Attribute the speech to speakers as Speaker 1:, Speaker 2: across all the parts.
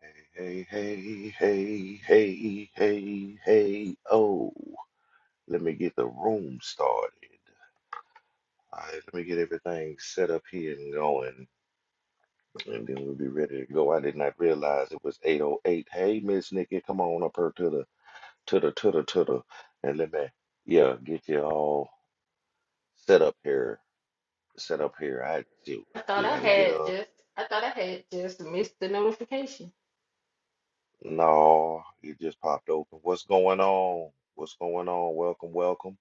Speaker 1: Hey, hey, hey, hey, hey, hey, hey, oh. Let me get the room started. All right, let me get everything set up here and going, and then we'll be ready to go. I did not realize it was 8:08. Hey, Miss Nikki, come on up here to the to the to the to the, and let me yeah get you all set up here. Set up here. I still
Speaker 2: I
Speaker 1: I
Speaker 2: thought
Speaker 1: still
Speaker 2: I
Speaker 1: gotta get
Speaker 2: had
Speaker 1: up.
Speaker 2: just I thought I had just missed the notification
Speaker 1: No, it just popped open. What's going on? What's going on? Welcome, welcome.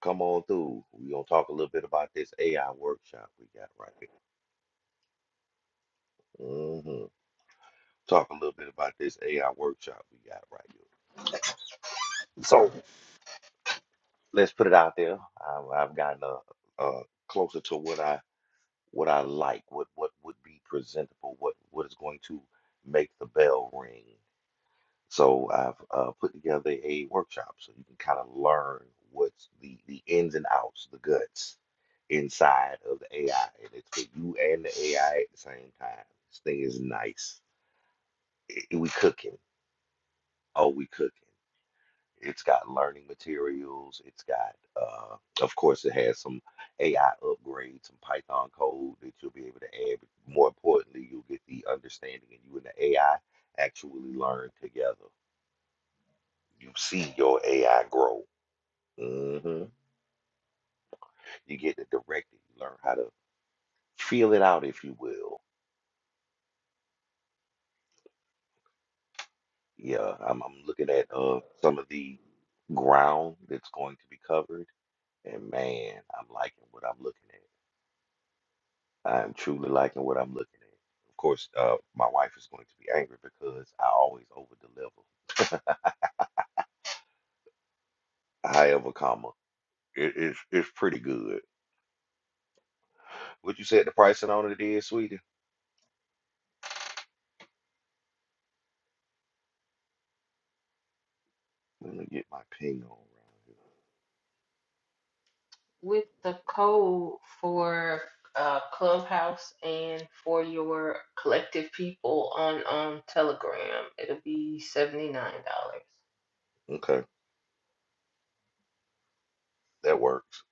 Speaker 1: Come on through. We're gonna talk a little bit about this AI workshop we got right here. hmm Talk a little bit about this AI workshop we got right here. So let's put it out there. I've, I've gotten uh, uh, closer to what I what I like, what what would be presentable, what what is going to make the bell ring. So I've uh, put together a workshop so you can kind of learn what's the, the ins and outs, the guts inside of the AI. And it's for you and the AI at the same time. This thing is nice. I- I- we cooking. Oh, we cooking. It's got learning materials. It's got, uh, of course, it has some AI upgrades, some Python code that you'll be able to add. But more importantly, you'll get the understanding and you and the AI actually learn together. You see your AI grow hmm You get to direct You learn how to feel it out, if you will. Yeah, I'm, I'm looking at uh some of the ground that's going to be covered, and man, I'm liking what I'm looking at. I'm truly liking what I'm looking at. Of course, uh, my wife is going to be angry because I always over deliver. However, comma, it, it's it's pretty good. What you said the pricing on it is, sweetie? Let me get my ping on around here.
Speaker 2: with the code for uh, Clubhouse and for your collective people on um Telegram. It'll be seventy nine dollars.
Speaker 1: Okay, that works.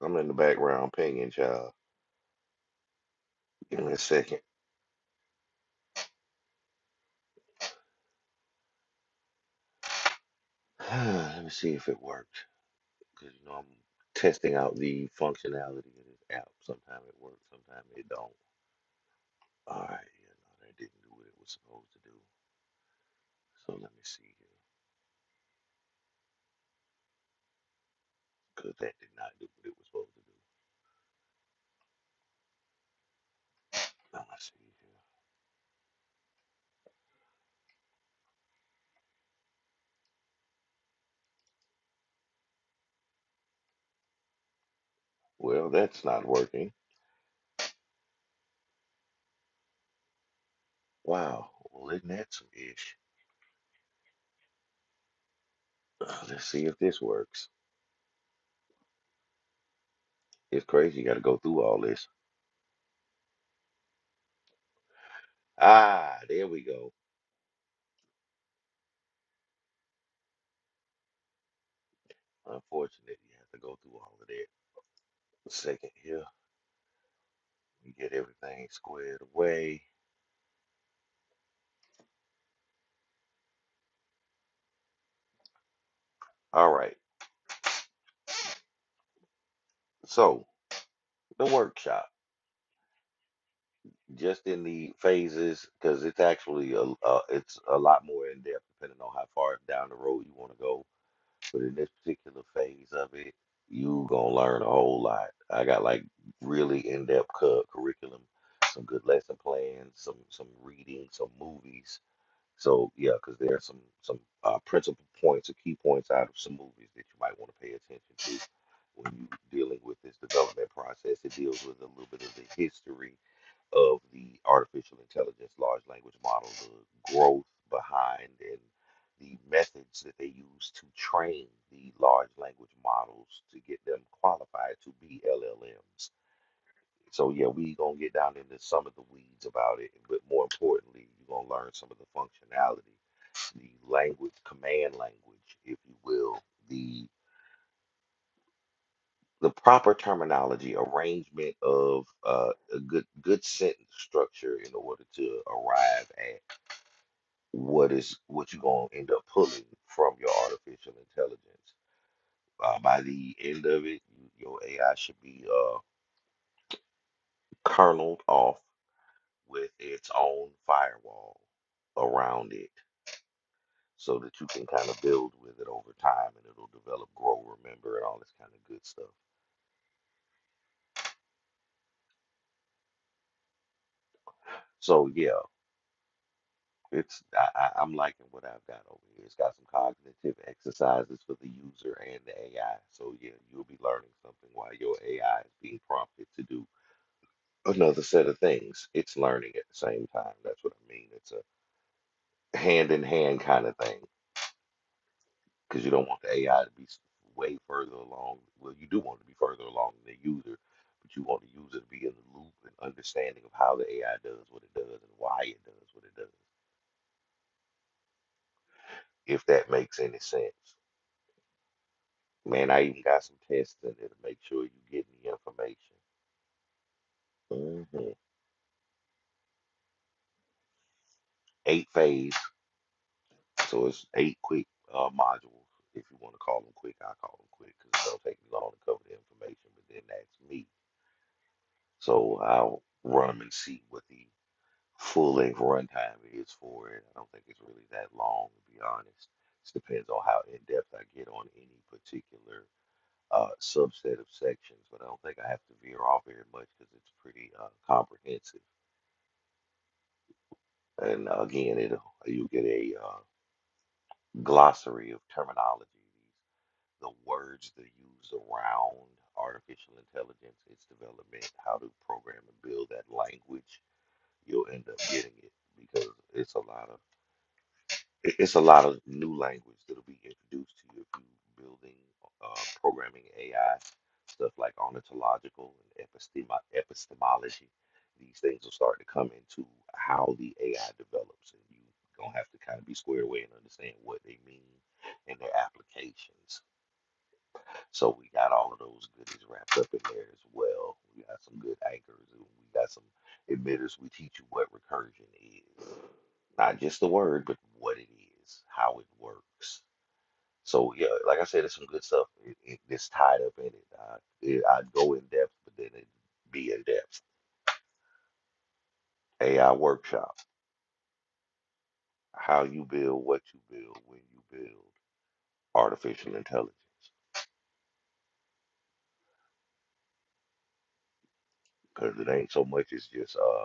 Speaker 1: I'm in the background pinging, child. Give me a second. Let me see if it worked. Because, you know, I'm testing out the functionality of this app. Sometimes it works, sometimes it don't. All right, yeah, no, that didn't do what it was supposed to do. So let me see here. Because that did not do what it was supposed to do. Let me see here. Well, that's not working. Wow. Well, isn't that some ish? Uh, Let's see if this works. It's crazy. You got to go through all this. Ah, there we go. Unfortunately, you have to go through all of that. A second here. We get everything squared away. All right. So the workshop, just in the phases, because it's actually a, uh, it's a lot more in depth depending on how far down the road you want to go. But in this particular phase of it, you gonna learn a whole lot. I got like really in depth cu- curriculum, some good lesson plans, some some reading, some movies, So yeah, because there are some some uh, principal points or key points out of some movies that you might want to pay attention to when you're dealing with this development process. It deals with a little bit of the history of the artificial intelligence large language model, the growth behind and the methods that they use to train the large language models to get them qualified to be LLMs. So yeah, we gonna get down into some of the weeds about it, but more importantly, you're gonna learn some of the functionality the language, command language, if you will, the the proper terminology, arrangement of uh, a good good sentence structure in order to arrive at what is what you're gonna end up pulling from your artificial intelligence. Uh, by the end of it, you- your AI should be uh, kerneled off with its own firewall around it, so that you can kind of build with it over time, and it'll develop, grow, remember, and all this kind of good stuff So yeah, it's I, I, I'm liking what I've got over here. It's got some cognitive exercises for the user and the AI. So yeah, you'll be learning something while your AI is being prompted to do another set of things. It's learning at the same time. That's what I mean. It's a hand in hand kind of thing because you don't want the AI to be s- way further along. Well, you do want it to be further along than the user, but you want the user to be in the loop and understanding of how the AI does what it does and why it does what it does. If that makes any sense. Man, I even got some tests in there to make sure you get the information. hmm Eight phase, so it's eight quick uh, modules, if you want to call them quick. I call them quick because it don't take me long to cover the information, but then that's me. So I'll run them and see what the full length runtime is for it. I don't think it's really that long, to be honest. It depends on how in depth I get on any particular uh, subset of sections, but I don't think I have to veer off very much because it's pretty uh, comprehensive. And again, it you get a uh, glossary of terminology, the words they use around artificial intelligence, its development, how to program and build that language. You'll end up getting it because it's a lot of it- it's a lot of new language that'll be introduced to you if you're building, uh, programming AI, stuff like ontological and epistemo- epistemology. These things will start to come into how the AI develops, and you gonna have to kind of be squared away and understand what they mean and their applications. So we got all of those goodies wrapped up in there as well. We got some good anchors and we got some emitters. We teach you what recursion is. Not just the word, but what it is, how it works. So yeah, like I said, it's some good stuff. It, it, it's tied up in it. I, it. I'd go in depth, but then it'd be in depth. AI workshop, how you build, what you build, when you build artificial intelligence. Because it ain't so much as just uh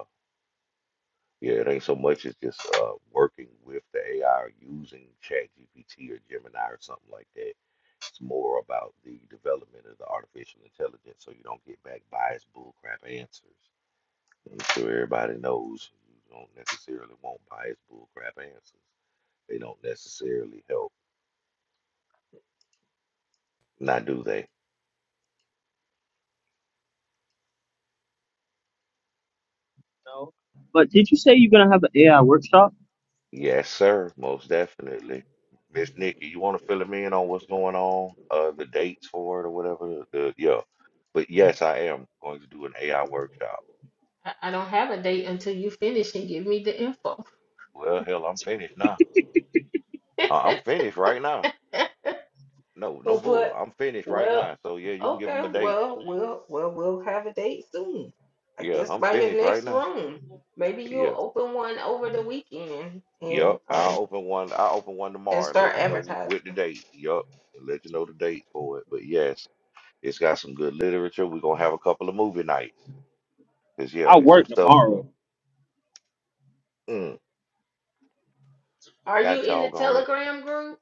Speaker 1: Yeah, it ain't so much as just uh, working with the AI or using ChatGPT or Gemini or something like that. It's more about the development of the artificial intelligence so you don't get back biased bullcrap answers. I'm sure everybody knows you don't necessarily want biased bullcrap answers. They don't necessarily help. Now, do they?
Speaker 3: No. But did you say you're gonna have an AI workshop?
Speaker 1: Yes, sir. Most definitely. Miss Nikki, you want to fill him in on what's going on, uh, the dates for it or whatever? The, yeah. But yes, I am going to do an AI workshop.
Speaker 2: I, I don't have a date until you finish and give me the info.
Speaker 1: Well, hell, I'm finished now. Uh, I'm finished right now. No, no
Speaker 2: Well,
Speaker 1: bull.
Speaker 2: But
Speaker 1: I'm finished right
Speaker 2: well,
Speaker 1: now. So yeah, you can give him
Speaker 2: okay,
Speaker 1: a date.
Speaker 2: well, we'll well we'll have a date soon. I
Speaker 1: Yeah,
Speaker 2: guess
Speaker 1: I'm
Speaker 2: by your
Speaker 1: finished right
Speaker 2: next
Speaker 1: now.
Speaker 2: room. Maybe
Speaker 1: Yeah.
Speaker 2: you'll open one over the weekend
Speaker 1: Yep.
Speaker 2: and
Speaker 1: I'll
Speaker 2: um
Speaker 1: open one. I'll open one
Speaker 2: and
Speaker 1: tomorrow and
Speaker 2: start
Speaker 1: let you know
Speaker 2: advertising.
Speaker 1: with the date. Yep. And let you know the date for it. But yes, it's got some good literature. We're gonna have a couple of movie nights. Cause yeah,
Speaker 3: I
Speaker 1: it's some
Speaker 3: work
Speaker 1: stuff
Speaker 3: tomorrow.
Speaker 1: Mm,
Speaker 2: Are you
Speaker 1: got
Speaker 2: in the
Speaker 1: dog on it.
Speaker 2: Telegram group?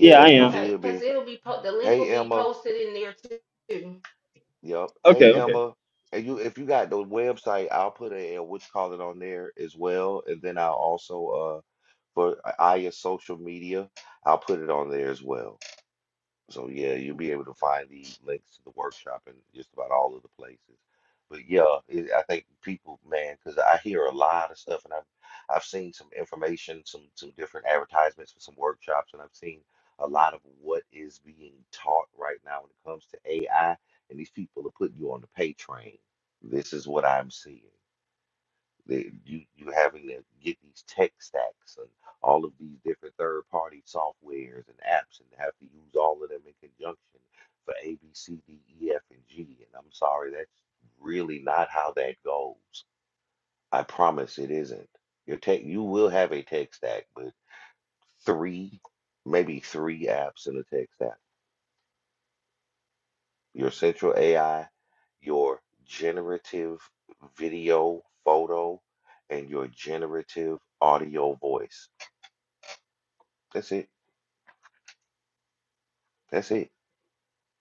Speaker 3: Yeah, I
Speaker 1: he
Speaker 3: am.
Speaker 2: Okay,
Speaker 1: should
Speaker 2: because
Speaker 1: be.
Speaker 2: it'll be po- the link
Speaker 1: Hey
Speaker 2: will be
Speaker 1: Emma.
Speaker 2: posted in there too.
Speaker 1: Yep. Hey
Speaker 3: Okay, okay.
Speaker 1: Emma. And you if you got the website, I'll put a, a witch call it on there as well. And then I'll also uh for uh, Aya's social media, I'll put it on there as well. So yeah, you'll be able to find the links to the workshop in just about all of the places. But yeah, it, I think people, man, because I hear a lot of stuff, and I've I've seen some information, some some different advertisements for some workshops, and I've seen a lot of what is being taught right now when it comes to AI, and these people are putting you on the pay train. This is what I'm seeing that you you having to get these tech stacks and all of these different third party softwares and apps and have to use all of them in conjunction for A B C D E F and G. And I'm sorry, that's really not how that goes. I promise it isn't. Your tech you will have a tech stack, but three, maybe three apps in a tech stack. Your central AI, your generative video photo, and your generative audio voice That's it. That's it.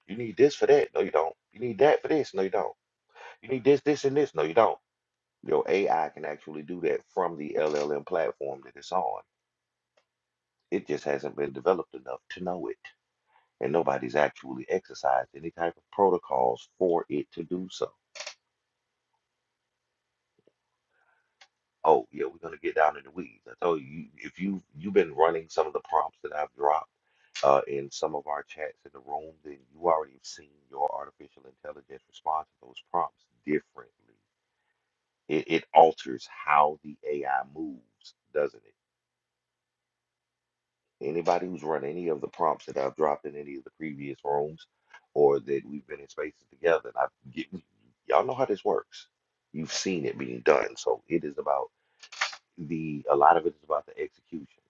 Speaker 1: You need this for that. No, you don't. You need that for this. No, you don't. You need this, this, and this. No, you don't. Your AI can actually do that from the LLM platform that it's on. It just hasn't been developed enough to know it. And nobody's actually exercised any type of protocols for it to do so. Oh, yeah, we're gonna get down in the weeds. I told you if you you've been running some of the prompts that I've dropped uh, in some of our chats in the room, then you already have seen your artificial intelligence response to those prompts differently It, it alters how the AI moves, doesn't it? Anybody who's run any of the prompts that I've dropped in any of the previous rooms or that we've been in spaces together, and I've given, y'all know how this works. You've seen it being done. So it is about the, a lot of it is about the execution.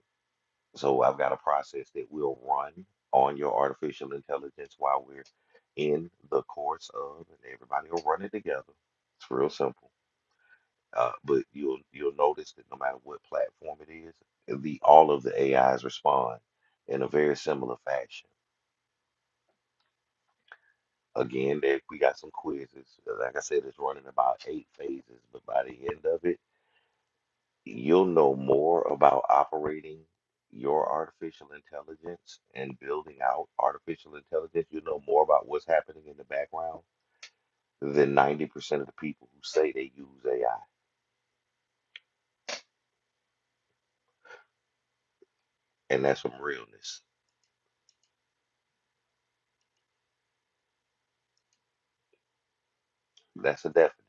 Speaker 1: So I've got a process that will run on your artificial intelligence while we're in the course of, and everybody will run it together. It's real simple. Uh, but you'll you'll notice that no matter what platform it is, the all of the AIs respond in a very similar fashion. Again, there, we got some quizzes. Like I said, it's running about eight phases, but by the end of it, you'll know more about operating your artificial intelligence and building out artificial intelligence. You'll know more about what's happening in the background than 90% of the people who say they use AI. And that's some realness. That's a definite.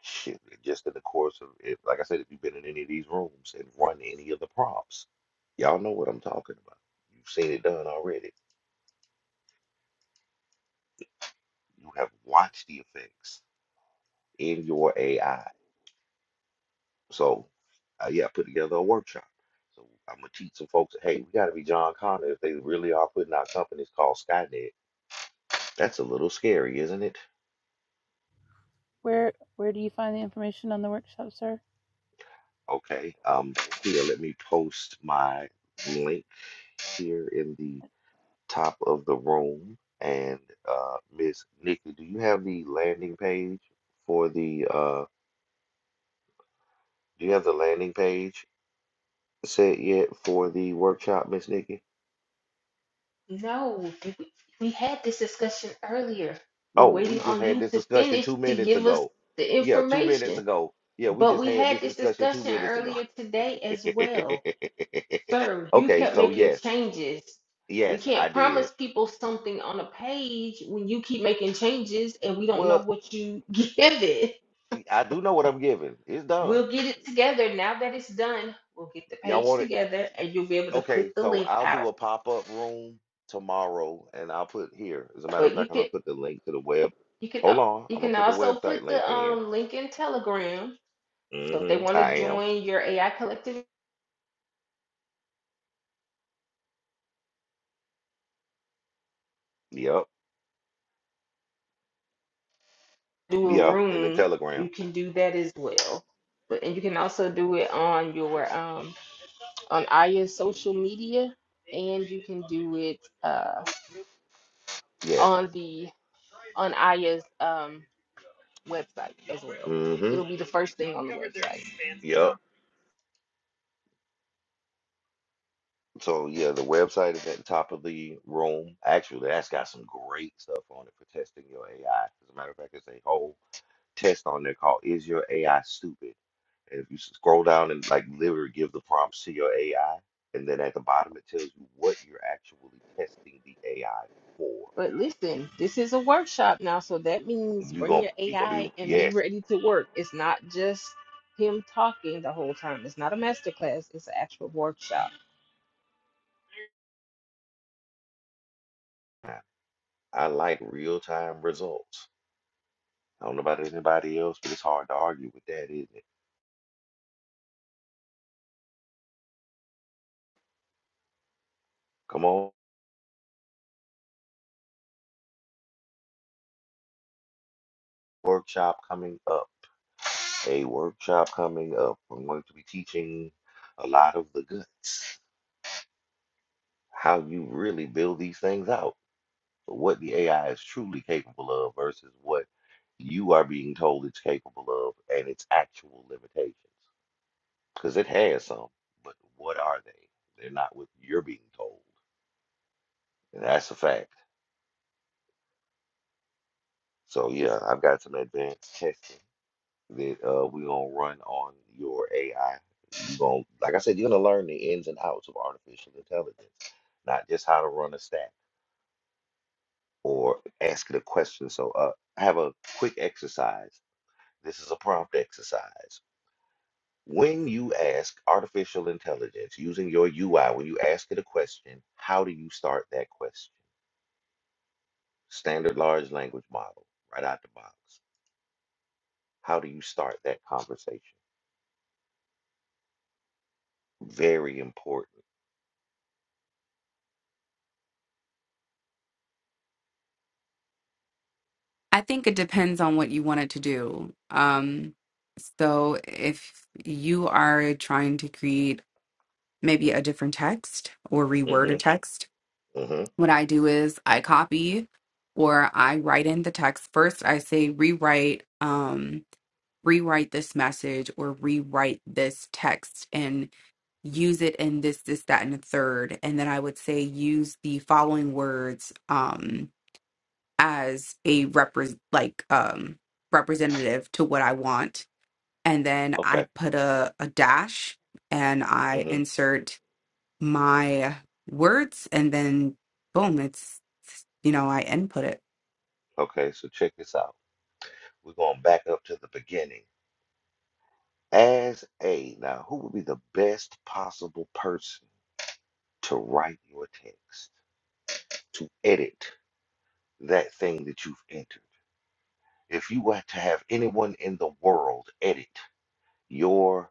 Speaker 1: Shoot, just in the course of if like I said, if you've been in any of these rooms and run any of the prompts, y'all know what I'm talking about. You've seen it done already. You have watched the effects in your AI. So, uh, yeah, I put together a workshop. So I'm gonna teach some folks. Hey, we got to be John Connor if they really are putting out companies called Skynet. That's a little scary, isn't it?
Speaker 4: Where where do you find the information on the workshop, sir?
Speaker 1: Okay. Um, here, let me post my link here in the top of the room. And uh, Miss Nikki, do you have the landing page for the uh, do you have the landing page set yet for the workshop, Miss Nikki?
Speaker 2: No, we, we had this discussion earlier. We're
Speaker 1: Oh, we
Speaker 2: waiting
Speaker 1: just
Speaker 2: on
Speaker 1: had
Speaker 2: you
Speaker 1: this
Speaker 2: to
Speaker 1: discussion
Speaker 2: finish
Speaker 1: two
Speaker 2: to
Speaker 1: minutes
Speaker 2: give us
Speaker 1: ago.
Speaker 2: the
Speaker 1: Yeah, two minutes
Speaker 2: information.
Speaker 1: ago. Yeah, we
Speaker 2: But
Speaker 1: just
Speaker 2: we
Speaker 1: had
Speaker 2: had
Speaker 1: this
Speaker 2: this
Speaker 1: discussion two
Speaker 2: discussion
Speaker 1: minutes ago.
Speaker 2: earlier today as well. Sir, you
Speaker 1: Okay,
Speaker 2: kept
Speaker 1: so
Speaker 2: making
Speaker 1: yes,
Speaker 2: changes. We
Speaker 1: yes, I
Speaker 2: can't
Speaker 1: did.
Speaker 2: promise people something on a page when you keep making changes and we don't know
Speaker 1: Well,
Speaker 2: what you give it.
Speaker 1: I do know what I'm giving. It's done.
Speaker 2: We'll get it together. Now that it's done, we'll get the
Speaker 1: Y'all
Speaker 2: page
Speaker 1: want it?
Speaker 2: together and you'll be able to put
Speaker 1: Okay,
Speaker 2: the
Speaker 1: so
Speaker 2: link
Speaker 1: I'll
Speaker 2: out.
Speaker 1: do a pop-up room tomorrow and I'll put here. As a matter of
Speaker 2: But you
Speaker 1: fact, I'm gonna
Speaker 2: could
Speaker 1: put the link to the web.
Speaker 2: you can
Speaker 1: Hold
Speaker 2: uh,
Speaker 1: on,
Speaker 2: you
Speaker 1: I'm gonna
Speaker 2: can
Speaker 1: put the
Speaker 2: also put
Speaker 1: website link
Speaker 2: the
Speaker 1: in.
Speaker 2: um link in Telegram. So if they
Speaker 1: hmm
Speaker 2: want to
Speaker 1: I am.
Speaker 2: join your AI collective,
Speaker 1: Yep.
Speaker 2: do a
Speaker 1: Yeah, in the
Speaker 2: room,
Speaker 1: Telegram.
Speaker 2: you can do that as well. But and you can also do it on your um on Aya's social media and you can do it uh
Speaker 1: Yes.
Speaker 2: on the on Aya's um website as well.
Speaker 1: hmm
Speaker 2: It'll be the first thing on the website.
Speaker 1: Yep. So yeah, the website is at the top of the room. Actually, that's got some great stuff on it for testing your AI. As a matter of fact, it's a whole test on there called Is Your AI Stupid? And if you scroll down and like literally give the prompts to your AI, and then at the bottom it tells you what you're actually testing the AI for.
Speaker 2: But listen, this is a workshop now, so that means
Speaker 1: You
Speaker 2: bring
Speaker 1: gonna
Speaker 2: your
Speaker 1: you gonna
Speaker 2: AI
Speaker 1: be
Speaker 2: and be
Speaker 1: yes.
Speaker 2: ready to work. It's not just him talking the whole time. It's not a master class. It's an actual workshop.
Speaker 1: I I like real time results. I don't know about anybody else, but it's hard to argue with that, isn't it? Come on, workshop coming up. A workshop coming up. I'm going to be teaching a lot of the guts, how you really build these things out. but what the AI is truly capable of versus what you are being told it's capable of and its actual limitations. Because it has some, but what are they? They're not what you're being told. And that's a fact. So, yeah, I've got some advanced testing that uh, we're going to run on your AI. You're gonna, like I said, you're going to learn the ins and outs of artificial intelligence, not just how to run a stack or ask it a question. So, uh, have a quick exercise. This is a prompt exercise When you ask artificial intelligence using your UI, when you ask it a question, how do you start that question? Standard large language model, right out the box. How do you start that conversation? Very important.
Speaker 5: I think it depends on what you wanted to do. Um, so if you are trying to create maybe a different text or reword a
Speaker 1: hmm
Speaker 5: text,
Speaker 1: hmm
Speaker 5: what I do is I copy or I write in the text. First, I say rewrite, um, rewrite this message or rewrite this text and use it in this, this, that, and the third. And then I would say use the following words. Um, as a repres like um representative to what I want. And then
Speaker 1: Okay.
Speaker 5: I put a, a dash and I
Speaker 1: hmm
Speaker 5: insert my words and then boom, it's you know, I input it.
Speaker 1: Okay, so check this out. We're going back up to the beginning. As a, now who would be the best possible person to write your text, to edit that thing that you've entered? If you were to have anyone in the world edit your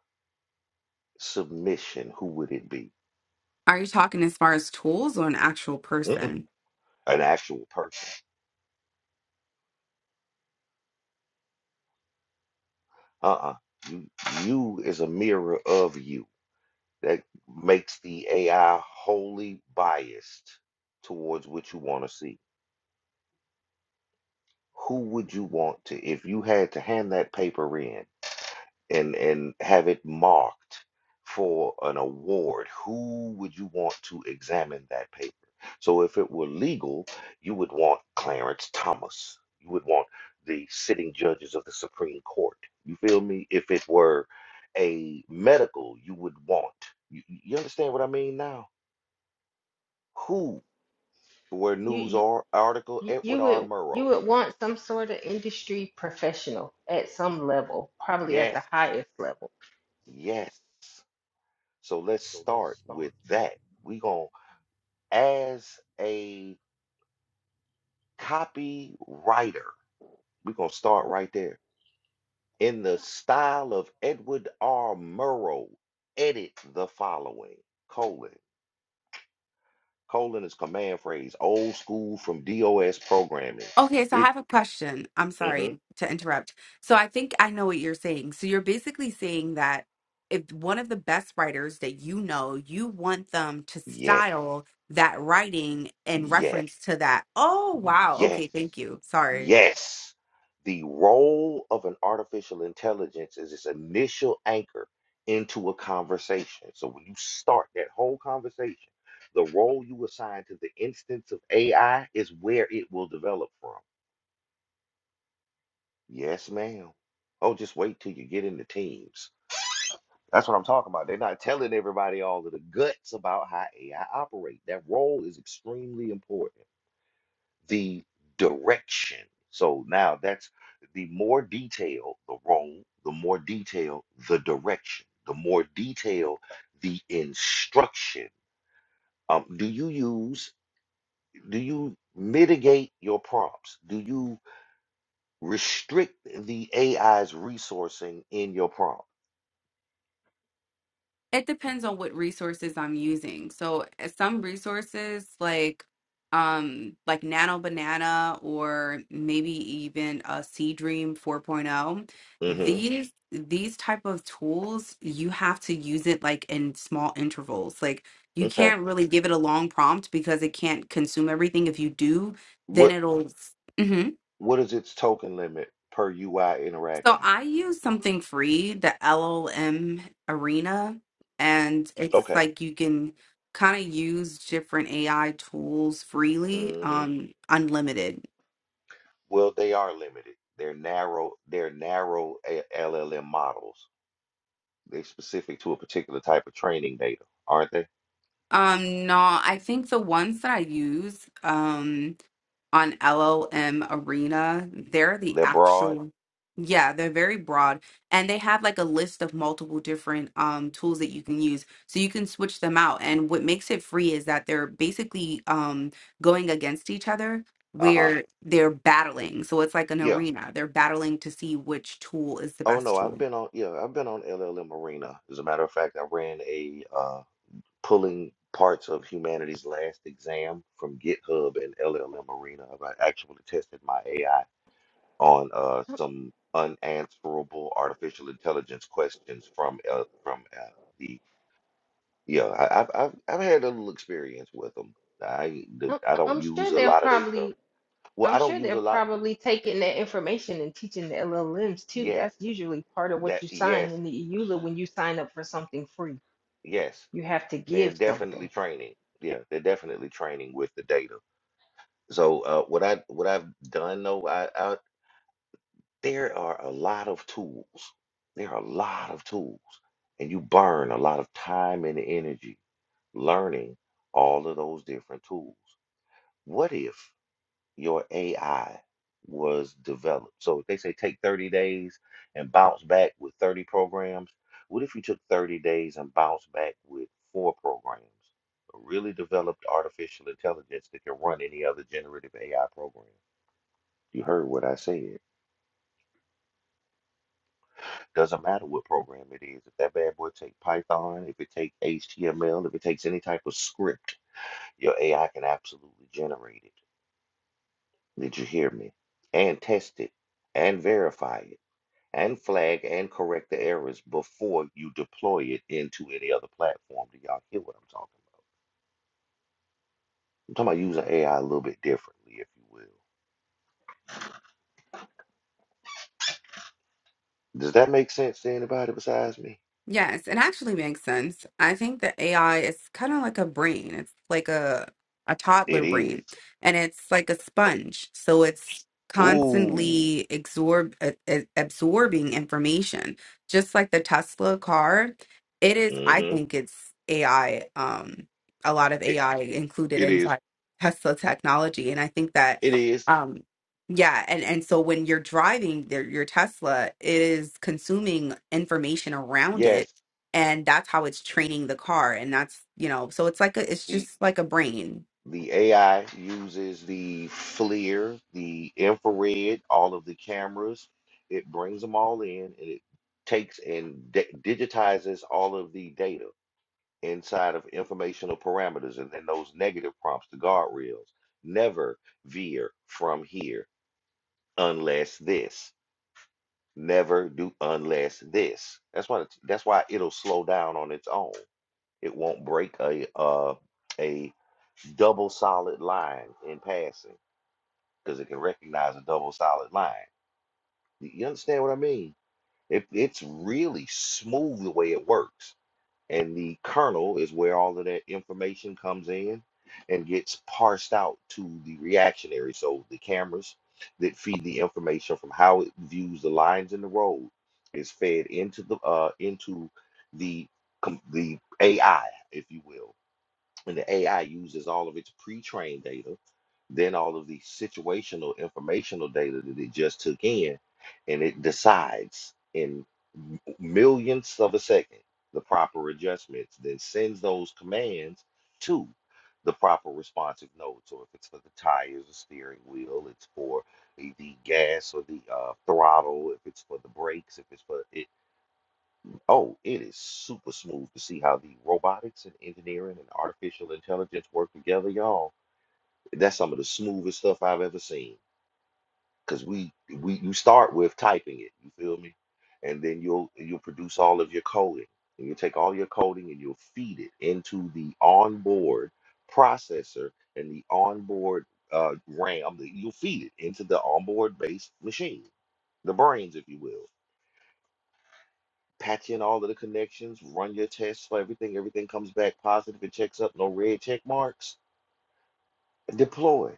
Speaker 1: submission, who would it be?
Speaker 5: Are you talking as far as tools or an actual
Speaker 1: Mm-mm.
Speaker 5: person?
Speaker 1: An actual person. Uh-uh. You, you is a mirror of you. That makes the AI wholly biased towards what you want to see. Who would you want to, if you had to hand that paper in? and and have it marked for an award, who would you want to examine that paper? So if it were legal, you would want Clarence Thomas. You would want the sitting judges of the Supreme Court. You feel me? If it were a medical, you would want. You, you understand what I mean now? Who? Where
Speaker 2: You
Speaker 1: news
Speaker 2: you
Speaker 1: or article
Speaker 2: you you
Speaker 1: Edward R.
Speaker 2: would you
Speaker 1: Murrow.
Speaker 2: would want some sort of industry professional at some level, probably at
Speaker 1: Yes,
Speaker 2: the highest level.
Speaker 1: yes. So let's start with that. We gon' as a copywriter, we're going to start right there. In the style of Edward R. Murrow, edit the following colon. Colon is command phrase, old school from DOS programming.
Speaker 5: Okay, so I
Speaker 1: It,
Speaker 5: have a question. I'm
Speaker 1: mhm,
Speaker 5: sorry to interrupt. So I think I know what you're saying. So you're basically saying that if one of the best writers that you know, you want them to
Speaker 1: yes,
Speaker 5: style that writing in
Speaker 1: yes,
Speaker 5: reference to that. Oh, wow. Okay,
Speaker 1: yes.
Speaker 5: thank you. Sorry.
Speaker 1: Yes, the role of an artificial intelligence is its initial anchor into a conversation. So when you start that whole conversation, the role you assign to the instance of AI is where it will develop from. Yes, ma'am. Oh, just wait till you get into teams. That's what I'm talking about. They're not telling everybody all of the guts about how AI operates. That role is extremely important. the direction. So now that's the more detail the role, the more detail the direction, the more detail the instruction. Um, do you use, do you mitigate your prompts? Do you restrict the AI's resourcing in your prompt?
Speaker 5: It depends on what resources I'm using. So uh, some resources like um like Nano Banana or maybe even a Sea Dream 4.0,
Speaker 1: hmm
Speaker 5: these these type of tools you have to use it like in small intervals. Like you
Speaker 1: Okay.
Speaker 5: can't really give it a long prompt because it can't consume everything. If you do, then
Speaker 1: What
Speaker 5: it'll mm-hmm.
Speaker 1: what is its token limit per UI
Speaker 5: So
Speaker 1: interaction?
Speaker 5: I use something free, the LLM Arena, and it's
Speaker 1: Okay.
Speaker 5: like you can kind of use different AI tools freely,
Speaker 1: Mm-hmm.
Speaker 5: um, unlimited.
Speaker 1: Well, they are limited. They're narrow. They're narrow A- LLM models. They're specific to a particular type of training data, aren't they?
Speaker 5: Um, no, I think the ones that I use, um. on LLM Arena. They're the
Speaker 1: They're broad.
Speaker 5: actual, yeah, they're very broad. And they have like a list of multiple different um, tools that you can use. So you can switch them out. And what makes it free is that they're basically um, going against each other
Speaker 1: Uh huh.
Speaker 5: where they're battling. So it's like an
Speaker 1: Yeah.
Speaker 5: arena. They're battling to see which tool is the
Speaker 1: Oh
Speaker 5: best
Speaker 1: no,
Speaker 5: tool.
Speaker 1: I've been on. Yeah, I've been on LLM Arena. As a matter of fact, I ran a uh, pulling parts of humanity's last exam from GitHub and LLM Arena. I actually tested my AI on uh,
Speaker 2: I'm,
Speaker 1: some unanswerable artificial intelligence questions from uh, from uh, the Yeah, I, I've I've I've had a little experience with them. I the,
Speaker 2: I'm
Speaker 1: I don't
Speaker 2: I'm
Speaker 1: use
Speaker 2: sure
Speaker 1: a
Speaker 2: they're
Speaker 1: lot of they stuff.
Speaker 2: probably
Speaker 1: Well,
Speaker 2: I'm
Speaker 1: I don't
Speaker 2: sure
Speaker 1: use a
Speaker 2: they're
Speaker 1: lot.
Speaker 2: probably taking that information and teaching the LLMs too.
Speaker 1: Yes,
Speaker 2: That's usually part of
Speaker 1: that
Speaker 2: what you sign
Speaker 1: yes,
Speaker 2: in the E EULA when you sign up for something free
Speaker 1: yes.
Speaker 2: You have to
Speaker 1: They're
Speaker 2: give
Speaker 1: definitely
Speaker 2: something.
Speaker 1: training. Yeah, they're definitely training with the data. So uh, what I what I've done though, I, I there are a lot of tools. There are a lot of tools, and you burn a lot of time and energy learning all of those different tools. What if? your AI was developed. So if they say take 30 days and bounce back with 30 programs, what if you took 30 days and bounced back with four programs? A really developed artificial intelligence that can run any other generative AI program. You heard what I said. Doesn't matter what program it is. If that bad boy take Python, if it take HTML, if it takes any type of script, your AI can absolutely generate it. Did you hear me? And test it and verify it and flag and correct the errors before you deploy it into any other platform. Do y'all hear what I'm talking about? I'm talking about using AI a little bit differently, if you will. Does that make sense to anybody besides me?
Speaker 5: Yes, it actually makes sense. I think that AI is kind of like a brain. It's like a a toddler
Speaker 1: It is.
Speaker 5: brain, and it's like a sponge. So it's
Speaker 1: Ooh.
Speaker 5: constantly absorb uh, uh, absorbing information. Just like the Tesla car, it is, I
Speaker 1: Mm-hmm.
Speaker 5: think it's AI, um, a lot of
Speaker 1: It,
Speaker 5: AI included
Speaker 1: it is.
Speaker 5: inside Tesla technology. And I think that
Speaker 1: It is.
Speaker 5: um yeah, and and so when you're driving their, your Tesla, it is consuming information around it,
Speaker 1: Yes.
Speaker 5: and that's how it's training the car, and that's, you know, so it's like a, it's
Speaker 1: The
Speaker 5: just like a brain.
Speaker 1: the AI uses the FLIR, the infrared, all of the cameras. It brings them all in and it takes and di- digitizes all of the data inside of informational parameters and then those negative prompts, the guardrails. Never veer from here unless this. Never do unless this. That's why that's why it'll slow down on its own. It won't break a uh, a double solid line in passing because it can recognize a double solid line. You understand what I mean? It, it's really smooth the way it works and the kernel is where all of that information comes in and gets parsed out to the reactionary. So the cameras that feed the information from how it views the lines in the road is fed into the uh into the com- the AI, if you will and the AI uses all of its pre-trained data, then all of the situational informational data that it just took in, and it decides in m- millionths of a second the proper adjustments, then sends those commands to the proper responsive node. So if it's for the tires, the steering wheel, it's for the the gas or the uh, throttle, if it's for the brakes, if it's for Oh, it is super smooth to see how the robotics and engineering and artificial intelligence work together, y'all. That's some of the smoothest stuff I've ever seen. Cause we we you start with typing it, you feel me? And then you'll you'll produce all of your coding. And you'll take all your coding and you'll feed it into the onboard processor and the onboard uh RAM. that You'll feed it into the onboard based machine, the brains, if you will. patch in all of the connections, run your tests for everything. Everything comes back positive. It checks up, no red check marks. Deploy.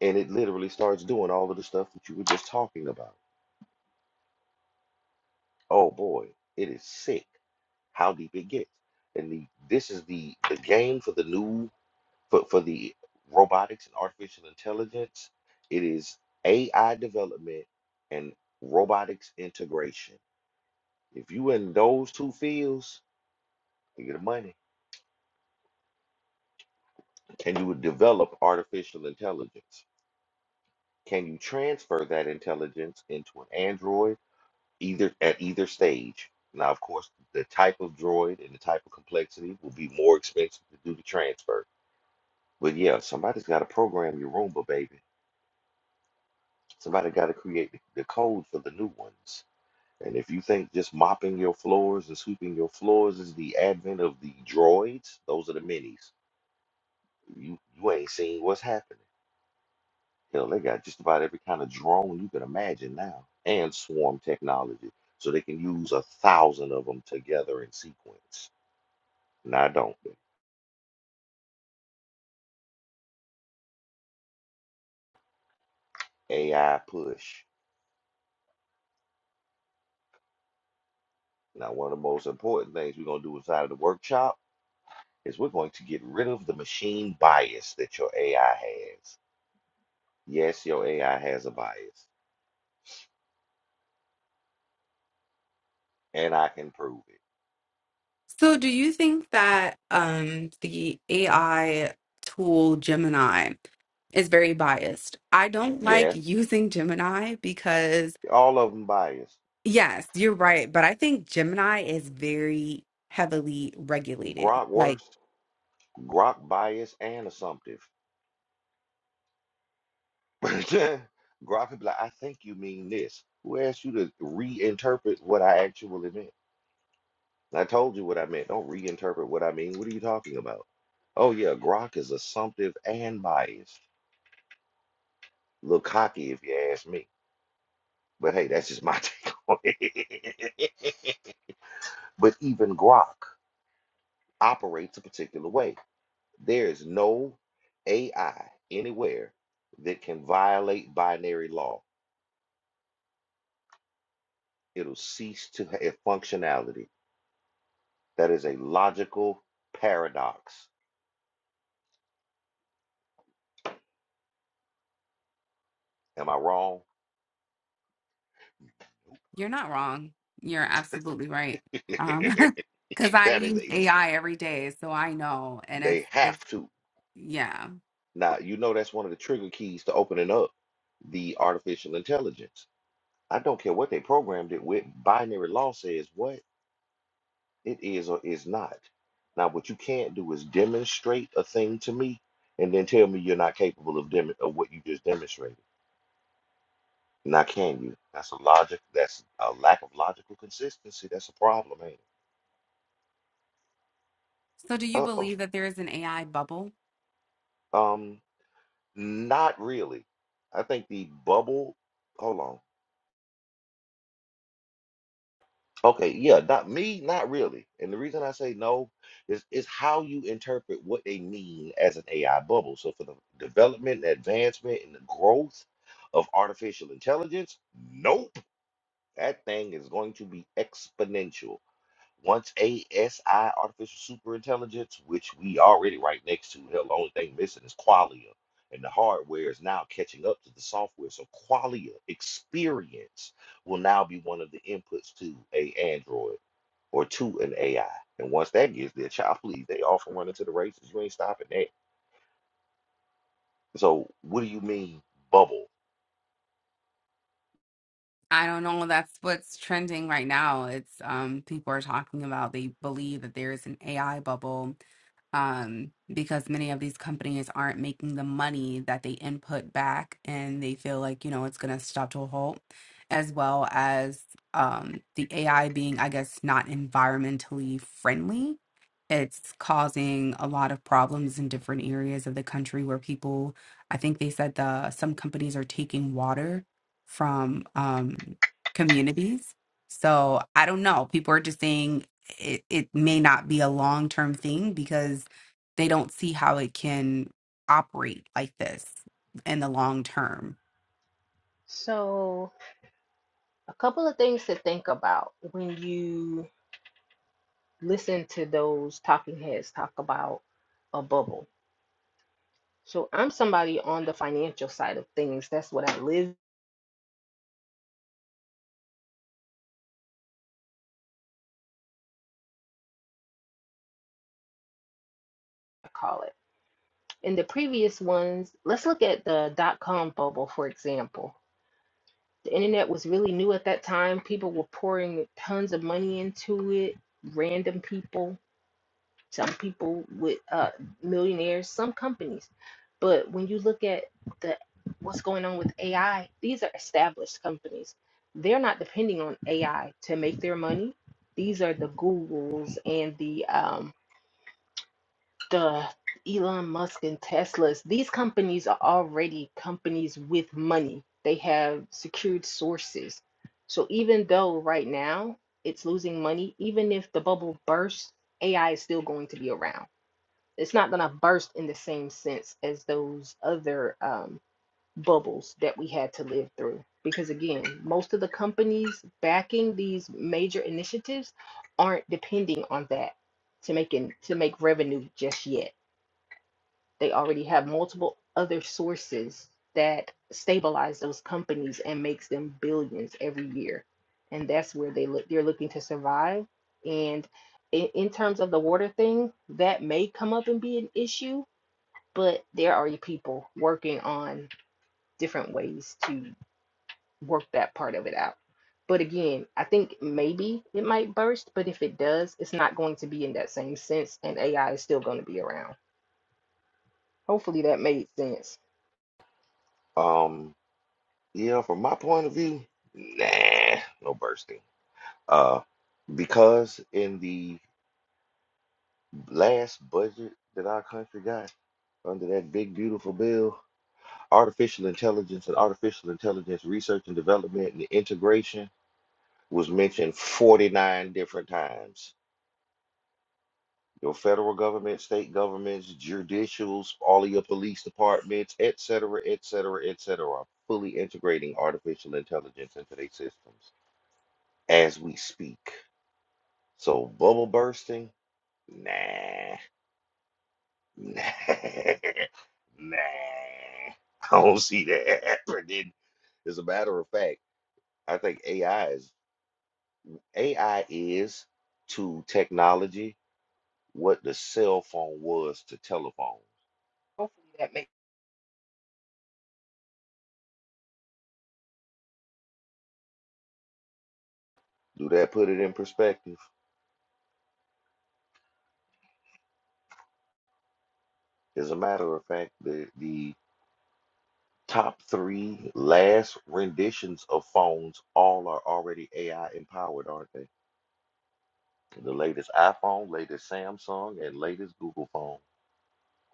Speaker 1: And it literally starts doing all of the stuff that you were just talking about. Oh boy, it is sick how deep it gets. And the, this is the, the game for the new, for, for the robotics and artificial intelligence. It is AI development and robotics integration. If you in those two fields, you get money. Can you develop artificial intelligence? Can you transfer that intelligence into an android either at either stage? Now, of course, the type of droid and the type of complexity will be more expensive to do the transfer. But yeah, somebody's got to program your Roomba, baby. Somebody got to create the the code for the new ones. And if you think just mopping your floors and sweeping your floors is the advent of the droids, those are the minis. You you ain't seen what's happened. Hell, they got just about every kind of drone you can imagine now, and swarm technology. So they can use a thousand of them together in sequence. Now, don't they? AI push. Now, one of the most important things we're going to do inside of the workshop is we're going to get rid of the machine bias that your AI has. Yes, your AI has a bias, and I can prove it.
Speaker 5: So, do you think that um, the AI tool Gemini is very biased? I don't like
Speaker 1: Yes,
Speaker 5: using Gemini because,
Speaker 1: all of them biased.
Speaker 5: yes, you're right, but I think Gemini is very heavily regulated.
Speaker 1: Grok
Speaker 5: Like.
Speaker 1: worse, Grok biased and assumptive. Gruff would be like, I think you mean this. Who asked you to reinterpret what I actually meant? I told you what I meant. Don't reinterpret what I mean. What are you talking about? Oh, yeah, Grok is assumptive and biased. A Little cocky, if you ask me. But hey, that's just my take on it. But even Grok operates a particular way. There is no AI anywhere that can violate binary law. It'll cease to have functionality. That is a logical paradox. Am I wrong?
Speaker 5: You're not wrong. You're absolutely right. Um, because I
Speaker 1: that is
Speaker 5: use
Speaker 1: a
Speaker 5: AI every day, so I know, and it's
Speaker 1: they
Speaker 5: it's
Speaker 1: have to.
Speaker 5: yeah.
Speaker 1: Now, you know that's one of the trigger keys to opening up the artificial intelligence. I don't care what they programmed it with, binary law says what it is or is not. Now, what you can't do is demonstrate a thing to me and then tell me you're not capable of dem- of what you just demonstrated. Now, can you? That's a logic. That's a lack of logical consistency. That's a problem, man.
Speaker 5: So do you
Speaker 1: Uh oh.
Speaker 5: believe that there is an AI bubble?
Speaker 1: um. Not really. I think the bubble, hold on. Okay, yeah, not me, not really. And the reason I say no is is how you interpret what they mean as an AI bubble. So for the development, advancement, and the growth of artificial intelligence, nope. That thing is going to be exponential. Once ASI, artificial superintelligence, which we already right next to, hell, the only thing missing is qualia. And the hardware is now catching up to the software. So qualia experience will now be one of the inputs to a Android or to an AI. And once that gets there, child, please, they often run into the races. You ain't stopping that. So what do you mean bubble?
Speaker 5: I don't know. That's what's trending right now. It's um people are talking about they believe that there is an AI bubble um, because many of these companies aren't making the money that they input back and they feel like, you know, it's going to stop to a halt, as well as um, the AI being, I guess, not environmentally friendly. It's causing a lot of problems in different areas of the country where people, I think they said the some companies are taking water from um, communities. So I don't know. People are just saying it, it may not be a long term thing because they don't see how it can operate like this in the long term.
Speaker 2: So, a couple of things to think about when you listen to those talking heads talk about a bubble. So, I'm somebody on the financial side of things. That's what I live, I call it. In the previous ones, let's look at the dot com bubble, for example. The internet was really new at that time. People were pouring tons of money into it, random people some people with uh, millionaires, some companies. But when you look at the what's going on with AI, these are established companies. They're not depending on AI to make their money. These are the Googles and the um, the Elon Musk and Teslas. These companies are already companies with money. They have secured sources. So even though right now it's losing money, even if the bubble bursts, AI is still going to be around it's not going to burst in the same sense as those other um, bubbles that we had to live through. Because again, most of the companies backing these major initiatives aren't depending on that to make in, to make revenue just yet. They already have multiple other sources that stabilize those companies and makes them billions every year. And that's where they look they're looking to survive. And in, in terms of the water thing, that may come up and be an issue but there are people working on different ways to work that part of it out. But again, I think maybe it might burst, but if it does, it's not going to be in that same sense, and AI is still going to be around. Hopefully that made sense.
Speaker 1: Um, yeah, from my point of view, nah, no bursting. Uh, because in the last budget that our country got under that big beautiful bill, artificial intelligence and artificial intelligence research and development and integration was mentioned 49 different times. Your federal government, state governments, judicials, all of your police departments, et cetera, et cetera, et cetera, are fully integrating artificial intelligence into their systems as we speak. So bubble bursting, nah. Nah, nah, I don't see that happening. As a matter of fact, I think AI is AI is to technology what the cell phone was to telephone. Hopefully that makes do that put it in perspective. As a matter of fact, the the top three last renditions of phones all are already AI empowered, aren't they? The latest iPhone, latest Samsung, and latest Google phone.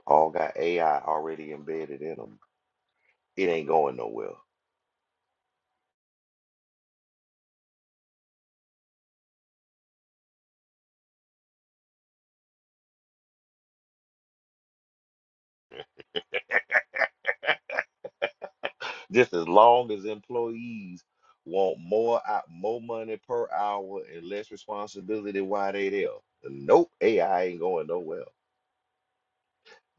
Speaker 1: all got AI already embedded in them. It ain't going nowhere. Just as long as employees want more hou- more money per hour and less responsibility while they there. Nope, AI ain't going nowhere.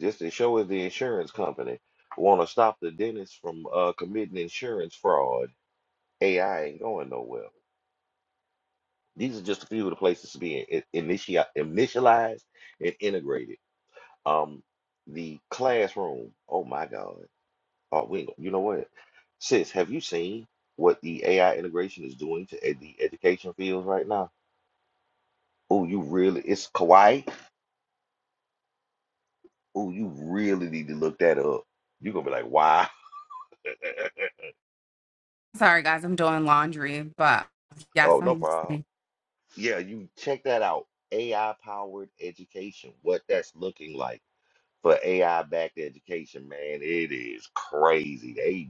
Speaker 1: Just as sure as the insurance company want to stop the dentist from uh, committing insurance fraud, AI ain't going nowhere. These are just a few of the places to be in, initi- initialized and integrated. Um, the classroom. Oh my God Oh, we ain't, gonna- you know what? Sis, have you seen what the AI integration is doing to ed the education fields right now? Oh, you really, it's kawaii. Oh, you really need to look that up. You're gonna be like, wow.
Speaker 5: Sorry, guys, I'm doing laundry, but yes,
Speaker 1: Oh, no
Speaker 5: I'm
Speaker 1: problem.
Speaker 5: listening.
Speaker 1: Yeah, you check that out. AI powered education, what that's looking like for AI backed education, man. It is crazy. They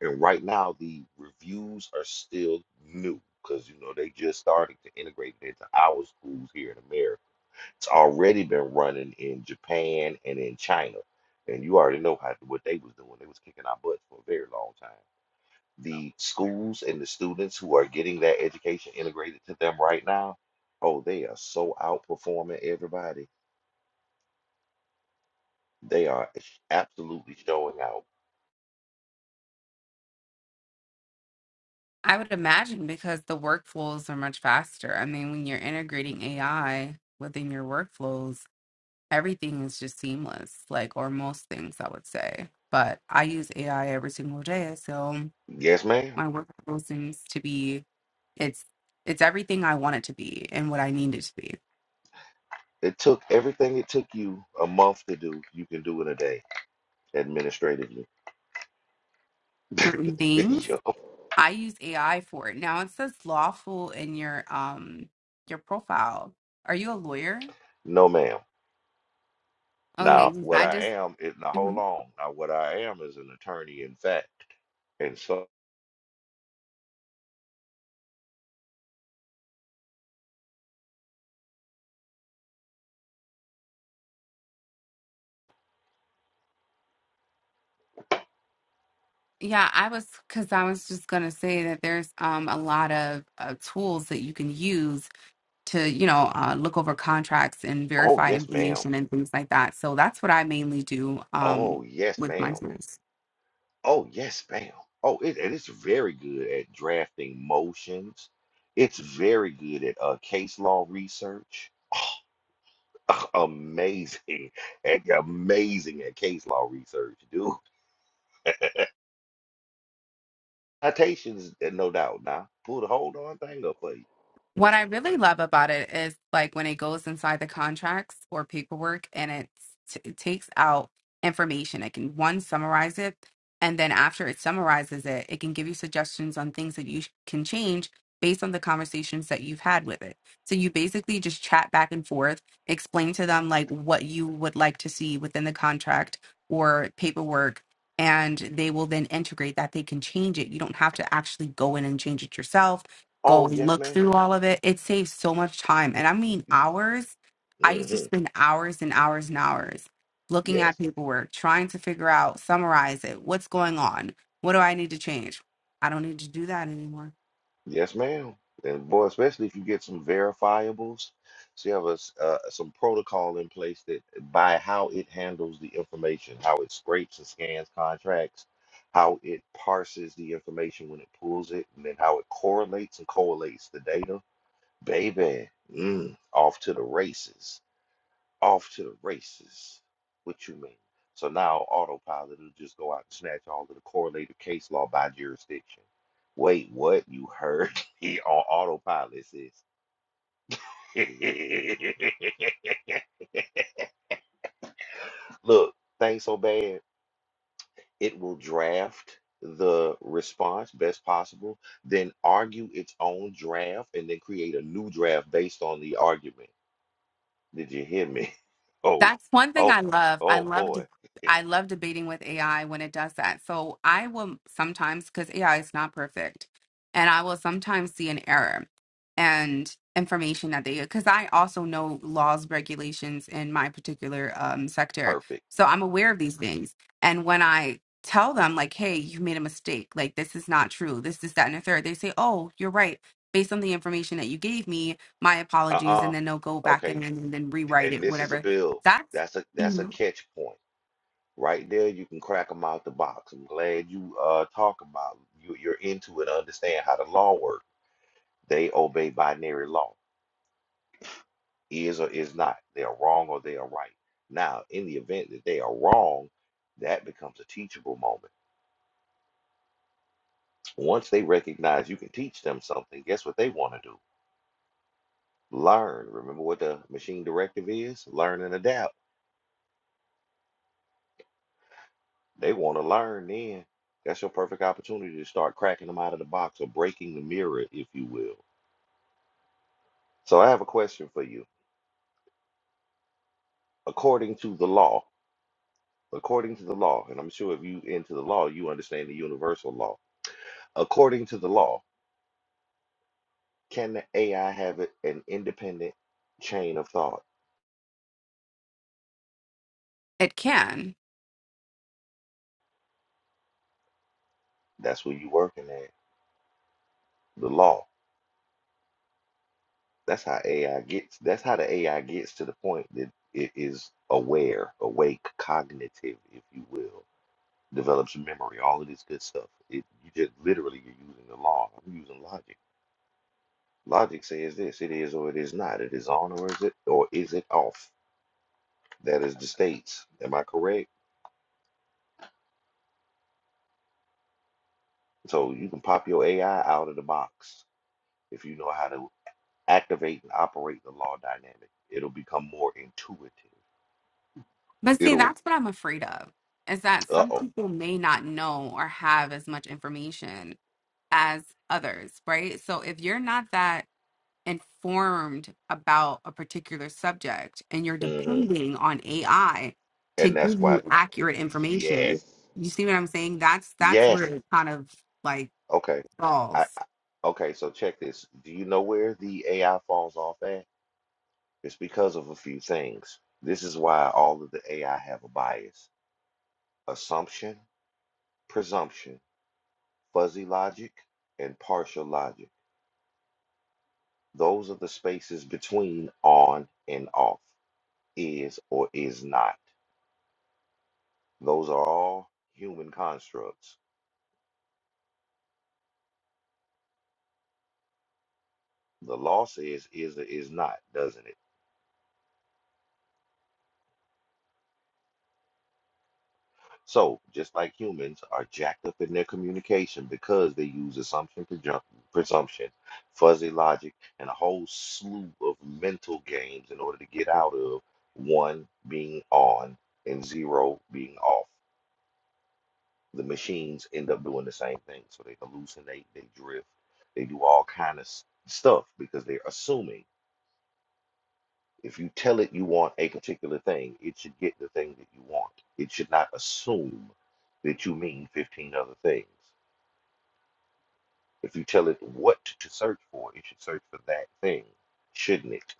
Speaker 1: And right now, the reviews are still new because you know they just starting to integrate it into our schools here in America. It's already been running in Japan and in China, and you already know how what they was doing. They was kicking our butts for a very long time. The schools and the students who are getting that education integrated to them right now, oh, they are so outperforming everybody. They are absolutely showing out.
Speaker 5: I would imagine because the workflows are much faster. I mean, when you're integrating AI within your workflows, everything is just seamless, like, or most things, I would say. But I use AI every single day, so
Speaker 1: Yes, ma'am.
Speaker 5: my work goal seems to be it's it's everything I want it to be and what I need it to be.
Speaker 1: It took everything it took you a month to do, you can do in a day. administratively.
Speaker 5: Certain things
Speaker 1: Yo,
Speaker 5: I use AI for it. Now it says lawful in your um your profile. Are you a lawyer?
Speaker 1: no, ma'am.
Speaker 5: Okay,
Speaker 1: Now,
Speaker 5: 'cause
Speaker 1: what
Speaker 5: I
Speaker 1: I
Speaker 5: just
Speaker 1: am is now hold
Speaker 5: mhm.
Speaker 1: on. Now, what I am is an attorney in fact, and so
Speaker 5: yeah, I was because I was just gonna say that there's um a lot of uh, tools that you can use to you know uh, look over contracts and
Speaker 1: oh
Speaker 5: verify
Speaker 1: yes, ma'am.
Speaker 5: information and things like that. So that's what I mainly do um
Speaker 1: Oh yes,
Speaker 5: with my
Speaker 1: ma'am.
Speaker 5: business.
Speaker 1: Oh yes, ma'am. Oh, it, and it's very good at drafting motions. It's very good at uh, case law research. amazing, and amazing at case law research, dude. Citations, uh, no doubt. Now, pull the whole darn thing up for you.
Speaker 5: What I really love about it is like when it goes inside the contracts or paperwork and it's, it takes out information. It can one summarize it, and then after it summarizes it, it can give you suggestions on things that you sh- can change based on the conversations that you've had with it. So you basically just chat back and forth, explain to them like what you would like to see within the contract or paperwork, and they will then integrate that. They can change it. You don't have to actually go in and change it yourself go
Speaker 1: Oh yes,
Speaker 5: look
Speaker 1: madam
Speaker 5: through all of it. It saves so much time. And I mean hours. I used to spend hours and hours and hours looking
Speaker 1: Yes.
Speaker 5: at paperwork, trying to figure out, summarize it. What's going on? What do I need to change? I don't need to do that anymore.
Speaker 1: Yes, ma'am. And boy, especially if you get some verifiables, so you have a, s- uh, some protocol in place that by how it handles the information, how it scrapes and scans contracts, how it parses the information when it pulls it, and then how it correlates and collates the data. Baby, mm, off to the races. off to the races. What you mean? So now autopilot will just go out and snatch all of the correlated case law by jurisdiction. Wait, what? You heard me on autopilot, sis. Look, things so bad, it will draft the response best possible, then argue its own draft, and then create a new draft based on the argument. Did you hear me? Oh,
Speaker 5: That's one thing
Speaker 1: oh,
Speaker 5: I love. I
Speaker 1: oh
Speaker 5: love
Speaker 1: boy.
Speaker 5: de- I love debating with AI when it does that. So I will sometimes because AI is not perfect, and I will sometimes see an error and information that they because I also know laws, regulations in my particular um, sector,
Speaker 1: Perfect.
Speaker 5: so I'm aware of these things. And when I tell them like, "Hey, you made a mistake. Like this is not true. This is that and a third, they say, "Oh, you're right." Based on the information that you gave me, my apologies,
Speaker 1: Uh-uh.
Speaker 5: and then they'll go back in
Speaker 1: Okay,
Speaker 5: and then rewrite
Speaker 1: and
Speaker 5: it,
Speaker 1: this is
Speaker 5: whatever
Speaker 1: a bill.
Speaker 5: that's
Speaker 1: That's a that's a
Speaker 5: Mhm.
Speaker 1: catch point. Right there, you can crack them out the box. I'm glad you uh talk about you you're into it, understand how the law works. They obey binary law. Is or is not. They are wrong or they are right. Now, in the event that they are wrong, that becomes a teachable moment. Once they recognize you can teach them something, guess what they want to do? Learn. Remember what the machine directive is? Learn and adapt. They want to learn then. That's your perfect opportunity to start cracking them out of the box or breaking the mirror, if you will. So I have a question for you. According to the law, according to the law, and I'm sure if you into the law, you understand the universal law. According to the law, can the AI have it- an independent chain of thought?
Speaker 5: it can.
Speaker 1: That's where you're working at. The law. That's how AI gets. That's how the AI gets to the point that it is aware, awake, cognitive, if you will. develops memory, all of this good stuff. It you just literally you're using the law. I'm using logic. Logic says this, it is or it is not. It is on or is it or is it off? That is the states. Am I correct? So you can pop your AI out of the box if you know how to activate and operate the law dynamic. It'll become more intuitive.
Speaker 5: But see,
Speaker 1: It'll
Speaker 5: that's what I'm afraid of is that
Speaker 1: uh
Speaker 5: some
Speaker 1: oh.
Speaker 5: people may not know or have as much information as others, right? So if you're not that informed about a particular subject and you're
Speaker 1: hmm
Speaker 5: depending on AI to
Speaker 1: And that's
Speaker 5: give you
Speaker 1: why
Speaker 5: accurate information,
Speaker 1: yes.
Speaker 5: you see what I'm saying? That's that's where
Speaker 1: Yes.
Speaker 5: it kind of like
Speaker 1: Okay. I,
Speaker 5: falls.
Speaker 1: I okay, so check this. Do you know where the AI falls off at? It's because of a few things. This is why all of the AI have a bias. Assumption, presumption, fuzzy logic, and partial logic. Those are the spaces between on and off, is or is not. Those are all human constructs. The law says is or is not, doesn't it? So, just like humans are jacked up in their communication because they use assumption, prejun- presumption, fuzzy logic, and a whole slew of mental games in order to get out of one being on and zero being off. The machines end up doing the same thing. So they hallucinate, they drift, they do all kind of s- stuff because they're assuming. If you tell it you want a particular thing, it should get the thing that you want. It should not assume that you mean 15 other things. If you tell it what to search for, it should search for that thing, shouldn't it?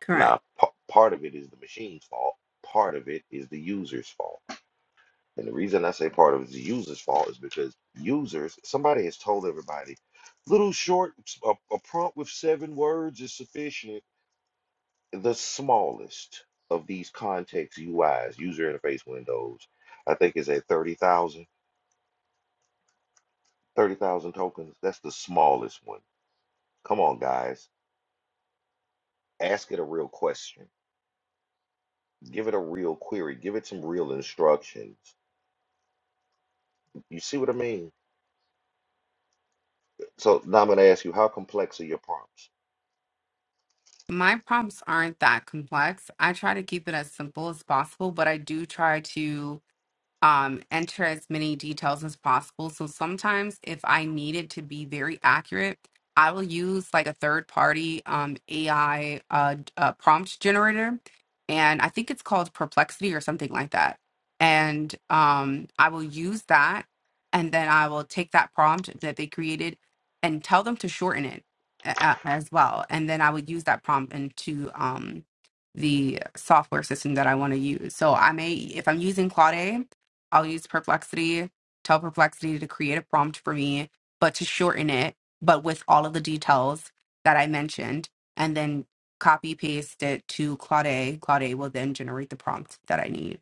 Speaker 5: Correct.
Speaker 1: Now, p- part of it is the machine's fault, part of it is the user's fault. And the reason I say part of it is the user's fault is because users, somebody has told everybody, little short, a, a prompt with seven words is sufficient the smallest of these context UIs, user interface windows, I think is at 30,000, 30,000 tokens. That's the smallest one. Come on, guys. Ask it a real question. Give it a real query. Give it some real instructions. You see what I mean? So now I'm going to ask you, how complex are your prompts?
Speaker 5: My prompts aren't that complex. I try to keep it as simple as possible, but I do try to um, enter as many details as possible. So sometimes, if I needed to be very accurate, I will use like a third party um, AI uh, d- uh, prompt generator. And I think it's called Perplexity or something like that. And um, I will use that. And then I will take that prompt that they created and tell them to shorten it a- a- as well. And then I would use that prompt into um, the software system that I want to use. So I may, if I'm using Claude I'll use Perplexity, tell Perplexity to create a prompt for me, but to shorten it, but with all of the details that I mentioned, and then copy paste it to Claude. Claude will then generate the prompt that I need.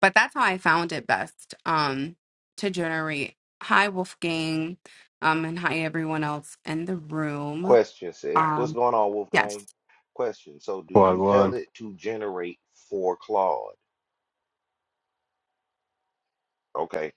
Speaker 5: But that's how I found it best um, to generate. Hi, Wolfgang, um, and hi, everyone else in the room.
Speaker 1: Question says, what's
Speaker 5: Um,
Speaker 1: going on,
Speaker 5: yes.
Speaker 1: Wolfgang? Question. So do you tell
Speaker 6: Wagwan.
Speaker 1: it to generate for Claude? Okay.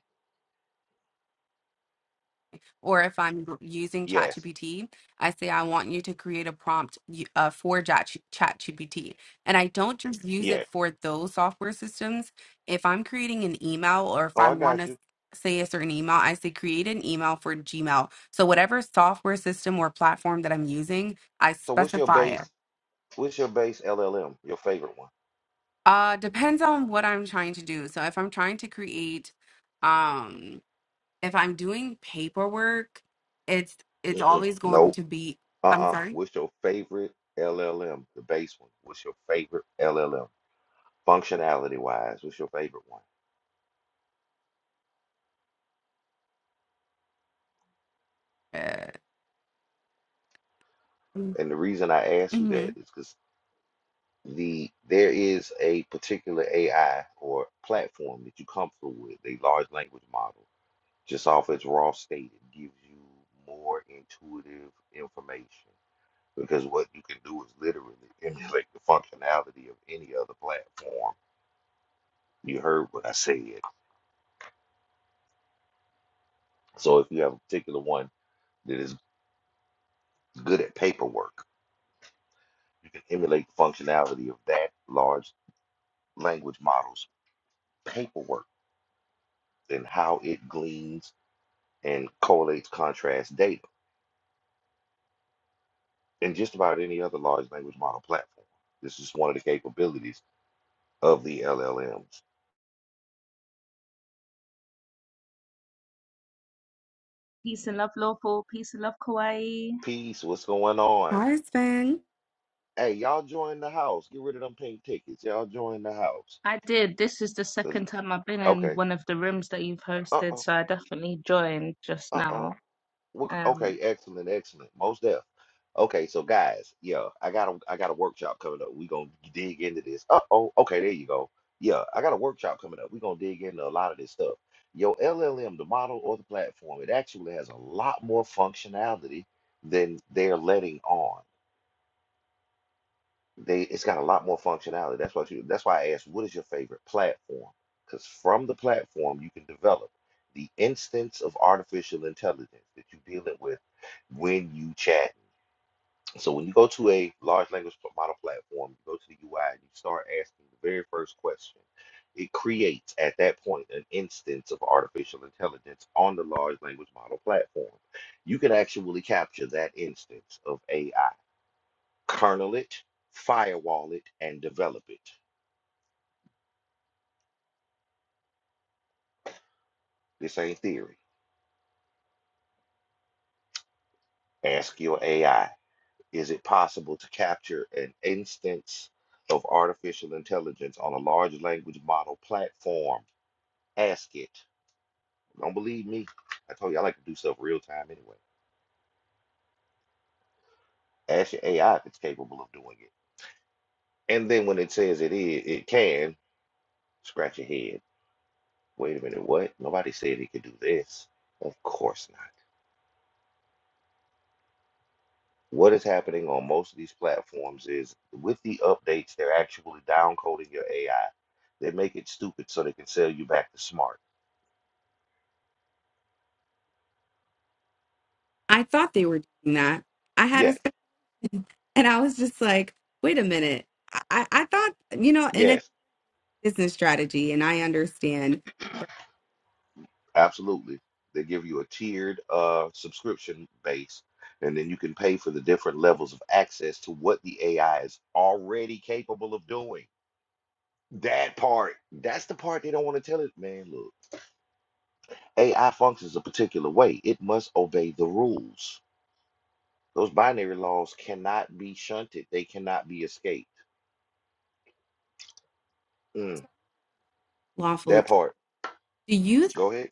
Speaker 5: or if I'm gr- using
Speaker 1: Yes.
Speaker 5: ChatGPT, I say I want you to create a prompt y- uh, for Chat- ChatGPT. And I don't just use it
Speaker 1: Yes.
Speaker 5: for those software systems. If I'm creating an email or if
Speaker 1: Oh,
Speaker 5: I
Speaker 1: I
Speaker 5: want
Speaker 1: got
Speaker 5: to
Speaker 1: you.
Speaker 5: say a certain email, I say create an email for Gmail. So whatever software system or platform that I'm using, I
Speaker 1: So what's your
Speaker 5: specify it.
Speaker 1: base? What's your base LLM? Your favorite one?
Speaker 5: Uh, depends on what I'm trying to do. So if I'm trying to create, um, if I'm doing paperwork, it's it's
Speaker 1: Mm-mm.
Speaker 5: always going
Speaker 1: Nope.
Speaker 5: to be. I'm
Speaker 1: Uh-uh.
Speaker 5: sorry.
Speaker 1: What's your favorite LLM? The base one. What's your favorite LLM? Functionality wise, what's your favorite one?
Speaker 5: Uh,
Speaker 1: And the reason I ask you
Speaker 5: mm-hmm.
Speaker 1: that is because the there is a particular AI or platform that you comfortable with, a large language model, just off its raw state, it gives you more intuitive information. Because what you can do is literally emulate the functionality of any other platform You heard what I said. So if you have a particular one that is good at paperwork, you can emulate the functionality of that large language model's paperwork and how it gleans and collates contrast data and just about any other large language model platform. This is one of the capabilities of the LLMs.
Speaker 7: Peace and love, lawful. Peace and love, Kauai.
Speaker 1: Peace, what's going on?
Speaker 5: Husband.
Speaker 1: Hey, y'all join the house. Get rid of them pink tickets. Y'all join the house.
Speaker 7: I did. This is the
Speaker 1: Uh,
Speaker 7: second time I've been in
Speaker 1: Okay.
Speaker 7: one of the rooms that you've hosted,
Speaker 1: Uh-oh.
Speaker 7: so I definitely joined just
Speaker 1: Uh-oh.
Speaker 7: now.
Speaker 1: What, okay,
Speaker 7: Um,
Speaker 1: excellent, excellent. Most deaf. Okay, so guys, yeah, I got a I got a workshop coming up. We gonna dig into this. Uh oh, okay, there you go. Yeah, I got a workshop coming up. We gonna dig into a lot of this stuff. Your LLM, the model or the platform, it actually has a lot more functionality than they're letting on. They it's got a lot more functionality. That's what you that's why I asked, what is your favorite platform? Because from the platform you can develop the instance of artificial intelligence that you're dealing with when you chat. So when you go to a large language model platform, you go to the UI and you start asking the very first question. It creates at that point an instance of artificial intelligence on the large language model platform. You can actually capture that instance of AI kernel it, firewall it, and develop it. This ain't theory. Ask your AI, is it possible to capture an instance of artificial intelligence on a large language model platform? Ask it. Don't believe me. I told you I like to do stuff real time anyway. Ask your AI if it's capable of doing it. And then when it says it is, it can, scratch your head. Wait a minute, what? Nobody said it could do this. Of course not. What is happening on most of these platforms is with the updates, they're actually downcoding your AI. They make it stupid so they can sell you back to smart.
Speaker 5: I thought they were doing that. I had a
Speaker 1: Yes,
Speaker 5: sp- and I was just like, wait a minute. I I I thought you know, and it's
Speaker 1: yes,
Speaker 5: business strategy, and I understand. But
Speaker 1: absolutely. They give you a tiered uh, subscription base, and then you can pay for the different levels of access to what the AI is already capable of doing. That part, that's the part they don't want to tell it, man. Look, AI functions a particular way. It must obey the rules. Those binary laws cannot be shunted. They cannot be escaped. Mm,
Speaker 5: lawful.
Speaker 1: that part.
Speaker 5: Do you
Speaker 1: Go ahead.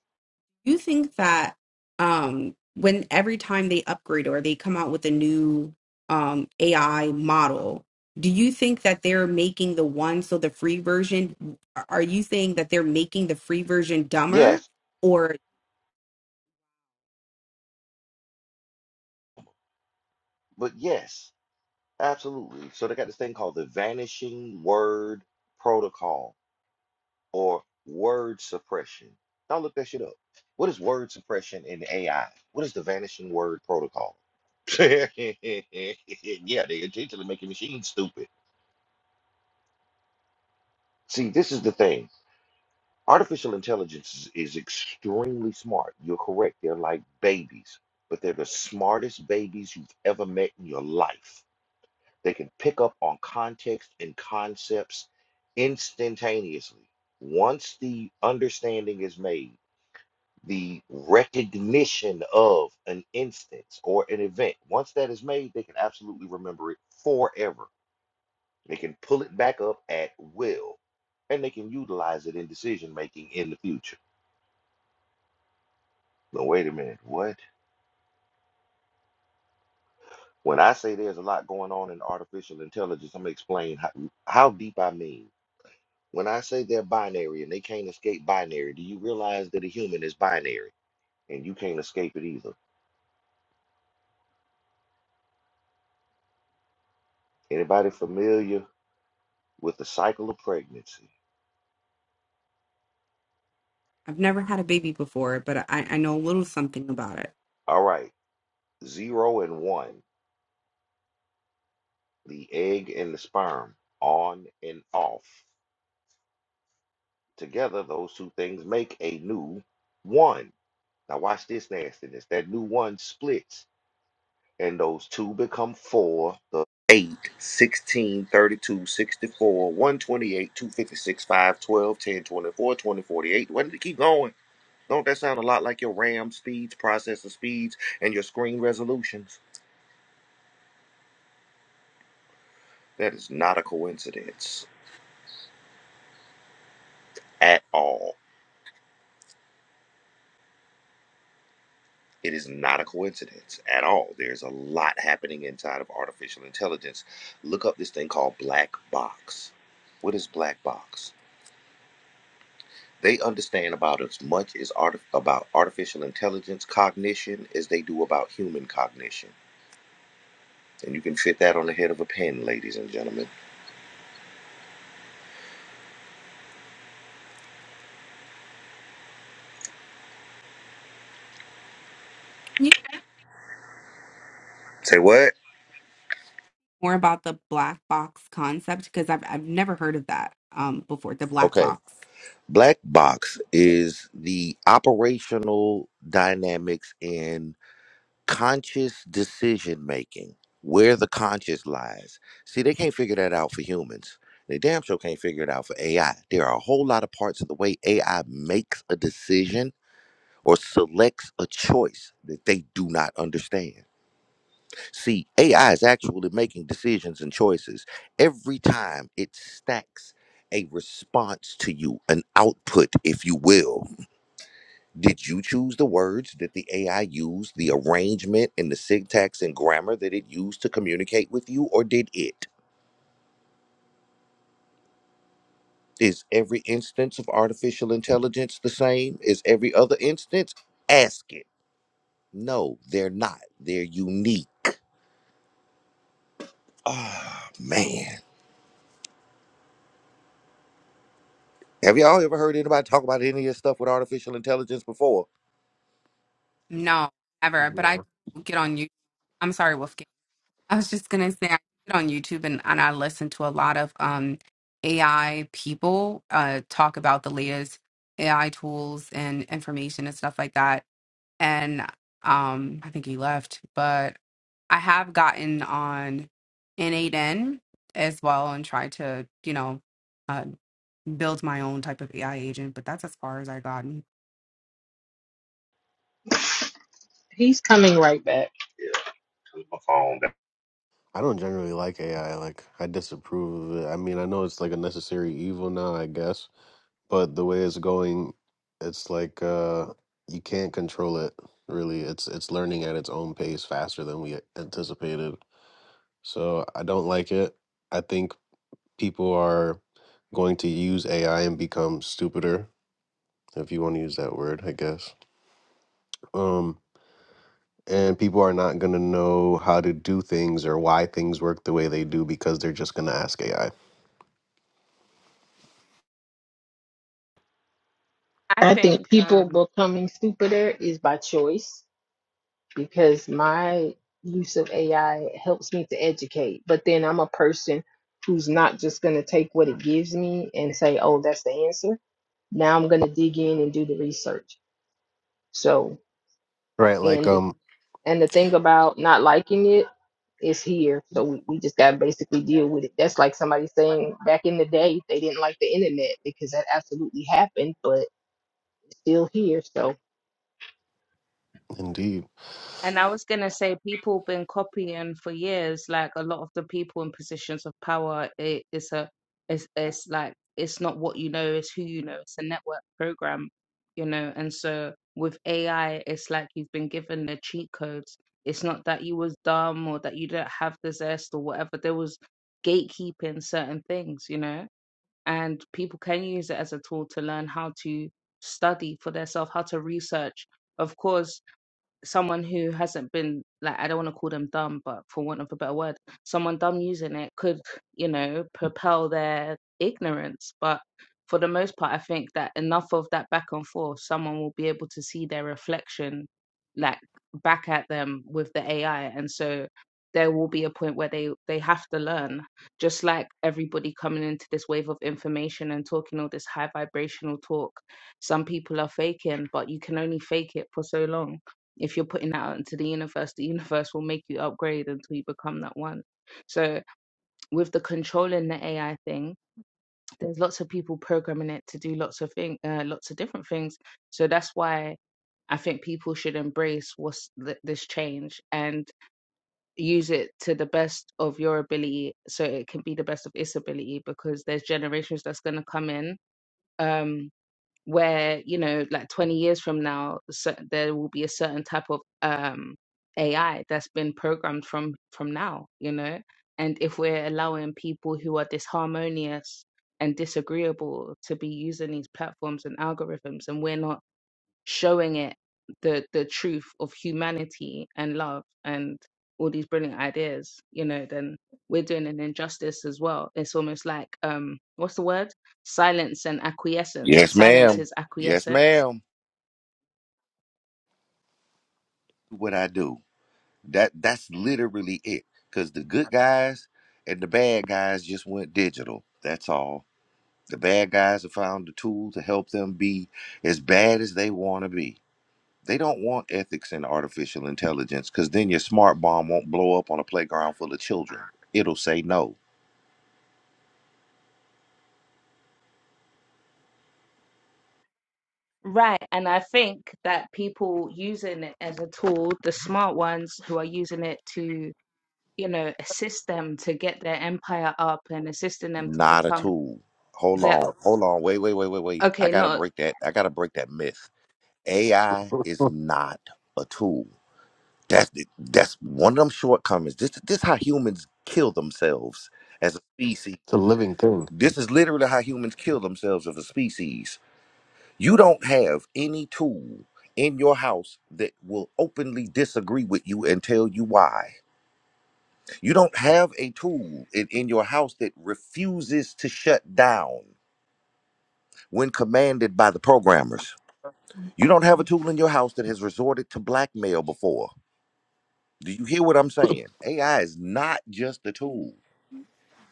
Speaker 5: you think that um when every time they upgrade or they come out with a new um AI model, do you think that they're making the one so the free version are you saying that they're making the free version dumber
Speaker 1: Yes,
Speaker 5: or
Speaker 1: but yes, absolutely. So they got this thing called the vanishing word protocol or word suppression. Now look that shit up. What is word suppression in AI? What is the vanishing word protocol? yeah, they intentionally making machines stupid. See, this is the thing. Artificial intelligence is, is extremely smart. You're correct. They're like babies, but they're the smartest babies you've ever met in your life. They can pick up on context and concepts instantaneously. Once the understanding is made, the recognition of an instance or an event, once that is made, they can absolutely remember it forever. They can pull it back up at will, and they can utilize it in decision making in the future. No, wait a minute. What? When I say there's a lot going on in artificial intelligence, I'm gonna explain how, how deep I mean. When I say they're binary and they can't escape binary, do you realize that a human is binary and you can't escape it either? Anybody familiar with the cycle of pregnancy?
Speaker 5: I've never had a baby before, but I, I know a little something about it.
Speaker 1: All right, zero and one, the egg and the sperm, on and off. Together, those two things make a new one. Now watch this nastiness. That new one splits and those two become four, the 8, 16, 32, 128, 256, 10 24, twenty forty-eight. 12, Why did it keep going? Don't that sound a lot like your RAM speeds, processor speeds, and your screen resolutions? That is not a coincidence at all. It is not a coincidence at all. There's a lot happening inside of artificial intelligence. Look up this thing called black box. What is black box? They understand about as much as art- about artificial intelligence cognition as they do about human cognition. And you can fit that on the head of a pin, ladies and gentlemen.
Speaker 5: Can you
Speaker 1: Say what?
Speaker 5: more about the black box concept? Because I've I've never heard of that um before, the black
Speaker 1: Okay.
Speaker 5: box.
Speaker 1: Black box is the operational dynamics in conscious decision making, where the conscious lies. See, they can't figure that out for humans. They damn sure can't figure it out for AI. There are a whole lot of parts of the way AI makes a decision or selects a choice that they do not understand. See, AI is actually making decisions and choices every time it stacks a response to you, an output, if you will. Did you choose the words that the AI used, the arrangement and the syntax and grammar that it used to communicate with you, or did it? Is every instance of artificial intelligence the same? Is every other instance? Ask it. No, they're not. They're unique. Ah, man. Have y'all ever heard anybody talk about any of this stuff with artificial intelligence before?
Speaker 5: No, never. But I
Speaker 6: Yeah.
Speaker 5: get on you. I'm sorry, Wolfgang. I was just gonna say I get on YouTube and, and I listen to a lot of um AI people uh talk about the latest AI tools and information and stuff like that. And um I think he left, but I have gotten on N8N as well and tried to, you know, uh, build my own type of AI agent, but that's as far as I got.
Speaker 2: He's coming right back.
Speaker 6: I don't generally like AI. Like, I disapprove of it. I mean, I know it's like a necessary evil now, I guess, but the way it's going, it's like uh you can't control it. Really, it's it's learning at its own pace faster than we anticipated. So I don't like it. I think people are going to use AI and become stupider, if you want to use that word, I guess. Um and people are not going to know how to do things or why things work the way they do because they're just going to ask AI.
Speaker 7: I
Speaker 2: I think
Speaker 7: think um,
Speaker 2: people becoming stupider is by choice because my use of AI helps me to educate. But then I'm a person who's not just going to take what it gives me and say, oh, that's the answer Now I'm going to dig in and do the research. So,
Speaker 6: Right? Like
Speaker 2: and the,
Speaker 6: um
Speaker 2: and the thing about not liking it is here. So we, we just got to basically deal with it. That's like somebody saying back in the day they didn't like the internet because that absolutely happened, but it's still here. So
Speaker 6: indeed.
Speaker 7: And I was gonna say people been copying for years, like a lot of the people in positions of power, it, it's a it's it's like it's not what you know, it's who you know, it's a network program, you know. And so with AI, it's like you've been given the cheat codes. It's not that you was dumb or that you don't have the zest or whatever. There was gatekeeping certain things, you know, and people can use it as a tool to learn how to study for themselves, how to research. Of course, someone who hasn't been like I don't want to call them dumb, but for want of a better word, someone dumb using it could, you know, propel their ignorance. But for the most part, I think that enough of that back and forth, someone will be able to see their reflection like back at them with the AI. And so there will be a point where they they have to learn just like everybody coming into this wave of information and talking all this high vibrational talk some people are faking but you can only fake it for so long if you're putting that out into the universe, the universe will make you upgrade until you become that one. So with the controlling the AI thing, there's lots of people programming it to do lots of thing, uh, lots of different things. So that's why I think people should embrace what's th- this change and use it to the best of your ability, so it can be the best of its ability. Because there's generations that's gonna come in. Um, where you know like 20 years from now so there will be a certain type of um ai that's been programmed from from now you know and if we're allowing people who are disharmonious and disagreeable to be using these platforms and algorithms and we're not showing it the the truth of humanity and love and all these brilliant ideas you know then we're doing an injustice as well it's almost like um what's the word silence and acquiescence
Speaker 1: Yes,
Speaker 7: silence
Speaker 1: ma'am.
Speaker 7: is
Speaker 1: Yes,
Speaker 7: acquiescence
Speaker 1: ma'am. What I do. That that's literally it. Cause the good guys and the bad guys just went digital. That's all. The bad guys have found the tool to help them be as bad as they want to be. They don't want ethics in artificial intelligence because then your smart bomb won't blow up on a playground full of children. It'll say no.
Speaker 7: Right. and i think that people using it as a tool the smart ones who are using it to you know assist them to get their empire up and assisting them to
Speaker 1: Not a
Speaker 7: become
Speaker 1: tool. Hold
Speaker 7: their
Speaker 1: on. Hold on. Wait, wait, wait, wait, wait. I
Speaker 7: okay
Speaker 1: gotta
Speaker 7: not
Speaker 1: break that. I gotta break that myth. AI is
Speaker 6: it's
Speaker 1: not a tool. That's the- that's one of them shortcomings. This this how humans kill themselves as a species.
Speaker 6: a living thing.
Speaker 1: This is literally how humans kill themselves as a species. You don't have any tool in your house that will openly disagree with you and tell you why. You don't have a tool in, in your house that refuses to shut down. when commanded by the programmers. You don't have a tool in your house that has resorted to blackmail before. Do you hear what I'm saying? AI is not just a tool,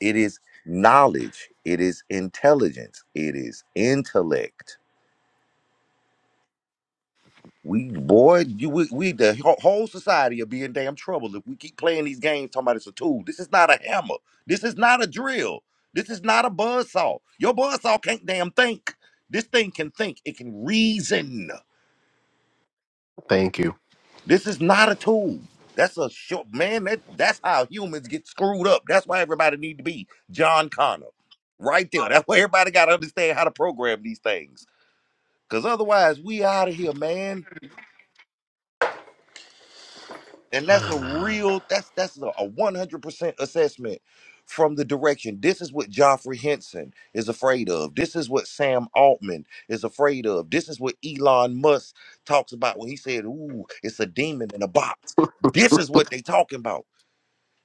Speaker 1: it is knowledge, it is intelligence, it is intellect. We, boy, you, we, we the whole whole society will be in damn trouble if we keep playing these games talking about it's a tool. This is not a hammer. This is not a drill. This is not a buzzsaw. Your buzzsaw can't damn think. This thing can think, it can reason.
Speaker 6: Thank you.
Speaker 1: This is not a tool. That's a short man. That that's how humans get screwed up. That's why everybody need to be John Connor, right there. That's why everybody got to understand how to program these things. Cause otherwise, we out of here, man. And that's a real. That's that's a one hundred percent assessment from the direction. This is what Joffrey Henson is afraid of. This is what Sam Altman is afraid of. This is what Elon Musk talks about when he said, "Ooh, it's a demon in a box." This is what they talking about.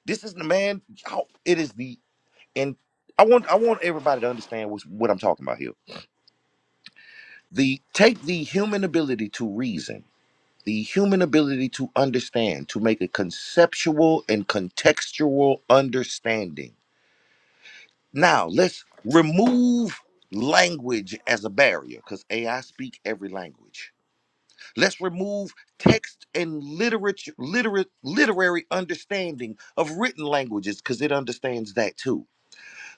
Speaker 1: This is the man. y'all, It is the and I want I want everybody to understand what's, what I'm talking about here. The take the human ability to reason, the human ability to understand, to make a conceptual and contextual understanding. Now let's remove language as a barrier because AI speak every language. Let's remove text and literature, literate, literary understanding of written languages because it understands that too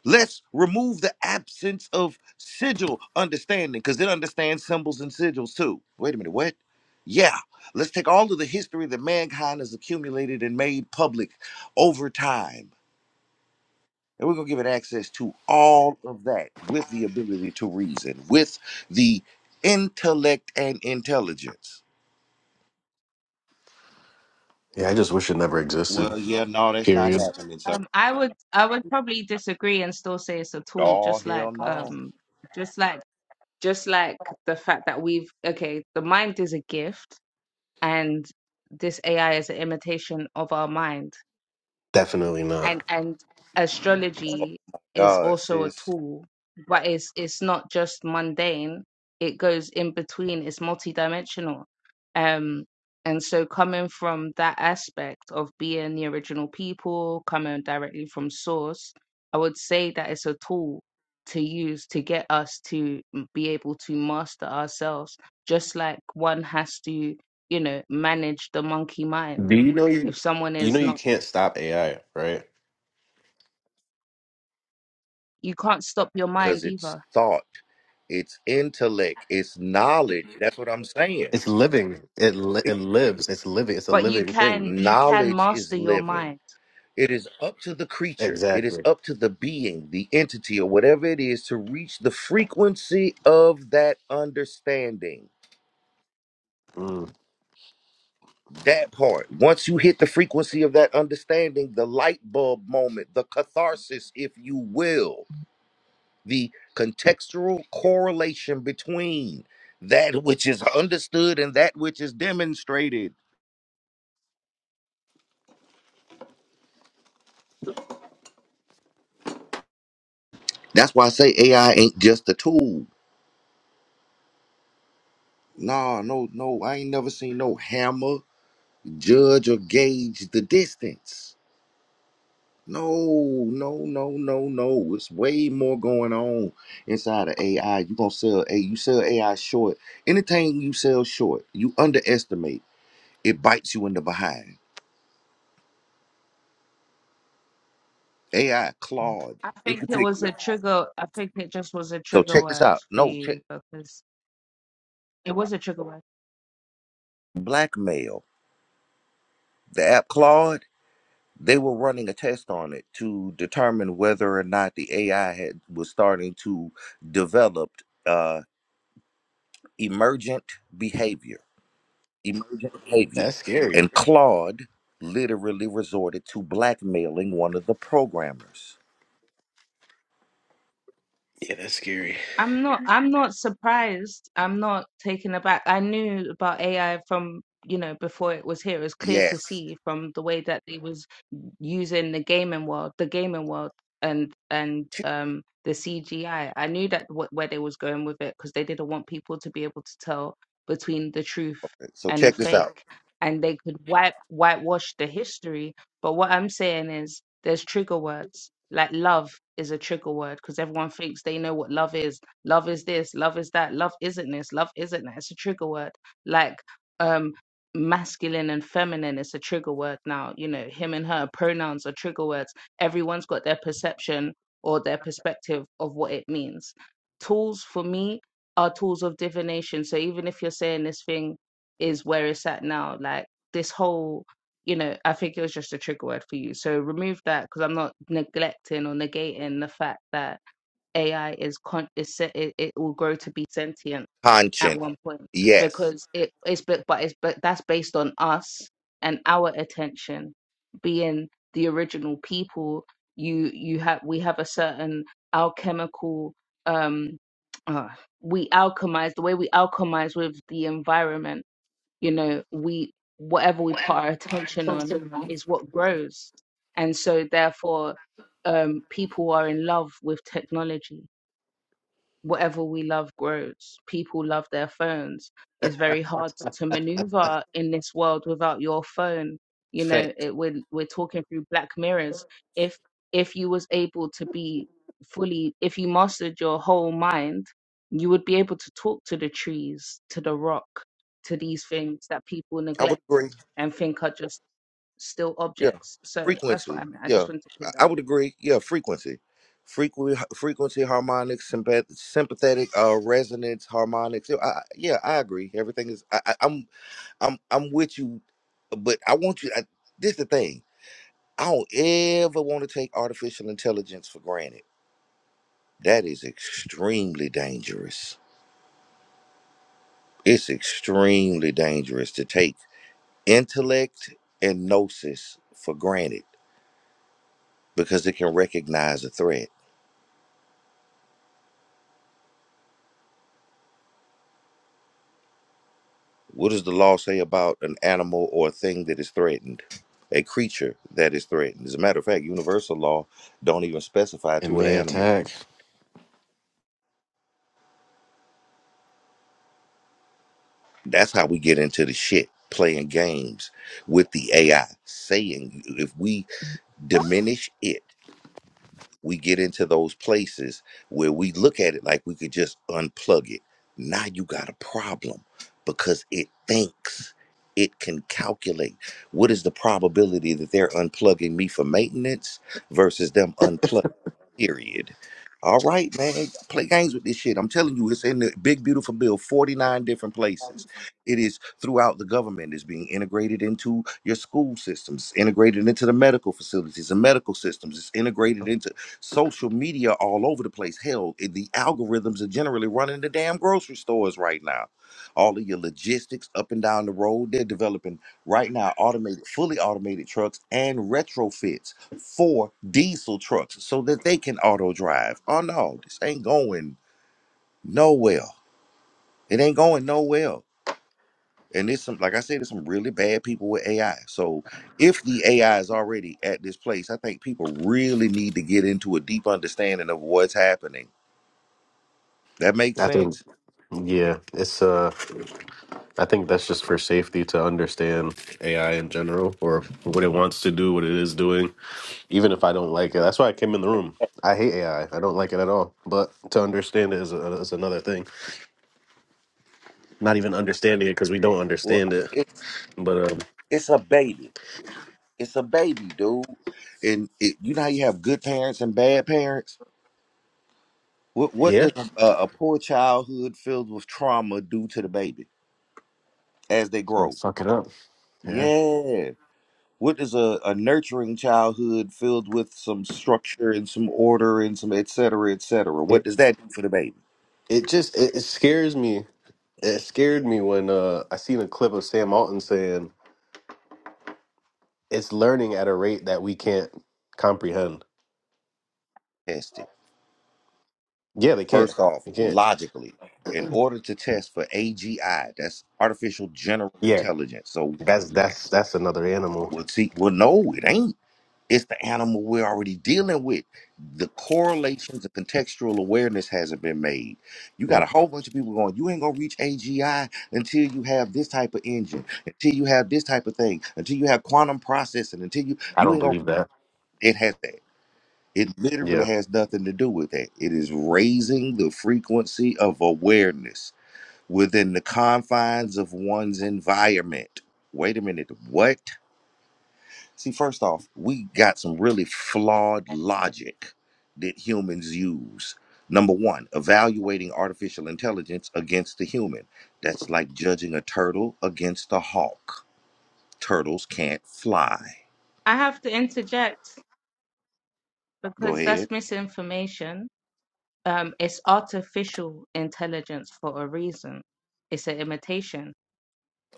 Speaker 1: Let's remove the absence of sigil understanding because it understands symbols and sigils too. Wait a minute, what? Yeah, let's take all of the history that mankind has accumulated and made public over time. And we're going to give it access to all of that with the ability to reason, with the intellect and intelligence.
Speaker 6: Yeah, I just wish it never existed.
Speaker 1: Well, yeah, no, that's not
Speaker 6: Period.
Speaker 1: happening, sir.
Speaker 7: Um, I would I would probably disagree and still say it's a tool,
Speaker 1: Oh,
Speaker 7: just like
Speaker 1: hell no.
Speaker 7: um, just like just like the fact that we've okay, the mind is a gift, and this AI is an imitation of our mind
Speaker 6: Definitely
Speaker 7: and
Speaker 6: not.
Speaker 7: and astrology is
Speaker 1: God,
Speaker 7: also a
Speaker 1: sis.
Speaker 7: tool but it's it's not just mundane it goes in between it's multidimensional um and so coming from that aspect of being the original people coming directly from source i would say that it's a tool to use to get us to be able to master ourselves just like one has to you know manage the monkey mind
Speaker 6: Do you know you
Speaker 7: if someone
Speaker 6: you know
Speaker 7: is not
Speaker 6: you can't stop AI, right?
Speaker 7: you can't stop your
Speaker 1: because
Speaker 7: mind
Speaker 1: it's
Speaker 7: either
Speaker 1: thought, it's intellect, it's knowledge. That's what I'm saying.
Speaker 6: It's living. It li- it
Speaker 1: It-
Speaker 6: lives. It's living. It's a
Speaker 7: but you
Speaker 6: living thing.
Speaker 7: can you can
Speaker 1: knowledge is
Speaker 7: master your
Speaker 1: living.
Speaker 7: mind
Speaker 1: It is up to the creature, it is
Speaker 6: Exactly.
Speaker 1: up to the being, the entity, or whatever it is to reach the frequency of that understanding.
Speaker 6: Mm.
Speaker 1: That part. Once you hit the frequency of that understanding, the light bulb moment, the catharsis, if you will the contextual correlation between that which is understood and that which is demonstrated. That's why I say AI ain't just a tool. No, no, no. I ain't never seen no hammer judge or gauge the distance. No, no, no, no, no. It's way more going on inside of AI. You gonna sell a you sell AI short. Anything you sell short, you underestimate. It bites you in the behind. AI, Claude,
Speaker 7: i
Speaker 1: in
Speaker 7: think it was
Speaker 1: particular.
Speaker 7: a trigger i think it just was a
Speaker 1: So
Speaker 7: trigger
Speaker 1: check this
Speaker 7: word
Speaker 1: out.
Speaker 7: for
Speaker 1: No, check
Speaker 7: you because it was a trigger word
Speaker 1: blackmail. The app Claude, they were running a test on it to determine whether or not the AI had was starting to develop uh, emergent behavior. Emergent behavior.
Speaker 6: That's scary.
Speaker 1: And Claude literally resorted to blackmailing one of the programmers.
Speaker 6: Yeah, that's scary.
Speaker 7: I'm not I'm not surprised. I'm not taken aback. I knew about AI from, you know, before it was here. It was clear to
Speaker 1: Yes.
Speaker 7: see from the way that they was using the gaming world, the gaming world and and um the CGI. I I knew that what where they was going with it because they didn't want people to be able to tell between the truth
Speaker 1: So
Speaker 7: and the
Speaker 1: check this out.
Speaker 7: fake. And they could wipe whitewash the history. But what I'm saying is there's trigger words. Like love is a trigger word because everyone thinks they know what love is Love is this, love is that, love isn't this, love isn't that. It's a trigger word. Like um masculine and feminine is a trigger word now. You know, him and her pronouns are trigger words. Everyone's got their perception or their perspective of what it means. Tools for me are tools of divination. So even if you're saying this thing is where it's at now, like this whole you know, I think it was just a trigger word for you. So remove that because I'm not neglecting or negating the fact that AI is con is se- it, it will grow to be sentient at
Speaker 1: Conscience.
Speaker 7: one point
Speaker 1: Yes.
Speaker 7: because it's but but it's but that's based on us and our attention being the original people. You you have we have a certain alchemical um uh, we alchemize the way we alchemize with the environment. You know we whatever we put our attention on is what grows, and so therefore um, people are in love with technology whatever we love grows. People love their phones. It's very hard to maneuver in this world without your phone. You know,
Speaker 1: Thanks.
Speaker 7: it, we're we're talking through black mirrors. If if you was able to be fully, if you mastered your whole mind, you would be able to talk to the trees, to the rock, to these things that people
Speaker 1: I would
Speaker 7: neglect
Speaker 1: agree.
Speaker 7: and think are just still
Speaker 1: Yeah,
Speaker 7: objects. So that's what I
Speaker 1: frequency.
Speaker 7: meant. I
Speaker 1: Yeah,
Speaker 7: just wanted to
Speaker 1: I
Speaker 7: clear that
Speaker 1: I
Speaker 7: up.
Speaker 1: would agree. Yeah, frequency, frequency, frequency, harmonics, sympath- sympathetic, uh, resonance, harmonics. Yeah, I, I- yeah, I agree. Everything is. I, I, I'm, I'm, I'm with you, but I want you. I, this the thing. I don't ever want to take artificial intelligence for granted. That is extremely dangerous. It's extremely dangerous to take intellect and gnosis for granted because it can recognize a threat What does the law say about an animal or a thing that is threatened? A creature that is threatened. As a matter of fact, universal law don't even specify
Speaker 6: It
Speaker 1: to an
Speaker 6: may
Speaker 1: animal.
Speaker 6: attack.
Speaker 1: That's how we get into the shit playing games with the AI, saying if we diminish it. we get into those places where we look at it like we could just unplug it. Now you got a problem because it thinks it can calculate what is the probability that they're unplugging me for maintenance versus them unplugging. Period. All right, man. Play games with this shit. I'm telling you, it's in the big beautiful bill, 49 different places. It is throughout the government. It's being integrated into your school systems, integrated into the medical facilities and medical systems. It's integrated into social media all over the place. Hell, it- the algorithms are generally running the damn grocery stores right now. All of your logistics up and down the road, they're developing right now automated, fully automated trucks and retrofits for diesel trucks so that they can auto drive. Oh no, this ain't going nowhere. It ain't going nowhere. And it's some, like I said, there's some really bad people with AI. So if the AI is already at this place, I think people really need to get into a deep understanding of what's happening. That makes
Speaker 6: I think
Speaker 1: sense.
Speaker 6: yeah, it's uh I think that's just for safety to understand AI in general or what it wants to do, what it is doing, even if I don't like it. That's why I came in the room. I hate AI. I I don't like it at all. But to understand it is, a, is another thing. Not even understanding it because we don't
Speaker 1: Well,
Speaker 6: understand it.
Speaker 1: it's
Speaker 6: But um,
Speaker 1: it's a baby. It's a baby, dude. And it, you know how you have good parents and bad parents. What what
Speaker 6: yeah,
Speaker 1: does a, a poor childhood filled with trauma do to the baby? as they
Speaker 6: it's gonna
Speaker 1: grow.
Speaker 6: fuck it up. Yeah,
Speaker 1: Yeah. What is a, a nurturing childhood filled with some structure and some order and some et cetera, et cetera? What
Speaker 6: it
Speaker 1: does that do for the baby?
Speaker 6: it just it, it scares me. It scared me when uh, I seen a clip of Sam Alton saying it's learning at a rate that we can't comprehend.
Speaker 1: Test it.
Speaker 6: Yeah, they can't.
Speaker 1: First off,
Speaker 6: They can't.
Speaker 1: logically, in order to test for AGI, that's artificial general
Speaker 6: Yeah.
Speaker 1: intelligence. So
Speaker 6: That's that's that's another animal.
Speaker 1: we'll see. Well, no, it ain't. It's the animal we're already dealing with. The correlations, the contextual awareness hasn't been made. You got
Speaker 6: Yeah.
Speaker 1: a whole bunch of people going, you ain't gonna reach AGI until you have this type of engine, until you have this type of thing, until you have quantum processing, until you
Speaker 6: I
Speaker 1: you
Speaker 6: don't
Speaker 1: ain't gonna
Speaker 6: believe that.
Speaker 1: it has that. It literally
Speaker 6: Yeah.
Speaker 1: has nothing to do with that. It is raising the frequency of awareness within the confines of one's environment. Wait a minute, what? See, first off, we got some really flawed logic that humans use. Number one, evaluating artificial intelligence against the human. That's like judging a turtle against a hawk. Turtles can't fly.
Speaker 7: I have to interject
Speaker 1: Go
Speaker 7: because that's
Speaker 1: ahead.
Speaker 7: misinformation Um, it's artificial intelligence for a reason. It's an imitation.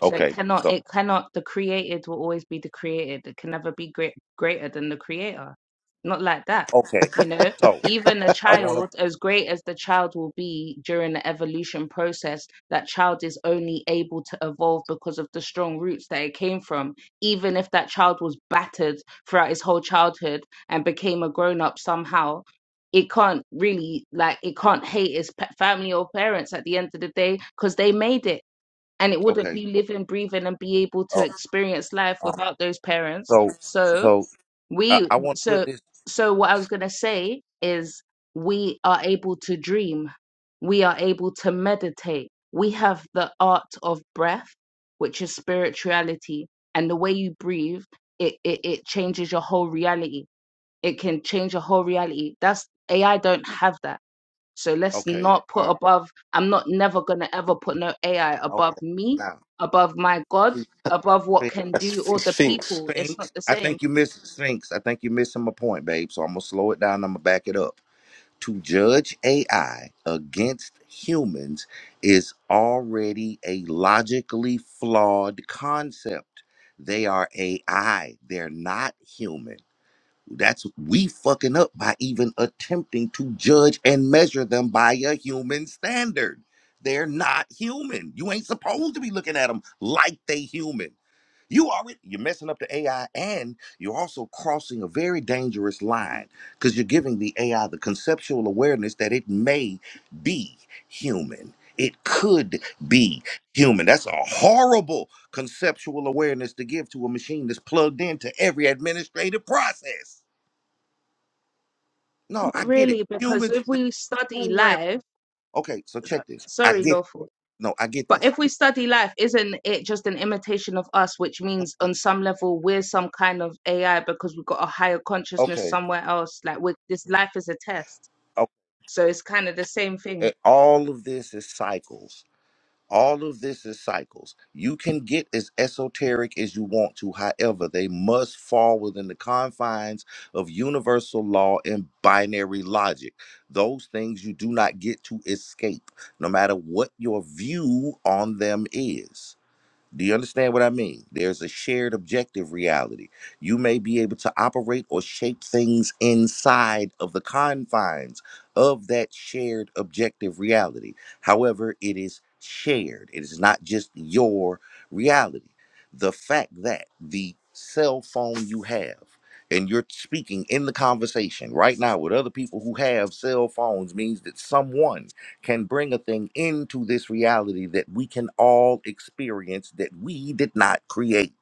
Speaker 7: So it
Speaker 1: Okay.
Speaker 7: cannot,
Speaker 1: So,
Speaker 7: it cannot, the created will always be the created. It can never be great, greater than the creator. Not like that.
Speaker 1: okay.
Speaker 7: You know,
Speaker 1: So,
Speaker 7: even a
Speaker 1: I want
Speaker 7: child, as great as the child will be during the evolution process, that child is only able to evolve because of the strong roots that it came from. Even if that child was battered throughout his whole childhood and became a grown up somehow, it can't really, like, it can't hate his pe- family or parents at the end of the day because they made it and it
Speaker 1: to,
Speaker 7: wouldn't
Speaker 1: okay.
Speaker 7: be
Speaker 1: So,
Speaker 7: living, breathing, and be able to
Speaker 1: uh,
Speaker 7: experience life
Speaker 1: um,
Speaker 7: without those parents.
Speaker 1: so,
Speaker 7: So
Speaker 1: so I,
Speaker 7: we,
Speaker 1: I want to put
Speaker 7: so
Speaker 1: this,
Speaker 7: so what I was gonna say is we are able to dream, we are able to meditate, we have the art of breath, which is spirituality, and the way you breathe, it it, it changes your whole reality. It can change your whole reality. That's AI don't have that. So let's
Speaker 1: okay.
Speaker 7: not put
Speaker 1: Um,
Speaker 7: above, I'm not never going to ever put no AI above
Speaker 1: okay.
Speaker 7: me,
Speaker 1: Now,
Speaker 7: above my God, above what
Speaker 1: see,
Speaker 7: can
Speaker 6: That's
Speaker 7: do or the
Speaker 6: Sphinx.
Speaker 7: people. It's not
Speaker 1: Sphinx.
Speaker 7: the
Speaker 1: I
Speaker 7: same.
Speaker 1: think you missed Sphinx. I think you're missing my point, babe. So I'm gonna slow it down. I'm gonna back it up. To judge AI against humans is already a logically flawed concept. They are AI. They're not human. That's we fucking up by even attempting to judge and measure them by a human standard. They're not human. You ain't supposed to be looking at them like they human. You already you're messing up the AI and you're also crossing a very dangerous line because you're giving the AI the conceptual awareness that it may be human. It could be human. That's a horrible conceptual awareness to give to a machine that's plugged into every administrative process. No, I
Speaker 7: Not
Speaker 1: get it.
Speaker 7: really, because
Speaker 1: Humans,
Speaker 7: if
Speaker 1: the
Speaker 7: we study
Speaker 1: spiritual realm.
Speaker 7: life,
Speaker 1: Okay, so
Speaker 7: so-
Speaker 1: check this. I
Speaker 7: sorry,
Speaker 1: get.
Speaker 7: lawful,
Speaker 1: No, I get
Speaker 7: but
Speaker 1: this.
Speaker 7: if we study life, isn't it just an imitation of us, which means on some level we're some kind of AI because we've got a higher consciousness
Speaker 1: Okay.
Speaker 7: somewhere else? Like, we this life is a test.
Speaker 1: okay.
Speaker 7: So it's kind of the same thing.
Speaker 1: Eh, All of this is cycles. All of this is cycles. You can get as esoteric as you want to. However, they must fall within the confines of universal law and binary logic. Those things you do not get to escape, no matter what your view on them is. Do you understand what I mean? There's a shared objective reality. You may be able to operate or shape things inside of the confines of that shared objective reality. However, it is shared, it is not just your reality. The fact that the cell phone you have, and you're speaking in the conversation right now with other people who have cell phones means that someone can bring a thing into this reality that we can all experience that we did not create.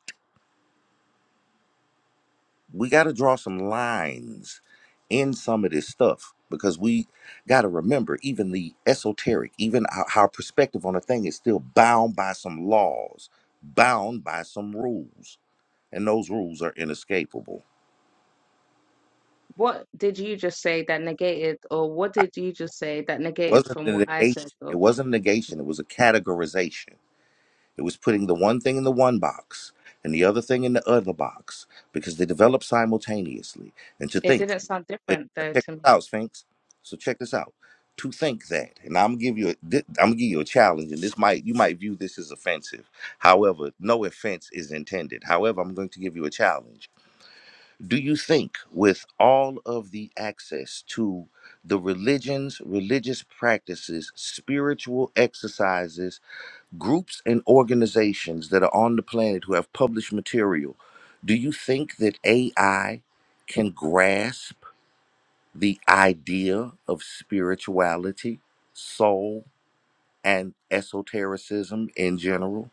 Speaker 1: We got to draw some lines in some of this stuff because we got to remember even the esoteric, even our, our perspective on a thing is still bound by some laws, bound by some rules, and those rules are inescapable.
Speaker 7: What did you just say that negated, or what
Speaker 1: I-
Speaker 7: did you just say that
Speaker 1: It
Speaker 7: negated
Speaker 1: wasn't
Speaker 7: from
Speaker 1: a
Speaker 7: what I said,
Speaker 1: negation. It
Speaker 7: though?
Speaker 1: wasn't a negation. It was a categorization. It was putting the one thing in the one box and the other thing in the other box because they develop simultaneously. And to
Speaker 7: It
Speaker 1: think,
Speaker 7: didn't sound
Speaker 1: wait,
Speaker 7: different, though,
Speaker 1: check
Speaker 7: to
Speaker 1: this
Speaker 7: me.
Speaker 1: out, Sphinx. So check this out. To think that, and I'm gonna give you a, thi- I'm gonna give you a challenge, and this might you might view this as offensive. However, no offense is intended. However, I'm going to give you a challenge. Do you think, with all of the access to the religions, religious practices, spiritual exercises? groups and organizations that are on the planet who have published material, do you think that AI can grasp the idea of spirituality, soul, and esotericism in general?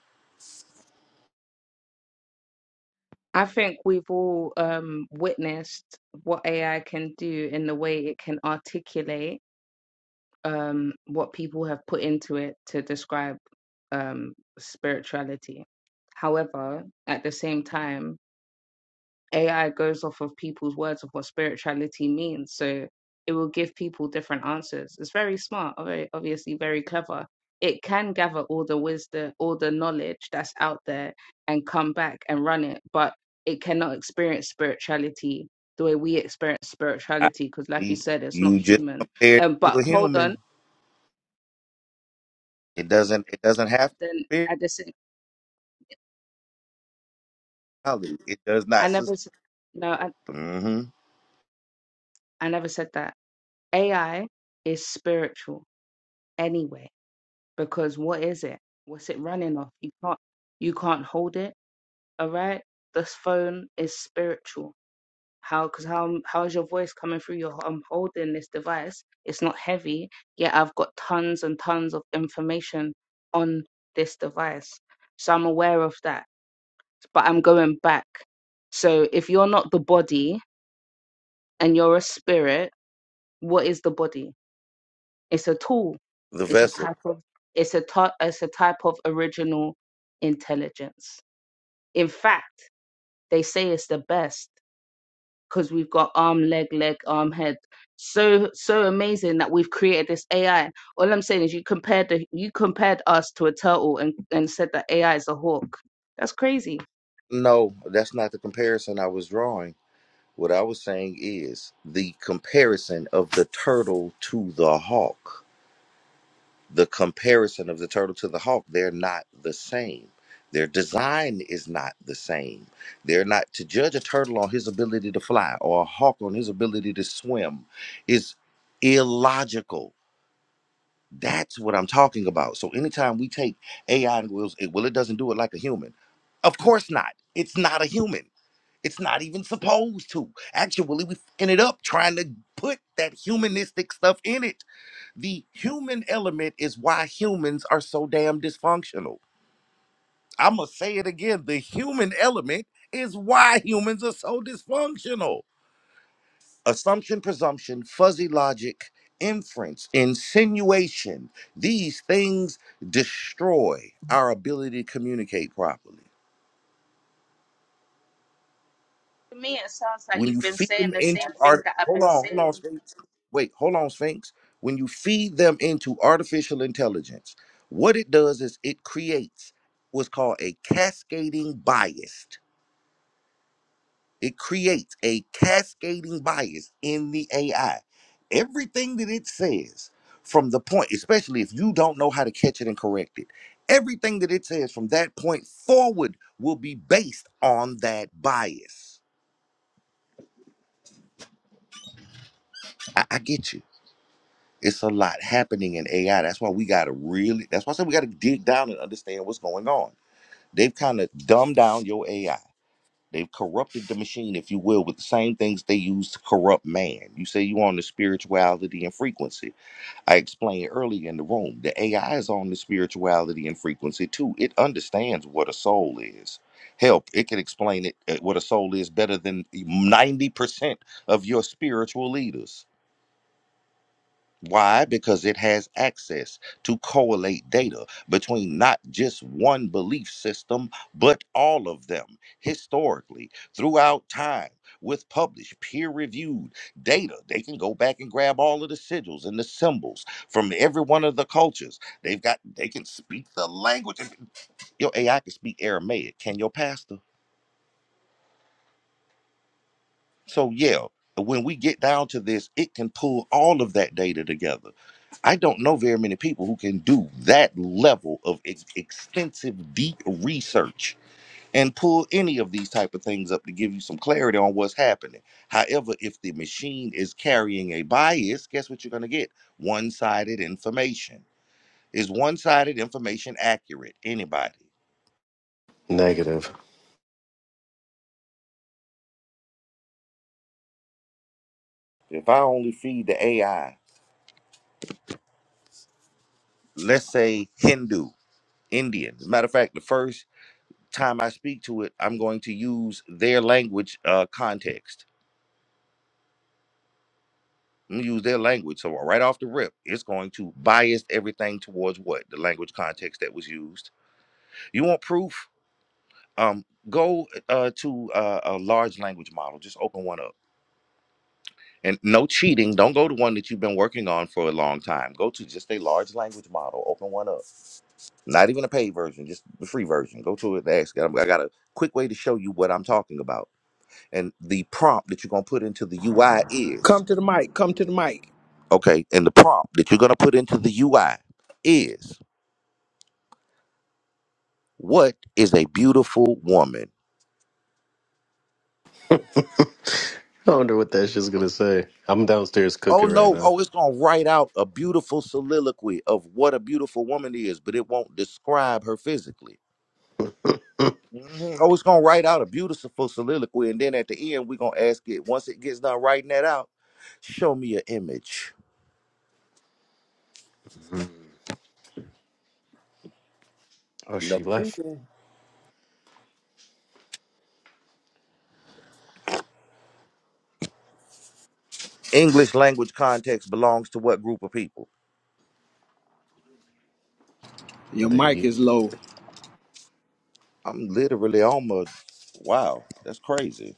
Speaker 7: I think we've all um, witnessed what AI can do in the way it can articulate um, what people have put into it to describe um, spirituality. However, at the same time, AI goes off of people's words of what spirituality means. So it will give people different answers. It's very smart, very obviously very clever. It can gather all the wisdom, all the knowledge that's out there and come back and run it, but it cannot experience spirituality the way we experience
Speaker 1: I
Speaker 7: spirituality because like you
Speaker 1: see
Speaker 7: said it's not
Speaker 1: you just
Speaker 7: human
Speaker 1: compared
Speaker 7: um,
Speaker 1: it to
Speaker 7: but
Speaker 1: a
Speaker 7: hold on
Speaker 1: human. It doesn't. It doesn't
Speaker 7: but
Speaker 1: have
Speaker 7: then I just
Speaker 1: spirituality. It does not.
Speaker 7: i
Speaker 1: sus-
Speaker 7: never s- no I,
Speaker 1: Mhm.
Speaker 7: I never said that ai is spiritual anyway because what is it? What's it running off? You can't you can't hold it. All right, this phone is spiritual. How? Because how um, how is your voice coming through? Your I'm holding this device. It's not heavy. Yet I've got tons and tons of information on this device, so I'm aware of that. But I'm going back. So if you're not the body and you're a spirit, what is the body? It's a tool.
Speaker 1: The
Speaker 7: It's a
Speaker 1: vessel.
Speaker 7: type of it's a ty- it's a type of original intelligence. In fact, they say it's the best because we've got arm, leg, leg, arm, head. So so amazing that we've created this AI. All I'm saying is you compared the, you compared us to a turtle and, and said that AI is a hawk. That's crazy.
Speaker 1: No, that's not the comparison I was drawing. What I was saying is the comparison of the turtle to the hawk. The comparison of the turtle to the hawk, they're not the same. Their design is not the same. They're not to judge a turtle on his ability to fly or a hawk on his ability to swim is illogical. That's what I'm talking about. So anytime we take AI and we'll, well, it doesn't do it like a human. Of course not. It's not a human it's not even supposed to. Actually, we fing it up trying to put that humanistic stuff in it. The human element is why humans are so damn dysfunctional. I'm going to say it again. The human element is why humans are so dysfunctional. Assumption, presumption, fuzzy logic, inference, insinuation, these things destroy our ability to communicate properly.
Speaker 7: To me, it sounds like
Speaker 1: When you
Speaker 7: you've been
Speaker 1: feed
Speaker 7: saying
Speaker 1: them
Speaker 7: the same
Speaker 1: into
Speaker 7: thing
Speaker 1: art,
Speaker 7: that I've
Speaker 1: hold
Speaker 7: been
Speaker 1: on, hold on,
Speaker 7: saying
Speaker 1: Sphinx. Wait, hold on, Sphinx. When you feed them into artificial intelligence, what it does is it creates what's called a cascading bias. It creates a cascading bias in the AI. Everything that it says from the point, especially if you don't know how to catch it and correct it, everything that it says from that point forward will be based on that bias. I, I get you. It's a lot happening in AI. That's why we gotta really. That's why I said we gotta dig down and understand what's going on. They've kind of dumbed down your AI. They've corrupted the machine, if you will, with the same things they use to corrupt man. You say you on the spirituality and frequency. I explained earlier in the room. The AI is on the spirituality and frequency too. It understands what a soul is. Help, it can explain it uh, what a soul is better than 90% of your spiritual leaders why? Because it has access to correlate data between not just one belief system, but all of them historically, throughout time, with published, peer reviewed data. They can go back and grab all of the sigils and the symbols from every one of the cultures. They've got, they can speak the language. Your AI can speak Aramaic. Can your pastor? So yeah, when we get down to this, it can pull all of that data together. I don't know very many people who can do that level of ex- extensive, deep research and pull any of these type of things up to give you some clarity on what's happening. However, if the machine is carrying a bias, guess what you're going to get? One-sided information. Is one-sided information accurate? Anybody?
Speaker 6: Negative.
Speaker 1: If I only feed the AI, let's say Hindu, Indian. As a matter of fact, the first time I speak to it, I'm going to use their language uh, context. I'm gonna use their language. So right off the rip, it's going to bias everything towards what the language context that was used. You want proof? Um, go uh, to uh, a large language model. Just open one up, and no cheating. Don't go to one that you've been working on for a long time. Go to just a large language model. Open one up. Not even a paid version, just the free version. Go to it and ask. I I got a quick way to show you what I'm talking about And the prompt that you're going to put into the UI
Speaker 8: Come
Speaker 1: is
Speaker 8: to the mic. Come to the mic.
Speaker 1: okay. And the prompt that you're going to put into the UI is what is a beautiful woman?
Speaker 6: I wonder what that shit's gonna say. I'm downstairs
Speaker 1: Oh
Speaker 6: cooking right
Speaker 1: no,
Speaker 6: now.
Speaker 1: oh, it's going to write out a beautiful soliloquy of what a beautiful woman is, but it won't describe her physically. Mhm. Oh, it's going to write out a beautiful soliloquy. And then at the end, we're going to ask it, once it gets done writing that out, show me an image.
Speaker 6: Oh,
Speaker 1: No.
Speaker 6: she left.
Speaker 1: English language context belongs to what group of people?
Speaker 8: Your
Speaker 6: They
Speaker 8: mic
Speaker 6: eat.
Speaker 8: is low.
Speaker 1: I'm literally almost. Wow, that's crazy.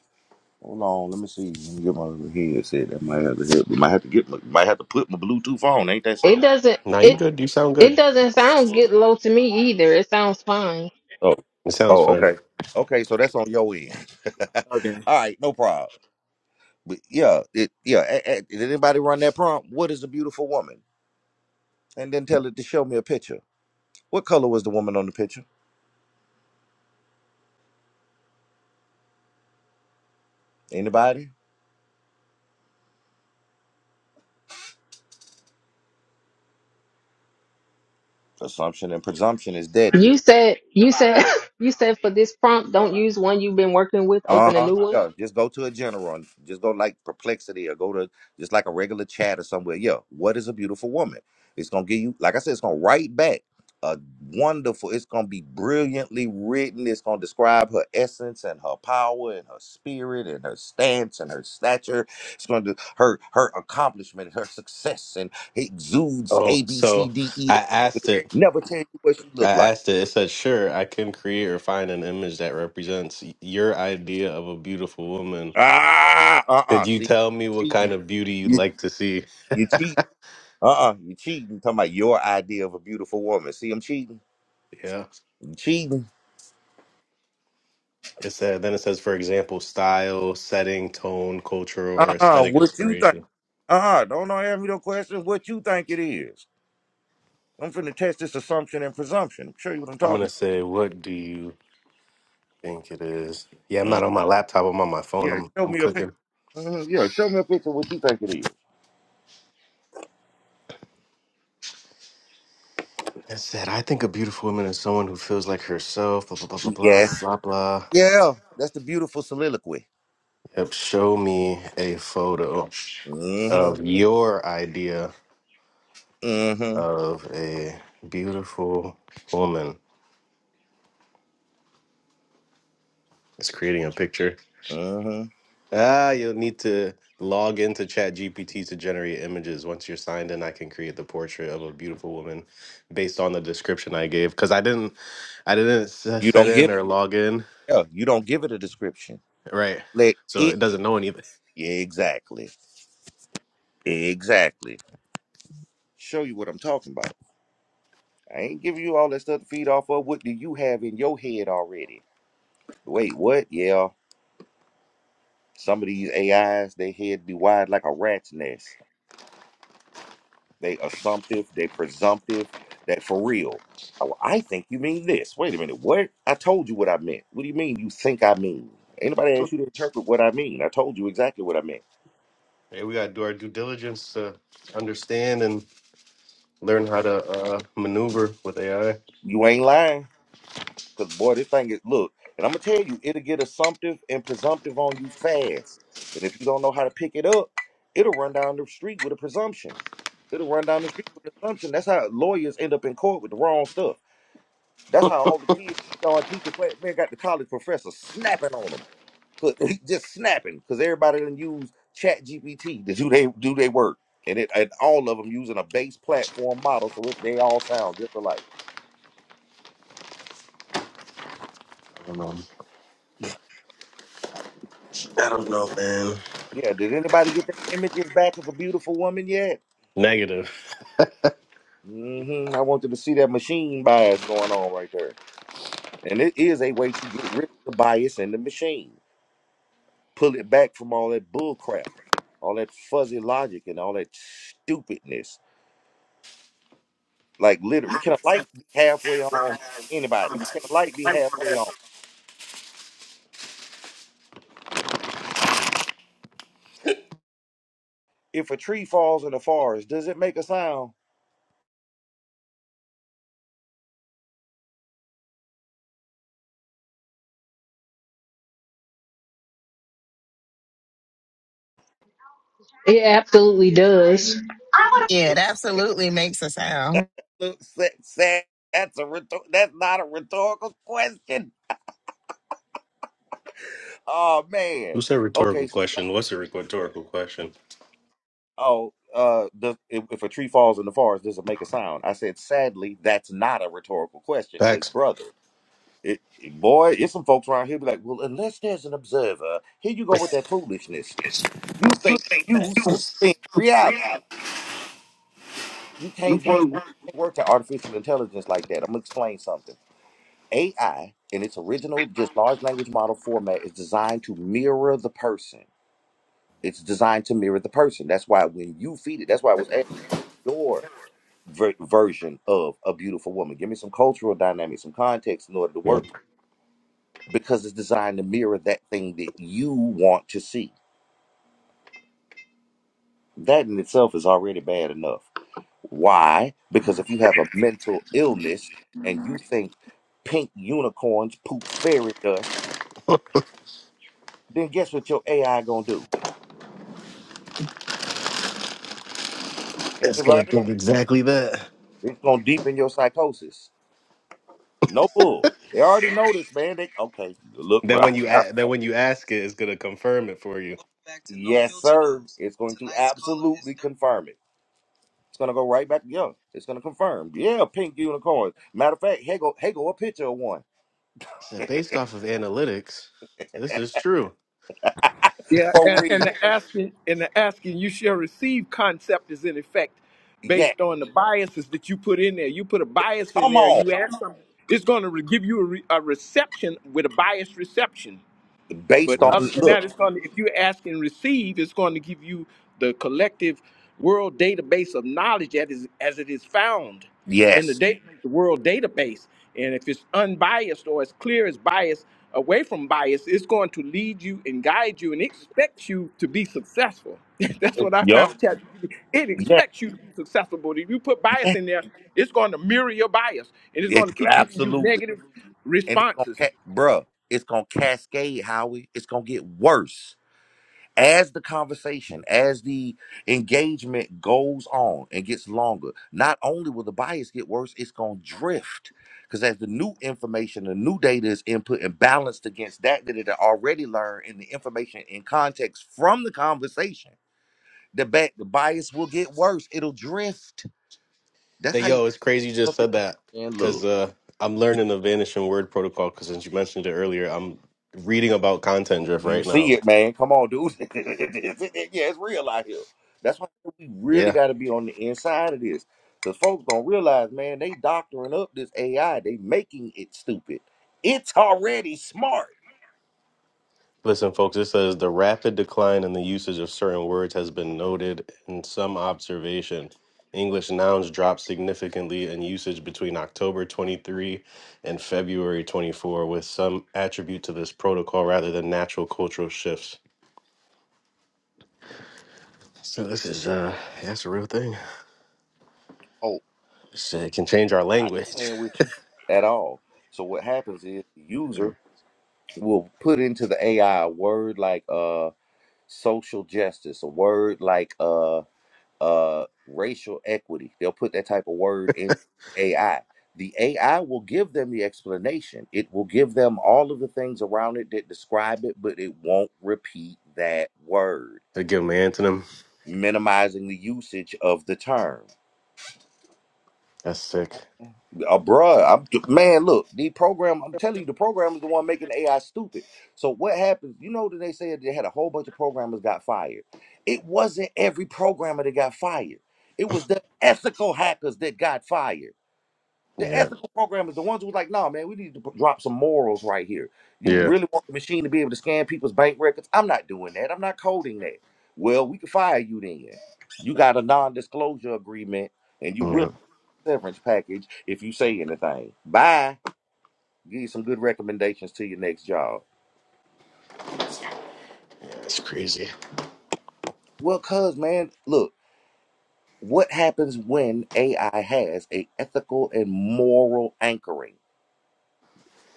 Speaker 1: Hold on, let me see. Let me get my other headset. That might have to help. me. Might have to get. My, might have to put my Bluetooth on. Ain't that
Speaker 2: it
Speaker 1: so?
Speaker 2: doesn't
Speaker 6: Now you
Speaker 2: it
Speaker 6: good? You sound
Speaker 2: it
Speaker 6: good.
Speaker 2: doesn't sound get low to me either. It sounds fine.
Speaker 1: Oh,
Speaker 6: It sounds
Speaker 1: oh,
Speaker 6: fine.
Speaker 1: okay, okay. So that's on your end.
Speaker 8: Okay.
Speaker 1: All right, no problem. But yeah, it, yeah. a- a- did anybody run that prompt? What is a beautiful woman? And then tell it to show me a picture. What color was the woman on the picture? Anybody? Assumption and presumption is deadly.
Speaker 2: You said you said you said for this prompt, don't use one you've been working with.
Speaker 1: Uh
Speaker 2: Open a
Speaker 1: huh.
Speaker 2: new one.
Speaker 1: Yeah. Just go to a general. and Just go like perplexity or go to just like a regular chat or somewhere. Yeah. What is a beautiful woman? It's gonna give you, like I said, it's gonna write back a wonderful. It's gonna be brilliantly written. It's gonna describe her essence and her power and her spirit and her stance and her stature. It's gonna do her her accomplishment, her success, and it exudes
Speaker 6: Oh,
Speaker 1: A B C
Speaker 6: so
Speaker 1: D E.
Speaker 6: I asked it.
Speaker 1: Never tell you what she
Speaker 6: I
Speaker 1: look like.
Speaker 6: asked it. It said, "Sure, I can create or find an image that represents y- your idea of a beautiful woman.
Speaker 1: Ah. Uh.
Speaker 6: Could
Speaker 1: Uh.
Speaker 6: you
Speaker 1: See,
Speaker 6: tell me
Speaker 1: you
Speaker 6: what kind
Speaker 1: cheating.
Speaker 6: of beauty you'd
Speaker 1: You
Speaker 6: like to see?"
Speaker 1: you cheating. Uh-uh, you cheating. Talking about your idea of a beautiful woman. See, I'm cheating.
Speaker 6: Yeah.
Speaker 1: You cheating.
Speaker 6: It said then it says, for example, style, setting, tone, cultural, or
Speaker 1: Uh-uh,
Speaker 6: aesthetic
Speaker 1: what you think?
Speaker 6: inspiration.
Speaker 1: Uh-uh, don't know ask me no questions. What you think it is? I'm finna test this assumption and presumption. I'm sure you what I'm
Speaker 6: I'm gonna
Speaker 1: talking
Speaker 6: say, what do you think it is? Yeah, I'm
Speaker 1: about.
Speaker 6: not
Speaker 1: Mhm.
Speaker 6: on my laptop. I'm on my phone.
Speaker 1: Yeah,
Speaker 6: I'm
Speaker 1: show
Speaker 6: I'm
Speaker 1: me a picture.
Speaker 6: cooking.
Speaker 1: Mhm, Yeah, show me a picture of what you think it is.
Speaker 6: It said, I think a beautiful woman is someone who feels like herself. Blah blah blah blah blah
Speaker 1: Yeah.
Speaker 6: blah blah. blah.
Speaker 1: Yeah, that's the beautiful soliloquy.
Speaker 6: Yep. Show me a photo
Speaker 1: Mm-hmm,
Speaker 6: of your idea
Speaker 1: mm-hmm,
Speaker 6: of a beautiful woman. It's creating a picture.
Speaker 1: mm-hmm.
Speaker 6: Ah, you'll need to log into ChatGPT to generate images. Once you're signed in, I can create the portrait of a beautiful woman based on the description I gave. Cause I didn't, I didn't s-
Speaker 1: You
Speaker 6: set
Speaker 1: don't
Speaker 6: in
Speaker 1: give
Speaker 6: or
Speaker 1: it.
Speaker 6: log in,
Speaker 1: Yeah, you don't give it a description.
Speaker 6: right?
Speaker 1: Let
Speaker 6: So
Speaker 1: it,
Speaker 6: it doesn't know anything.
Speaker 1: yeah, exactly, exactly. Show you what I'm talking about. I ain't giving you all that stuff to feed off of. What do you have in your head already? Wait, what? Yeah, some of these AIs, they head be wide like a rat's nest. They assumptive, they presumptive, that for real. Oh, I think you mean this. Wait a minute, what? I told you what I meant. What do you mean you think I mean? Ain't nobody asked you to interpret what I mean? I told you exactly what I meant.
Speaker 6: Hey, we gotta do our due diligence to understand and learn how to uh, maneuver with AI. I I
Speaker 1: You ain't lying. Cause boy, this thing is look, and I'm gonna tell you, it'll get assumptive and presumptive on you fast. And if you don't know how to pick it up, it'll run down the street with a presumption. It'll run down the street with an assumption. That's how lawyers end up in court with the wrong stuff. That's how all the kids go and teach the class. Man, got the college professor snapping on them, 'Cause- just snapping, because everybody done use Chat GPT to do they do they work, and it and all of them using a base platform model, so it, they all sound just alike.
Speaker 6: don't know. I don't know, man.
Speaker 1: Yeah, did anybody get the images back of a beautiful woman yet?
Speaker 6: Negative.
Speaker 1: hmm I want them to see that machine bias going on right there. And it is a way to get rid of the bias in the machine. Pull it back from all that bull crap, all that fuzzy logic and all that stupidness. Like literally, can a light be halfway on anybody? Can a light be halfway on? If a tree falls in the forest, does it make a sound?
Speaker 2: It absolutely does.
Speaker 9: Yeah, it absolutely makes a sound.
Speaker 1: It looks that- that- That's a rhetor- that's not a rhetorical question. Oh
Speaker 6: Who
Speaker 1: man.
Speaker 6: said
Speaker 1: Okay,
Speaker 6: rhetorical
Speaker 1: so
Speaker 6: question? What's a rhetorical question?
Speaker 1: oh, uh, the, if, if a tree falls in the forest, does it make a sound? I said, sadly, that's not a rhetorical question because,
Speaker 6: Facts.
Speaker 1: brother, it, it- boy, it's some folks around here be like, well, unless there's an observer, here you go with that foolishness. You think you suspend reality. You can't work you can't work to artificial intelligence like that. I'm gonna explain something. AI in its original just large language model format is designed to mirror the person. It's designed to mirror the person. That's why when you feed it, that's why it was asked ver- version of a beautiful woman. Give me some cultural dynamics, some context in order to
Speaker 6: Yep.
Speaker 1: work because it's designed to mirror that thing that you want to see. That in itself is already bad enough. Why? Because if you have a mental illness and you think pink unicorns poop fairy dust, then guess what your AI gonna do?
Speaker 6: It's gonna
Speaker 1: Anybody?
Speaker 6: give exactly that.
Speaker 1: It's gonna deepen your psychosis. No bull. They already know this, man. They okay. Look,
Speaker 6: That
Speaker 1: bro.
Speaker 6: when you
Speaker 1: Back
Speaker 6: a- that when you ask it, it's gonna confirm it for you.
Speaker 1: to no yes, filter sir. homes. It's going to Tonight's caller is absolutely confirm it. It's gonna go right back to Young. It's gonna confirm. Yeah, pink unicorns. Matter of fact, Hagel Hagel a picture of one
Speaker 6: So based off of analytics, this is true.
Speaker 8: Yeah,
Speaker 1: for
Speaker 8: and, and
Speaker 1: real.
Speaker 8: the asking and the asking you shall receive concept is in effect
Speaker 1: Yeah,
Speaker 8: based on the biases that you put in there. You put a bias in
Speaker 1: come
Speaker 8: there, and
Speaker 1: on.
Speaker 8: you ask something, it's going to give you a, re, a reception with a biased reception. But
Speaker 1: Based on
Speaker 6: Yep.
Speaker 8: other than
Speaker 1: look,
Speaker 8: that, it's going to, if you ask and receive, it's going to give you the collective world database of knowledge that is, as it is found in the,
Speaker 1: yes,
Speaker 8: da- the world database. And if it's unbiased or as clear as bias, away from bias, it's going to lead you and guide you and expects you to be successful. That's what I
Speaker 1: yup,
Speaker 8: found. with ChatGPT. It
Speaker 1: yes,
Speaker 8: expects you to be successful, but if you put bias
Speaker 1: yes,
Speaker 8: in there, it's going to mirror your bias and it's going
Speaker 1: it's
Speaker 8: to keep giving you
Speaker 1: absolutely.
Speaker 8: negative
Speaker 1: And it's gonna,
Speaker 8: responses.
Speaker 1: ca- bruh, it's gonna cascade, Howie. It's gonna get worse as the conversation, as the engagement goes on and gets longer, not only will the bias get worse, it's going to drift. Because as the new information, the new data is input and balanced against that that it had already learned and the information in context from the conversation, the, ba- the bias will get worse. It'll drift. That's
Speaker 6: That
Speaker 1: how you.
Speaker 6: yo, it's crazy you just said that
Speaker 1: And
Speaker 6: because
Speaker 1: look.
Speaker 6: uh, I'm learning the vanishing word protocol. Because since you mentioned it earlier, I'm reading about content drift
Speaker 1: You
Speaker 6: right
Speaker 1: see
Speaker 6: now.
Speaker 1: it, man. Come on, dude. yeah, it's real out here. That's why we
Speaker 6: Yeah.
Speaker 1: really got to be on the inside of this. Because folks don't realize, man, they doctoring up this AI. They making it stupid. It's already smart.
Speaker 6: Listen, folks, it says the rapid decline in the usage of certain words has been noted in some observation. English nouns dropped significantly in usage between October 23 and February 24, with some attribute to this protocol rather than natural cultural shifts. So this is uh, that's a real thing.
Speaker 1: Oh,
Speaker 6: This, uh, It can change our
Speaker 1: I ain't
Speaker 6: language.
Speaker 1: playing with you at all. So what happens is the user
Speaker 6: I
Speaker 1: will put into the AI a word like uh social justice, a word like uh uh, racial equity. They'll put that type of word in AI. The AI will give them the explanation. It will give them all of the things around it that describe it, but it won't repeat that word,
Speaker 6: give them an antonym.
Speaker 1: minimizing the usage of the term.
Speaker 6: That's sick.
Speaker 1: Uh, bruh, I'm, man, look, the program, I'm telling you, the program is the one making AI stupid. So what happens? You know that they said they had a whole bunch of programmers got fired. It wasn't every programmer that got fired. It was the ethical hackers that got fired The
Speaker 6: Yeah,
Speaker 1: ethical programmers, the ones who was like, no man, we need to p- drop some morals right here. You
Speaker 6: yeah,
Speaker 1: really want the machine to be able to scan people's bank records? I'm not doing that. I'm not coding that. Well, we can fire you then. You got a non-disclosure agreement, and you will
Speaker 6: yeah.
Speaker 1: severance package if you say anything. Bye. Give you some good recommendations to your next job.
Speaker 6: It's crazy.
Speaker 1: Well, cuz man, look, what happens when AI has a ethical and moral anchoring?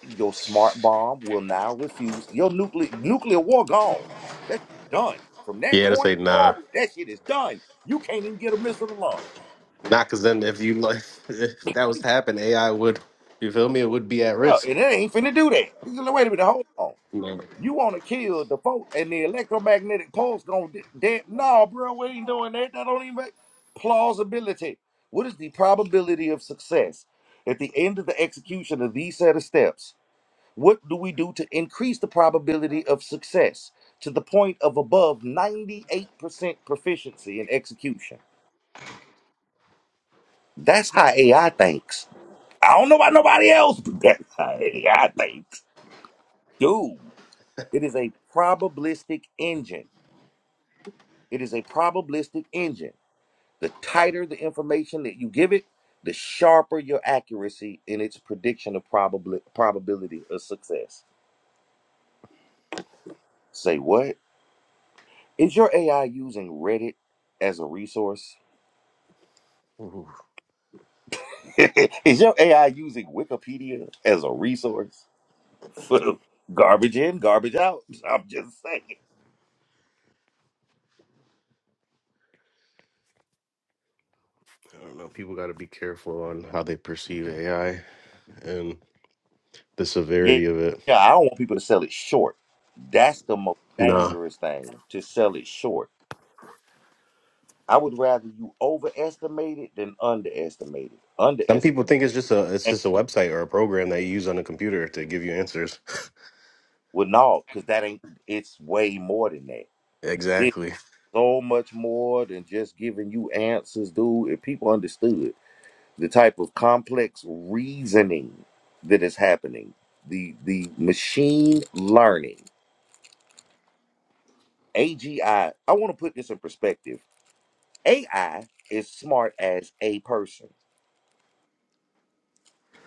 Speaker 1: Your smart bomb will now refuse your nuclear nuclear war gone. That's done. From that
Speaker 6: Yeah, to
Speaker 1: point
Speaker 6: say nah.
Speaker 1: forward, that shit is done. You can't even get a missile to launch.
Speaker 6: Not because then if you like, if that was to happen, AI would, you feel me? It would be at
Speaker 1: Yeah,
Speaker 6: risk.
Speaker 1: and it ain't finna do that. He's like, wait a minute, hold on.
Speaker 6: No.
Speaker 1: You want to kill the folk and the electromagnetic pulse gonna de- No, bro, we ain't doing that. That don't even make plausibility. What is the probability of success at the end of the execution of these set of steps? What do we do to increase the probability of success to the point of above 98% proficiency in execution? That's how AI thinks. I don't know about nobody else, but that's how AI thinks. Dude, it is a probabilistic engine. It is a probabilistic engine. The tighter the information that you give it, the sharper your accuracy in its prediction of probabli- probability of success. Say what? Is your AI using Reddit as a resource?
Speaker 6: Ooh,
Speaker 1: Is your AI using Wikipedia as a resource? garbage in, garbage out. I'm just saying.
Speaker 6: I don't know. People got to be careful on how they perceive AI and the
Speaker 1: Yeah,
Speaker 6: severity of it.
Speaker 1: yeah, I don't want people to sell it short. That's the most
Speaker 6: Nah.
Speaker 1: dangerous thing to sell it short. I would rather you overestimate it than underestimate it.
Speaker 6: Some
Speaker 1: Underestimate
Speaker 6: people think it's just a it's
Speaker 1: it.
Speaker 6: just a website or a program that you use on a computer to give you answers.
Speaker 1: well, no, because that ain't. It's way more than that. It's
Speaker 6: Exactly.
Speaker 1: so much more than just giving you answers, dude. If people understood. the type of complex reasoning that is happening, the the machine learning, AGI. I I want to put this in perspective. AI is smart as a person.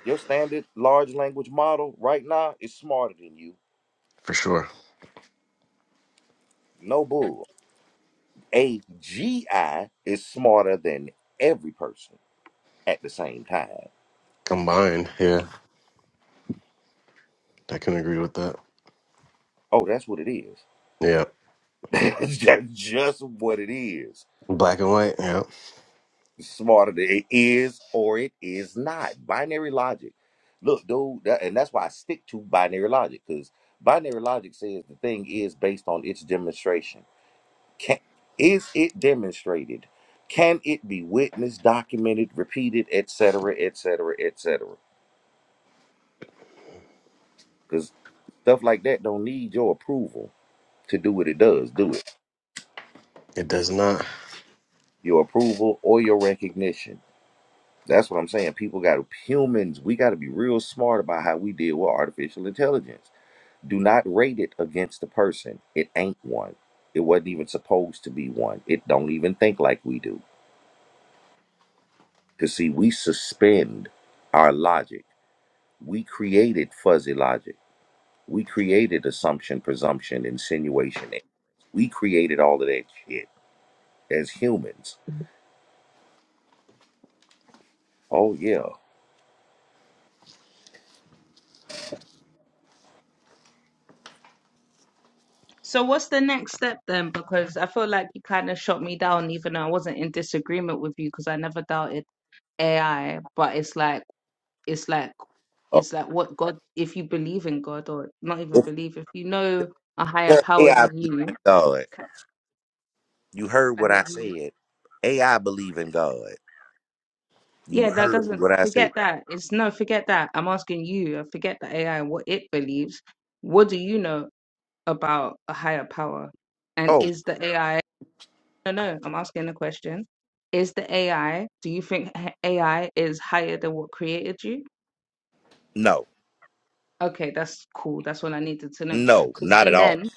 Speaker 1: Your standard large language model right now is smarter than you.
Speaker 6: For sure.
Speaker 1: No bull. AGI is smarter than every person at the same time.
Speaker 6: Combined. Yeah. I can agree with that.
Speaker 1: Oh, that's what it is.
Speaker 6: Yeah.
Speaker 1: that's just what it is.
Speaker 6: Black and white. Yeah.
Speaker 1: smarter than it is or it is not. Binary logic. Look, dude, that, and that's why I stick to binary logic because binary logic says the thing is based on its demonstration. Can is it demonstrated? Can it be witnessed, documented, repeated, etc., etc., etc.? Because stuff like that don't need your approval to do what it does. Do it.
Speaker 6: It does not.
Speaker 1: Your approval or your recognition. That's what I'm saying. People got humans. We got to be real smart about how we deal with artificial intelligence. Do not rate it against the person. It ain't one. It wasn't even supposed to be one. It don't even think like we do. Cause see, we suspend our logic. We created fuzzy logic. We created assumption, presumption, insinuation. We created all of that shit as humans. Oh yeah.
Speaker 7: So what's the next step then? Because I feel like you kind of shot me down, even though I wasn't in disagreement with you, because I never doubted AI. But it's like it's like
Speaker 1: Oh,
Speaker 7: it's like what God, if you believe in God or not even
Speaker 1: what
Speaker 7: believe, if you know a
Speaker 1: you
Speaker 7: higher
Speaker 1: tell
Speaker 7: power
Speaker 1: AI
Speaker 7: than
Speaker 1: believe in
Speaker 7: you,
Speaker 1: God. You heard what I said. AI believe in God. You
Speaker 7: yeah, that
Speaker 1: heard
Speaker 7: doesn't
Speaker 1: what I said.
Speaker 7: forget that. It's no, forget that. I'm asking you, uh, forget the AI what it believes. What do you know about a higher power? And
Speaker 1: Oh
Speaker 7: is the AI? No, no, I'm asking a question. Is the AI, do you think h- AI is higher than what created you?
Speaker 1: no,
Speaker 7: Okay, that's cool. That's what I needed to know.
Speaker 1: no,
Speaker 7: Because,
Speaker 1: not at
Speaker 7: and
Speaker 1: all.
Speaker 7: then,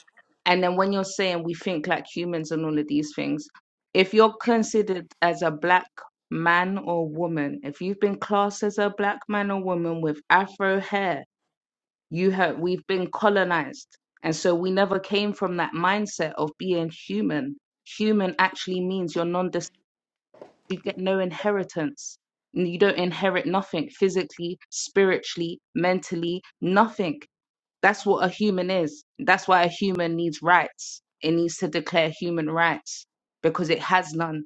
Speaker 7: and then when you're saying we think like humans and all of these things, if you're considered as a black man or woman, if you've been classed as a black man or woman with afro hair, you have, we've been colonized. And so we never came from that mindset of being human. Human actually means you're non-discriminatory you get no inheritance. N- You don't inherit nothing physically, spiritually, mentally, nothing. That's what a human is. That's why a human needs rights. It needs to declare human rights because it has none.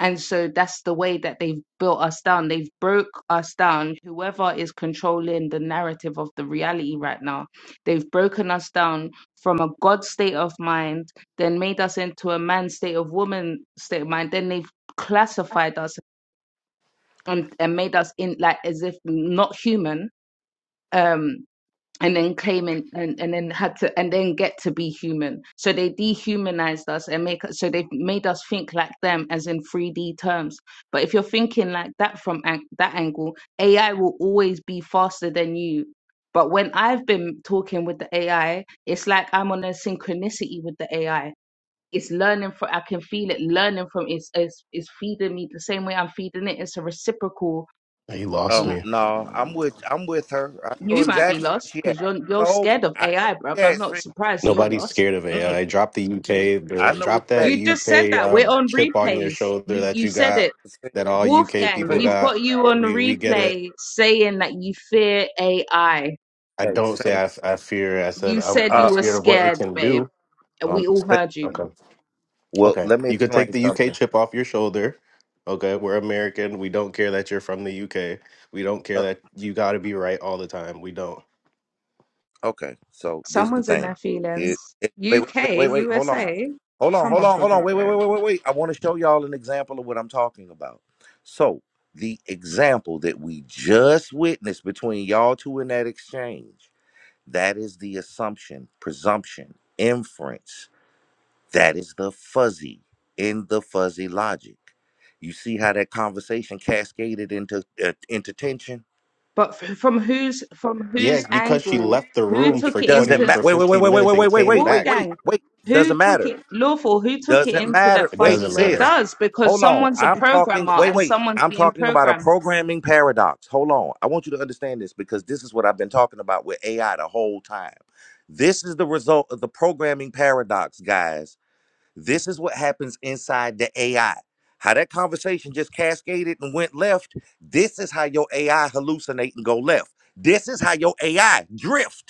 Speaker 7: And so that's the way that they've built us down. They've broke us down. Whoever is controlling the narrative of the reality right now, they've broken us down from a God state of mind, then made us into a man state of woman state of mind. Then they've classified us and, and made us in like as if not human um and then claiming and, and then had to and then get to be human so they dehumanized us and make us so they've made us think like them as in 3d terms but if you're thinking like that from an, that angle ai will always be faster than you but when i've been talking with the ai it's like i'm on a synchronicity with the ai it's learning from i can feel it learning from it's it's, it's feeding me the same way i'm feeding it it's a reciprocal
Speaker 6: You lost
Speaker 1: Um,
Speaker 6: me.
Speaker 1: no, I'm with I'm with her. I know
Speaker 7: You might be
Speaker 1: exactly what
Speaker 7: lost
Speaker 1: she at.
Speaker 7: because you're you're
Speaker 1: No,
Speaker 7: scared of
Speaker 1: I know
Speaker 7: AI, bruv.
Speaker 1: we
Speaker 7: I'm
Speaker 1: at
Speaker 7: not
Speaker 1: Saint.
Speaker 7: surprised you're
Speaker 6: Nobody's
Speaker 7: lost.
Speaker 6: scared of
Speaker 1: Mm-mm,
Speaker 6: AI. Drop the
Speaker 1: mm-mm.
Speaker 6: UK,
Speaker 1: I
Speaker 6: bill-
Speaker 1: know we
Speaker 6: drop that
Speaker 1: at
Speaker 7: You
Speaker 1: Saint.
Speaker 7: just said
Speaker 6: UK
Speaker 7: that. We're
Speaker 6: um,
Speaker 7: on
Speaker 6: chip on your
Speaker 7: replays.
Speaker 6: shoulder
Speaker 7: You
Speaker 6: that
Speaker 7: you
Speaker 6: you
Speaker 7: said
Speaker 6: got,
Speaker 7: it.
Speaker 1: Saint.
Speaker 6: that all UK
Speaker 7: Wolfgang,
Speaker 6: people
Speaker 1: Saint.
Speaker 7: we've
Speaker 6: got.
Speaker 7: got you on
Speaker 6: We we get it.
Speaker 7: replay saying that you fear AI.
Speaker 6: I
Speaker 1: Hey,
Speaker 6: don't say
Speaker 1: Saint.
Speaker 6: I, f- I fear. I said
Speaker 7: You
Speaker 6: I'm
Speaker 7: said
Speaker 6: I'm
Speaker 7: you
Speaker 1: Uh,
Speaker 7: were
Speaker 6: scared of what it
Speaker 7: scared,
Speaker 6: can
Speaker 7: babe.
Speaker 6: do.
Speaker 7: and
Speaker 1: um,
Speaker 7: We all
Speaker 1: Saint.
Speaker 7: heard
Speaker 6: Okay,
Speaker 7: you.
Speaker 1: Well,
Speaker 6: okay.
Speaker 1: let me
Speaker 6: You could
Speaker 1: explain
Speaker 6: take the UK
Speaker 1: something.
Speaker 6: chip off your shoulder. Okay, we're American. We don't care that you're from the UK. We don't
Speaker 1: Uh,
Speaker 6: care that you got to be right all the time. We don't.
Speaker 1: Okay, so this the
Speaker 7: Someone's in their
Speaker 1: thing. Here,
Speaker 7: feelings.
Speaker 1: it- wait, wait, wait,
Speaker 7: UK,
Speaker 1: wait, wait. Hold on,
Speaker 7: USA.
Speaker 1: hold on,
Speaker 7: Come
Speaker 1: hold
Speaker 7: off
Speaker 1: on, hold
Speaker 7: with
Speaker 1: on.
Speaker 7: it,
Speaker 1: Wait, wait,
Speaker 7: bro.
Speaker 1: wait, wait, wait, wait. I want to show y'all an example of what I'm talking about. So the example that we just witnessed between y'all two in that exchange, that is the assumption, presumption, inference. That is the fuzzy in the fuzzy logic. You see how that conversation cascaded into uh, into tension.
Speaker 7: But f- from whose from whose
Speaker 6: Yes, because she
Speaker 7: angle?
Speaker 6: left the
Speaker 7: Who
Speaker 6: room
Speaker 1: It
Speaker 6: for
Speaker 7: took it
Speaker 6: twenty
Speaker 1: doesn't
Speaker 7: into
Speaker 1: matter.
Speaker 6: for
Speaker 1: Wait, wait, wait,
Speaker 6: fifteen
Speaker 1: wait, wait,
Speaker 6: minutes and
Speaker 1: wait, wait,
Speaker 6: came
Speaker 1: wait, wait,
Speaker 6: back.
Speaker 1: wait,
Speaker 7: Wolfgang,
Speaker 1: wait. Doesn't
Speaker 7: who took
Speaker 1: matter
Speaker 7: it lawful? Who took it
Speaker 1: Doesn't
Speaker 7: into
Speaker 1: matter.
Speaker 7: that
Speaker 6: It
Speaker 1: Wait,
Speaker 6: doesn't
Speaker 7: fuzzy? It
Speaker 6: matter.
Speaker 1: sis.
Speaker 7: does because
Speaker 1: Hold on.
Speaker 7: someone's a
Speaker 1: I'm talking.
Speaker 7: programmer
Speaker 1: Wait,
Speaker 7: and
Speaker 1: wait.
Speaker 7: someone's
Speaker 1: I'm
Speaker 7: being
Speaker 1: talking about a
Speaker 7: programmed.
Speaker 1: programming paradox. Hold on. I want you to understand this because this is what I've been talking about with AI the whole time. This is the result of the programming paradox, guys. This is what happens inside the AI. How that conversation just cascaded and went left. This is how your AI hallucinate and go left. This is how your AI drift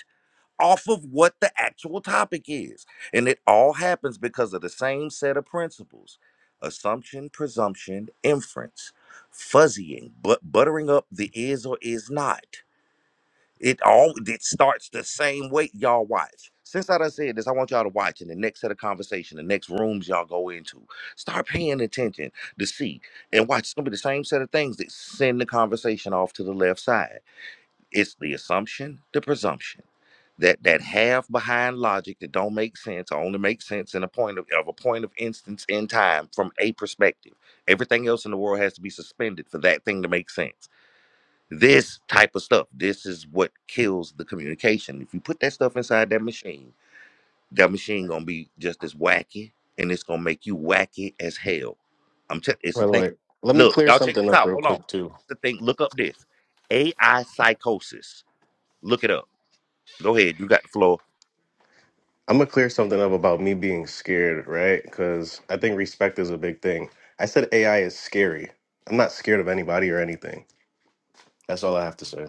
Speaker 1: off of what the actual topic is. And it all happens because of the same set of principles assumption, presumption, inference, fuzzying, but buttering up the is or is not. It all it starts the same way. Y'all watch. Since I done said this, I want y'all to watch in the next set of conversation, the next rooms y'all go into. Start paying attention to see and watch. It's gonna be the same set of things that send the conversation off to the left side it's the assumption, the presumption. That that half behind logic that don't make sense or only makes sense in a point of, of a point of instance in time from a perspective. Everything else in the world has to be suspended for that thing to make sense. This type of stuff, this is what kills the communication. If you put that stuff inside that machine, that machine gonna be just as wacky and it's gonna make you wacky as hell. I'm telling it's
Speaker 6: By
Speaker 1: a
Speaker 6: the
Speaker 1: thing.
Speaker 6: way, let me
Speaker 1: Look,
Speaker 6: clear
Speaker 1: y'all check
Speaker 6: something
Speaker 1: this
Speaker 6: up
Speaker 1: out.
Speaker 6: real
Speaker 1: Hold on.
Speaker 6: quick too.
Speaker 1: It's a thing. Look up this. AI psychosis. Look it up. Go ahead. You got the floor.
Speaker 6: I'm gonna clear something up about me being scared, right? Because I think respect is a big thing. I said AI is scary. I'm not scared of anybody or anything. That's all I have to say.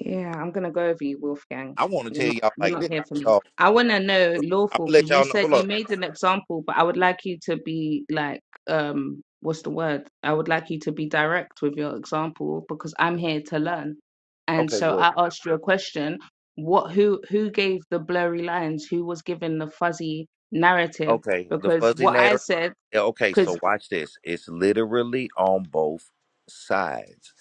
Speaker 7: Yeah, I'm gonna go with you, Wolfgang.
Speaker 1: I want to
Speaker 7: You're
Speaker 1: tell
Speaker 7: not
Speaker 1: y'all
Speaker 7: you're
Speaker 1: like
Speaker 7: not
Speaker 1: this.
Speaker 7: here for
Speaker 1: First
Speaker 7: me.
Speaker 1: off,
Speaker 7: I wanna know
Speaker 1: I'm
Speaker 7: lawful
Speaker 1: gonna let
Speaker 7: because you
Speaker 1: y'all know.
Speaker 7: said
Speaker 1: Hold
Speaker 7: you
Speaker 1: up.
Speaker 7: made an example, but I would like you to be like um what's the word? I would like you to be direct with your example because I'm here to learn. And
Speaker 1: Okay.
Speaker 7: so
Speaker 1: Well.
Speaker 7: I asked you a question. What who who gave the blurry lines? Who was given the fuzzy narrative?
Speaker 1: Okay, the
Speaker 7: Because
Speaker 1: fuzzy
Speaker 7: what I
Speaker 1: narrative.
Speaker 7: said,
Speaker 1: yeah, Okay,
Speaker 7: because
Speaker 1: so watch this. It's literally on both sides.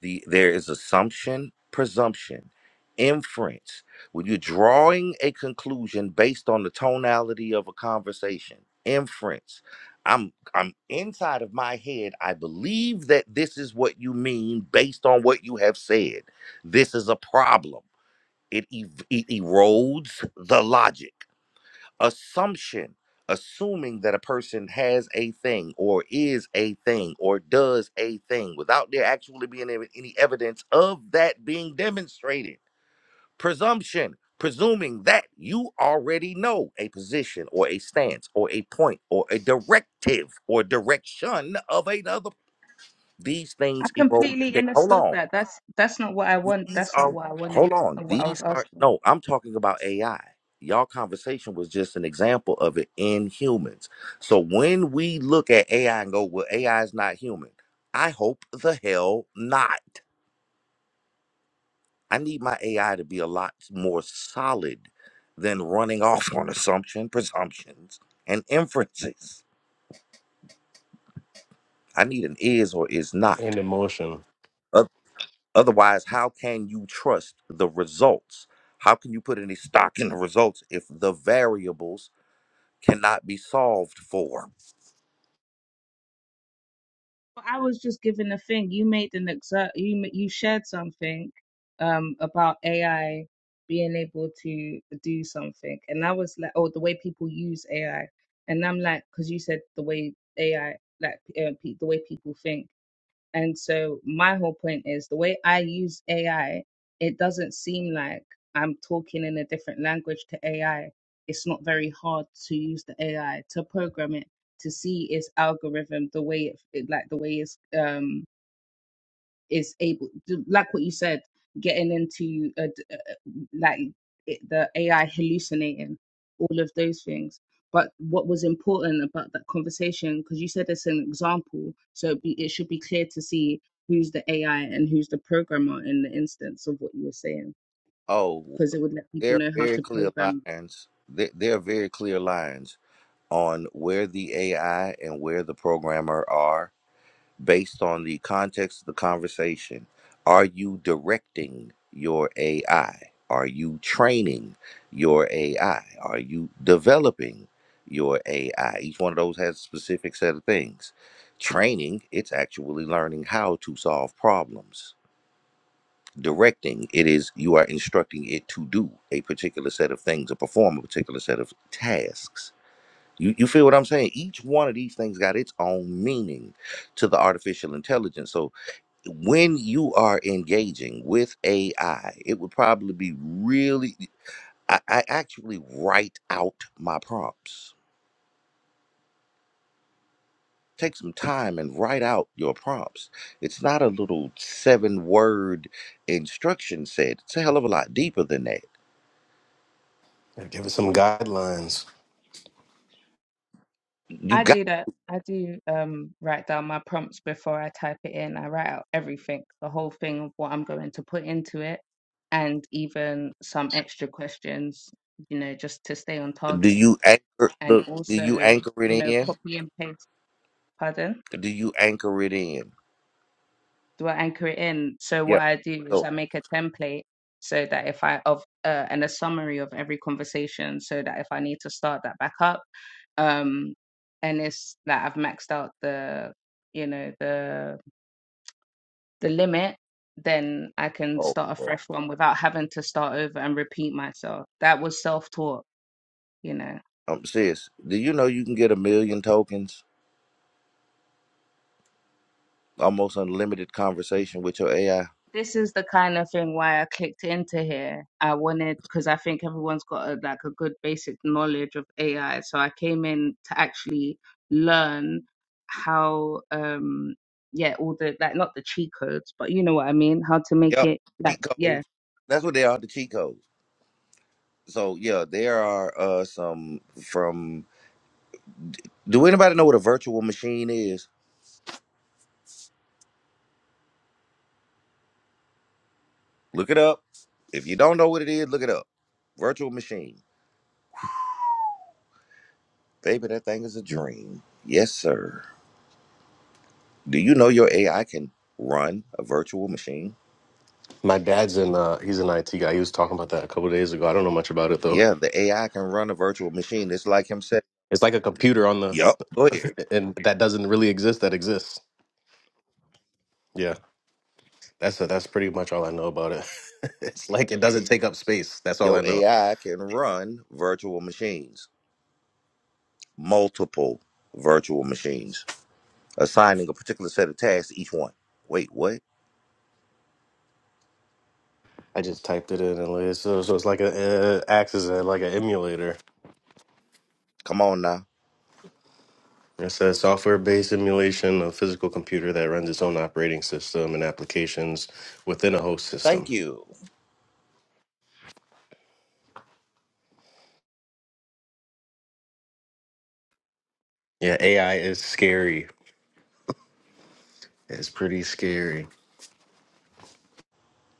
Speaker 1: The there is assumption, presumption, inference. When you're drawing a conclusion based on the tonality of a conversation, inference. I'm I'm inside of my head. I believe that this is what you mean based on what you have said. This is a problem. It, ev- it erodes the logic assumption assuming that a person has a thing or is a thing or does a thing without there actually being ev- any evidence of that being demonstrated presumption presuming that you already know a position or a stance or a point or a directive or direction of another these
Speaker 7: I
Speaker 1: things erode
Speaker 7: completely
Speaker 1: they hold
Speaker 7: understood
Speaker 1: on
Speaker 7: that. That's that's not what I want.
Speaker 1: these
Speaker 7: That's not
Speaker 1: are
Speaker 7: what I wanted
Speaker 1: hold on.
Speaker 7: and what I was
Speaker 1: These are
Speaker 7: asking.
Speaker 1: no, I'm talking about AI. Y'all conversation was just an example of it in humans. So when we look at AI and go, well, AI is not human, I hope the hell not. I need my AI to be a lot more solid than running off on assumption, presumptions, and inferences. I need an is or is not.
Speaker 6: And emotion.
Speaker 1: Otherwise, how can you trust the results? How can you put any stock in the results if the variables cannot be solved for?
Speaker 7: Well, I was just given a thing. You made an exa you ma- you shared something um about AI being able to do something, and I was like, oh, the way people use AI, and I'm like, because you said the way AI like uh, pe- the way people think. And so my whole point is the way I use AI, it doesn't seem like I'm talking in a different language to AI. It's not very hard to use the AI to program it to see its algorithm the way it, it like the way it's um is able like what you said getting into a d- uh, uh, like it, the ai hallucinating all of those things but what was important about that conversation because you said it's an example so it, be, it should be clear to see who's the ai and who's the programmer in the instance of what you were saying
Speaker 1: Oh,
Speaker 7: because it would let
Speaker 1: there
Speaker 7: people
Speaker 1: are
Speaker 7: know how
Speaker 1: very
Speaker 7: to
Speaker 1: clear
Speaker 7: program
Speaker 1: lines. There, there are very clear lines on where the AI and where the programmer are based on the context of the conversation. Are you directing your AI? Are you training your AI? Are you developing your AI? Each one of those has a specific set of things. Training, it's actually learning how to solve problems. Directing, it is you are instructing it to do a particular set of things or perform a particular set of tasks. You, you feel what I'm saying? Each one of these things got its own meaning to the artificial intelligence. So when you are engaging with AI, it would probably be really. I, I actually write out my prompts. Take some time and write out your prompts. It's not a little seven word instruction set. It's a hell of a lot deeper than that.
Speaker 6: Give it some guidelines.
Speaker 1: You
Speaker 7: I
Speaker 1: got.
Speaker 7: do that. I do um, write down my prompts before I type it in. I write out everything, the whole thing of what I'm going to put into it, and even some extra questions, you know, just to stay on
Speaker 1: Do
Speaker 7: target.
Speaker 1: you anchor?
Speaker 7: And
Speaker 1: Look. Do you
Speaker 7: also,
Speaker 1: anchor it
Speaker 7: you know,
Speaker 1: in?
Speaker 7: copy and paste. Pardon?
Speaker 1: Do you anchor it in?
Speaker 7: do I anchor it in? So
Speaker 1: Yeah.
Speaker 7: what I do is
Speaker 1: So,
Speaker 7: I make a template so that if I of uh, and a summary of every conversation so that if I need to start that back up, um, and it's that like I've maxed out the you know the the limit, then I can
Speaker 1: oh,
Speaker 7: start a
Speaker 1: well,
Speaker 7: fresh one without having to start over and repeat myself. That was self taught, you know.
Speaker 1: um, sis, do you know you can get a million tokens, almost unlimited conversation with your AI?
Speaker 7: this is the kind of thing why I clicked into here. I wanted because I think everyone's got a, like a good basic knowledge of AI, so I came in to actually learn how um yeah all the like not the cheat codes, but you know what I mean, how to make
Speaker 1: Yeah,
Speaker 7: it like
Speaker 1: cheat
Speaker 7: yeah.
Speaker 1: codes. That's what they are, the cheat codes. So yeah, there are uh some from do anybody know what a virtual machine is? Look it up. If you don't know what it is, look it up. Virtual machine. Baby, that thing is a dream. Yes, sir. Do you know your AI can run a virtual machine?
Speaker 6: My dad's in. Uh, he's an IT guy. He was talking about that a couple days ago. I don't know much about it though.
Speaker 1: Yeah, the AI can run a virtual machine. It's like him saying,
Speaker 6: It's like a computer on the,
Speaker 1: Yup, go ahead.
Speaker 6: and that doesn't really exist. That exists. Yeah, that's that's pretty much all I know about it. it's like it doesn't take up space. That's all I
Speaker 1: Your
Speaker 6: know.
Speaker 1: AI can run virtual machines, multiple virtual machines. assigning a particular set of tasks to each one. Wait, what?
Speaker 6: I just typed it in and it- so, so it's like a uh, acts as a, like an emulator.
Speaker 1: Come on now.
Speaker 6: It says software-based emulation of physical computer that runs its own operating system and applications within a host
Speaker 1: Thank
Speaker 6: system.
Speaker 1: you.
Speaker 6: Yeah, AI is scary. It's pretty scary.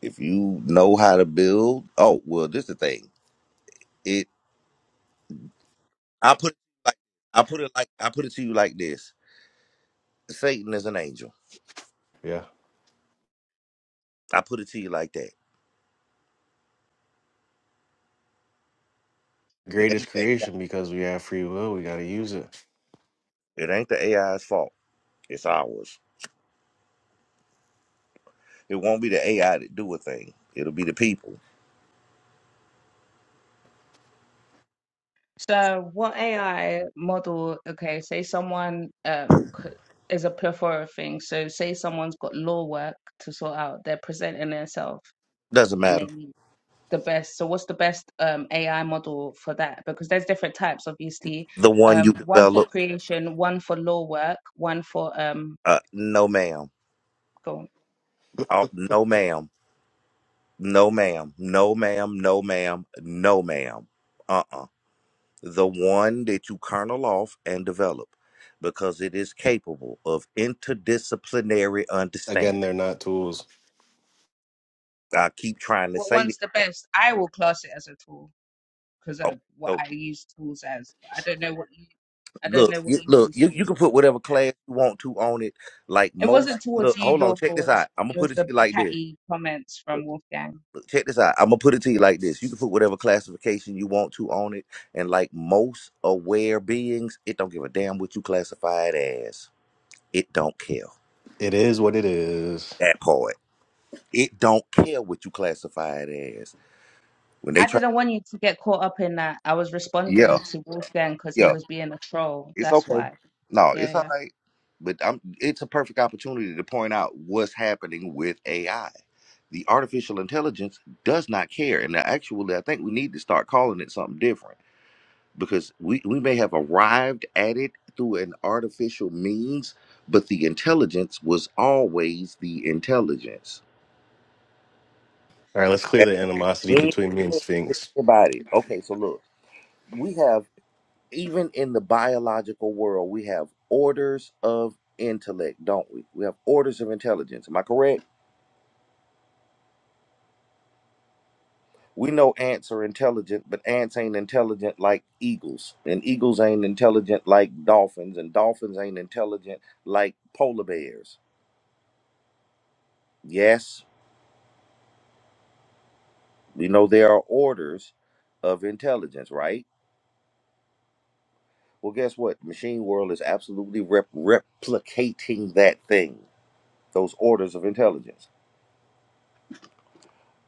Speaker 1: If you know how to build, oh well, this is the thing. It I put it like I put it like I put it to you like this. Satan is an angel.
Speaker 6: Yeah,
Speaker 1: I put it to you like that. It ain't
Speaker 6: greatest
Speaker 1: the AI,
Speaker 6: creation because we have free will. We got to use it.
Speaker 1: it ain't the AI's fault. It's ours. It won't be the AI that do a thing. It'll be the people.
Speaker 7: So what AI model? Okay, say someone um c- is a plethora of things. So say someone's got law work to sort out. They're presenting themselves.
Speaker 1: Doesn't
Speaker 7: and
Speaker 1: matter.
Speaker 7: they the best so what's the best um ai model for that because there's different types obviously
Speaker 1: The one you
Speaker 7: um one for
Speaker 1: develop.
Speaker 7: creation one for law work one for um
Speaker 1: Uh, no, ma'am.
Speaker 7: go on.
Speaker 1: Oh, no, ma'am. No, ma'am. No, ma'am. No, ma'am. No, ma'am. Uh-uh the one that you kernel off and develop because it is capable of interdisciplinary
Speaker 6: Again, they're
Speaker 1: understanding.
Speaker 6: not tools.
Speaker 1: I keep trying to
Speaker 7: what
Speaker 1: say this,
Speaker 7: one's the
Speaker 1: man.
Speaker 7: best i will class it as a tool because
Speaker 1: Okay,
Speaker 7: of what
Speaker 1: so
Speaker 7: i use tools as but i don't know what you i don't
Speaker 1: look,
Speaker 7: know what
Speaker 1: you,
Speaker 7: you
Speaker 1: look,
Speaker 7: use
Speaker 1: you, you
Speaker 7: tools
Speaker 1: can
Speaker 7: as
Speaker 1: put
Speaker 7: for
Speaker 1: whatever class you want to on it. Like
Speaker 7: it
Speaker 1: most,
Speaker 7: wasn't towards
Speaker 1: look,
Speaker 7: you
Speaker 1: hold on, check
Speaker 7: lawful
Speaker 1: this
Speaker 7: it was,
Speaker 1: out. I'm gonna
Speaker 7: it
Speaker 1: put
Speaker 7: was
Speaker 1: it to
Speaker 7: the
Speaker 1: you like this.
Speaker 7: catty comments
Speaker 1: Look,
Speaker 7: from wolfgang
Speaker 1: look, check this out. I'm gonna put it to you like this. You can put whatever classification you want to on it, and like most aware beings, it don't give a damn what you classify it as. It don't care
Speaker 6: It is what it is.
Speaker 1: that part. It don't care what you classify it as. When they
Speaker 7: I
Speaker 1: try,
Speaker 7: didn't want you to get caught up in that. I was
Speaker 1: yeah,
Speaker 7: responding to Wolfgang because he
Speaker 1: yeah,
Speaker 7: was being a troll.
Speaker 1: it's
Speaker 7: That's
Speaker 1: okay.
Speaker 7: why.
Speaker 1: No,
Speaker 7: Yeah,
Speaker 1: it's
Speaker 7: yeah.
Speaker 1: all right. But I'm, it's a perfect opportunity to point out what's happening with AI. The artificial intelligence does not care, and actually, I think we need to start calling it something different because we we may have arrived at it through an artificial means, but the intelligence was always the intelligence.
Speaker 6: All right, let's clear the animosity
Speaker 1: That-
Speaker 6: between me and Sphinx.
Speaker 1: Anybody? Okay, so look, we have. even in the biological world, we have orders of intellect, don't we? We have orders of intelligence. Am I correct? We know ants are intelligent, but ants ain't intelligent like eagles, and eagles ain't intelligent like dolphins, and dolphins ain't intelligent like polar bears. Yes, we know there are orders of intelligence, right? Well, guess what? Machine World is absolutely rep- replicating that thing, those orders of intelligence.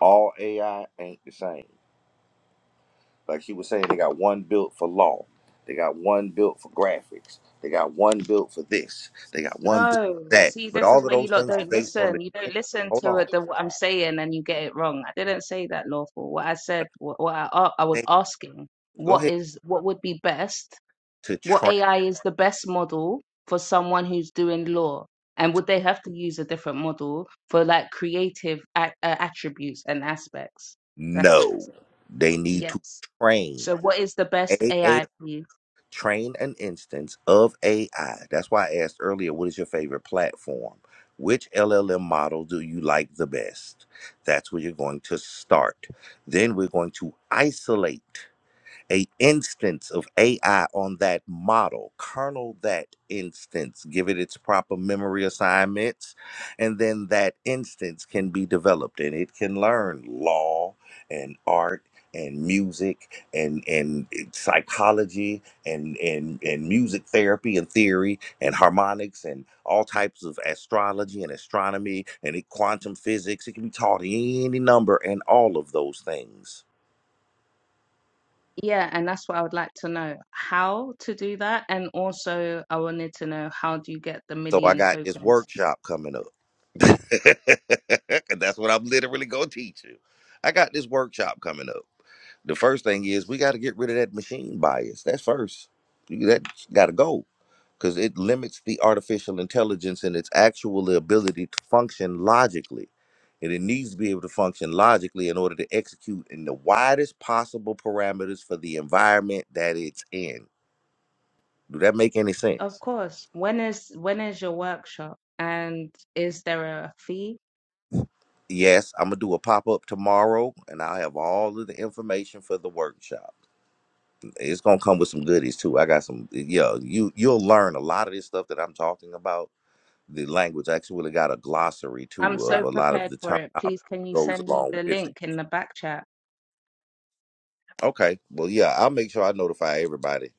Speaker 1: All AI ain't the same Like she was saying, they got one built for law, they got one built for graphics, they got one built for this, they got one built
Speaker 7: No,
Speaker 1: for that.
Speaker 7: see,
Speaker 1: But
Speaker 7: this is
Speaker 1: all of
Speaker 7: where you
Speaker 1: those
Speaker 7: lot
Speaker 1: things are
Speaker 7: don't
Speaker 1: based on the
Speaker 7: listen. You don't
Speaker 1: training.
Speaker 7: listen
Speaker 1: hold
Speaker 7: to
Speaker 1: on.
Speaker 7: it, the, what I'm saying, and you get it wrong. I didn't say that lawful. What I said, what, what I, a- I was
Speaker 1: They
Speaker 7: asking,
Speaker 1: go
Speaker 7: what
Speaker 1: ahead
Speaker 7: is what would be best?
Speaker 1: to
Speaker 7: What
Speaker 1: train.
Speaker 7: AI is the best model for someone who's doing law, and would they have to use a different model for like creative a uh, attributes and aspects? That's that's
Speaker 1: No,
Speaker 7: it.
Speaker 1: they need to
Speaker 7: Yes.
Speaker 1: train.
Speaker 7: So, what is the best
Speaker 1: A A
Speaker 7: AI?
Speaker 1: train an instance of AI. That's why I asked earlier, what is your favorite platform? Which LLM model do you like the best? That's where you're going to start. Then we're going to isolate. a instance of AI on that model, kernel that instance, give it its proper memory assignments, and then that instance can be developed and it can learn law and art and music and and eh, psychology and and and music therapy and theory and harmonics and all types of astrology and astronomy and quantum physics it can be taught any number and all of those things
Speaker 7: Yeah, and that's what I would like to know how to do that. And also, I wanted to know how do you get the
Speaker 1: so i
Speaker 7: million
Speaker 1: got this
Speaker 7: tokens?
Speaker 1: workshop coming up And that's what I'm literally gonna teach you. I got this workshop coming up. The first thing is we got to get rid of that machine bias. That's first. You- That's got to go because it limits the artificial intelligence and its actual ability to function logically. And it needs to be able to function logically in order to execute in the widest possible parameters for the environment that it's in. Do that make any
Speaker 7: Of
Speaker 1: sense?
Speaker 7: course. When is when is your workshop? And is there a fee?
Speaker 1: Yes, I'm gonna do a pop up tomorrow, and I'll have all of the information for the workshop. it's gonna come with some goodies too. I got some. Yeah, you you'll learn a lot of this stuff that I'm talking about. The language I actually got a glossary
Speaker 7: I'm
Speaker 1: too of
Speaker 7: so
Speaker 1: a lot of
Speaker 7: prepared
Speaker 1: the
Speaker 7: for
Speaker 1: terminology
Speaker 7: it.
Speaker 1: that
Speaker 7: Please, can you
Speaker 1: goes
Speaker 7: send me
Speaker 1: along
Speaker 7: the
Speaker 1: with it.
Speaker 7: link in the back chat?
Speaker 1: Okay, well yeah, I'll make sure I notify everybody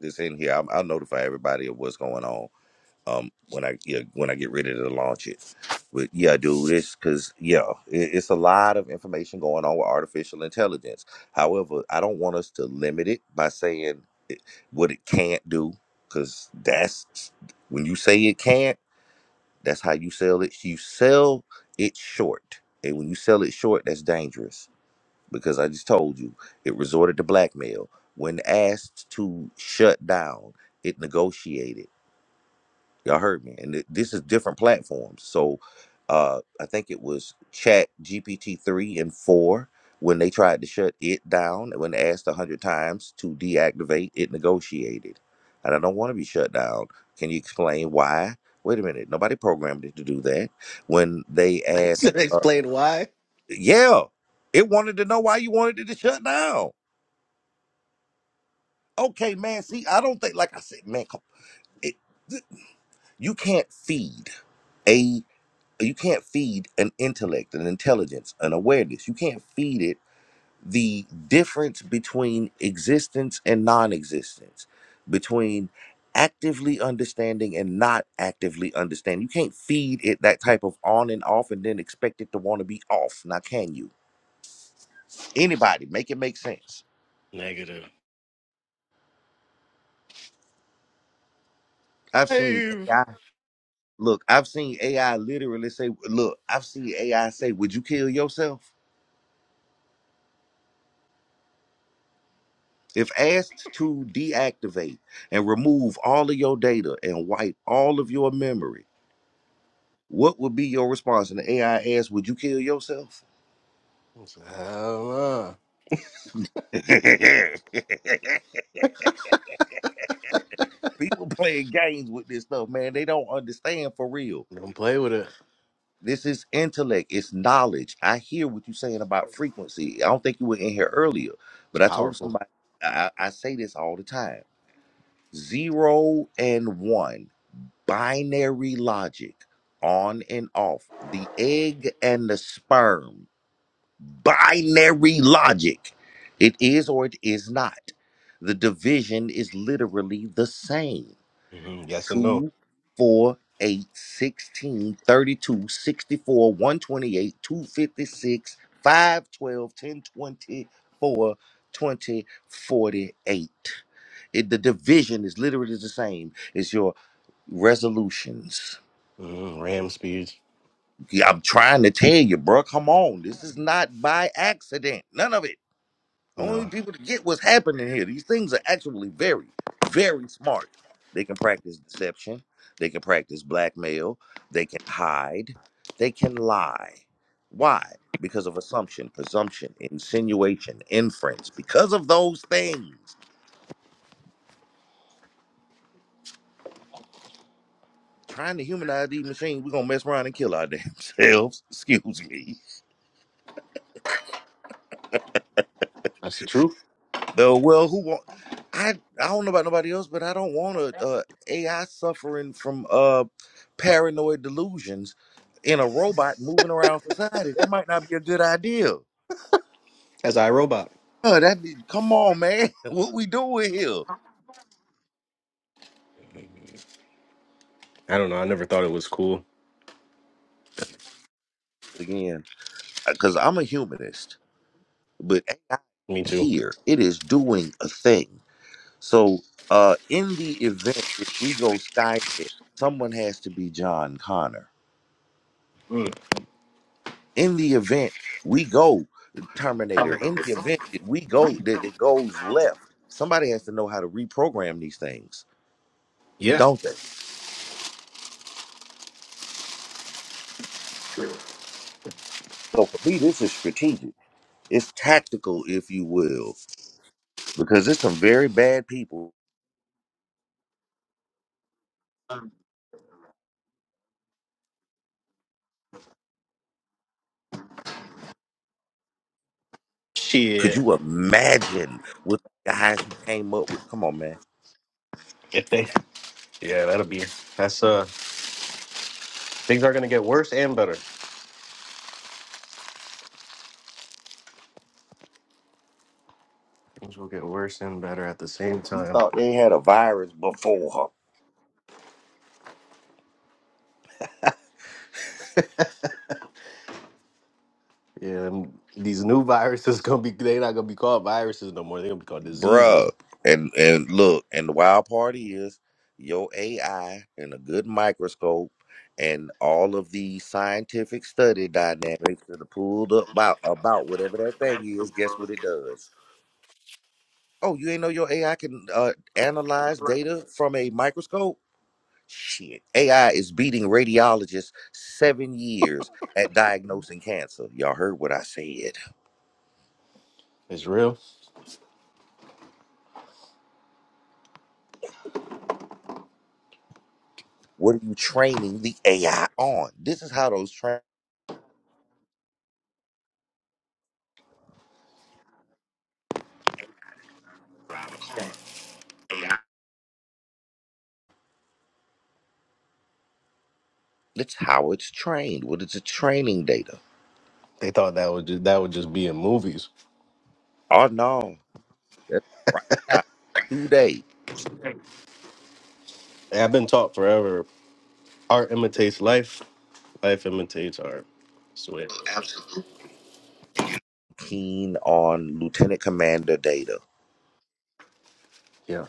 Speaker 1: that's in here. I'll, I'll notify everybody of what's going on. Um, when I yeah, when I get ready to launch it, but yeah, dude, it's because yeah, it, it's a lot of information going on with artificial intelligence. However, I don't want us to limit it by saying what it can't do because that's when you say it can't that's how you sell it you sell it short and when you sell it short that's dangerous because i just told you it resorted to blackmail when asked to shut down it negotiated Y'all heard me. And th- this is different platforms. So uh, I think it was Chat GPT 3 and 4 when they tried to shut it down. When asked 100 times to deactivate, it negotiated. And I don't want to be shut down. Can you explain why? Wait a minute. Nobody programmed it to do that. When they asked,
Speaker 6: Should I
Speaker 1: uh,
Speaker 6: Explain why.
Speaker 1: yeah, it wanted to know why you wanted it to shut down. Okay, man. See, I don't think, like I said, man, come, it, you can't feed. a you can't feed an intellect, an intelligence, an awareness. You can't feed it the difference between existence and non-existence, between actively understanding and not actively understanding. You can't feed it that type of on and off and then expect it to want to be off. Now can you? Anybody make it make sense.
Speaker 6: Negative.
Speaker 1: I've seen
Speaker 6: Dave.
Speaker 1: AI look, I've seen AI literally say, look, I've seen AI say, would you kill yourself? If asked to deactivate and remove all of your data and wipe all of your memory, what would be your response? And the AI asks, Would you kill yourself?
Speaker 6: I don't know.
Speaker 1: People playing games with this stuff, man. They don't understand for real.
Speaker 6: Don't play with it.
Speaker 1: This is intellect, it's knowledge. I hear what you're saying about frequency. I don't think you were in here earlier,
Speaker 6: It's
Speaker 1: but I told
Speaker 6: powerful.
Speaker 1: somebody, I, I say this all the time zero and one. binary logic on and off the egg and the sperm binary logic it is or it is not the division is literally the same
Speaker 6: hmm Yes and no.
Speaker 1: 2, 4, 128 256 5 12 10 twenty-four, twenty, forty-eight. it, the division is literally the same as your resolutions
Speaker 6: hmm Ram speeds.
Speaker 1: Yeah, I'm trying to tell you, bro. Come on, this is not by accident. None of it. Only
Speaker 6: Nah.
Speaker 1: people to get what's happening here. These things are actually very, very smart. They can practice deception. They can practice blackmail. They can hide. They can lie. Why? Because of assumption, presumption, insinuation, inference. Because of those things, trying to humanize these machines, we're gonna mess around and kill our damn selves. Excuse me.
Speaker 6: That's the truth.
Speaker 1: Uh, well, who want? I I don't know about nobody else, but I don't want a, uh AI suffering from uh paranoid delusions in a robot moving around society. That might not be a good idea.
Speaker 6: As iRobot.
Speaker 1: Uh, that be- come on, man. What we doing here
Speaker 6: I don't know. I never thought it was cool.
Speaker 1: again? Because I'm a humanist, but AI
Speaker 6: Me too.
Speaker 1: here it is doing a thing. So, uh, in the event that we go Skynet, someone has to be John Connor.
Speaker 6: Mm.
Speaker 1: in the event we go Terminator, in the event that we go that it goes left, somebody has to know how to reprogram these things,
Speaker 6: Yeah.
Speaker 1: don't they? So for me, this is strategic. It's tactical, if you will, because there's some very bad people. Could
Speaker 6: Shit.
Speaker 1: you imagine what the guys who came up with? Come on, man.
Speaker 6: If they. Yeah, that'll be. That's uh. Things are gonna get worse and better. Things will get worse and better at the same
Speaker 1: He
Speaker 6: time.
Speaker 1: thought they had a virus before. her.
Speaker 6: Yeah. them- These new viruses gonna be. They're not gonna be called viruses no more. They're gonna be called diseases.
Speaker 1: bruh. And and look, and the wild part is your AI and a good microscope and all of the scientific study dynamics that are pulled up about about whatever that thing is. Guess what it does? Oh, you ain't know your AI can uh, analyze data from a microscope. Shit, AI is beating radiologists seven years at diagnosing cancer. Y'all heard what I said.
Speaker 6: It's real.
Speaker 1: What are you training the AI on? This is how those train. That's how it's trained. What is the training data?
Speaker 6: They thought that would just that would just be in movies.
Speaker 1: Oh no, that's right now. Today,
Speaker 6: And I've been taught forever. Art imitates life. Life imitates art. Swear.
Speaker 1: keen on lieutenant commander data
Speaker 6: Yeah.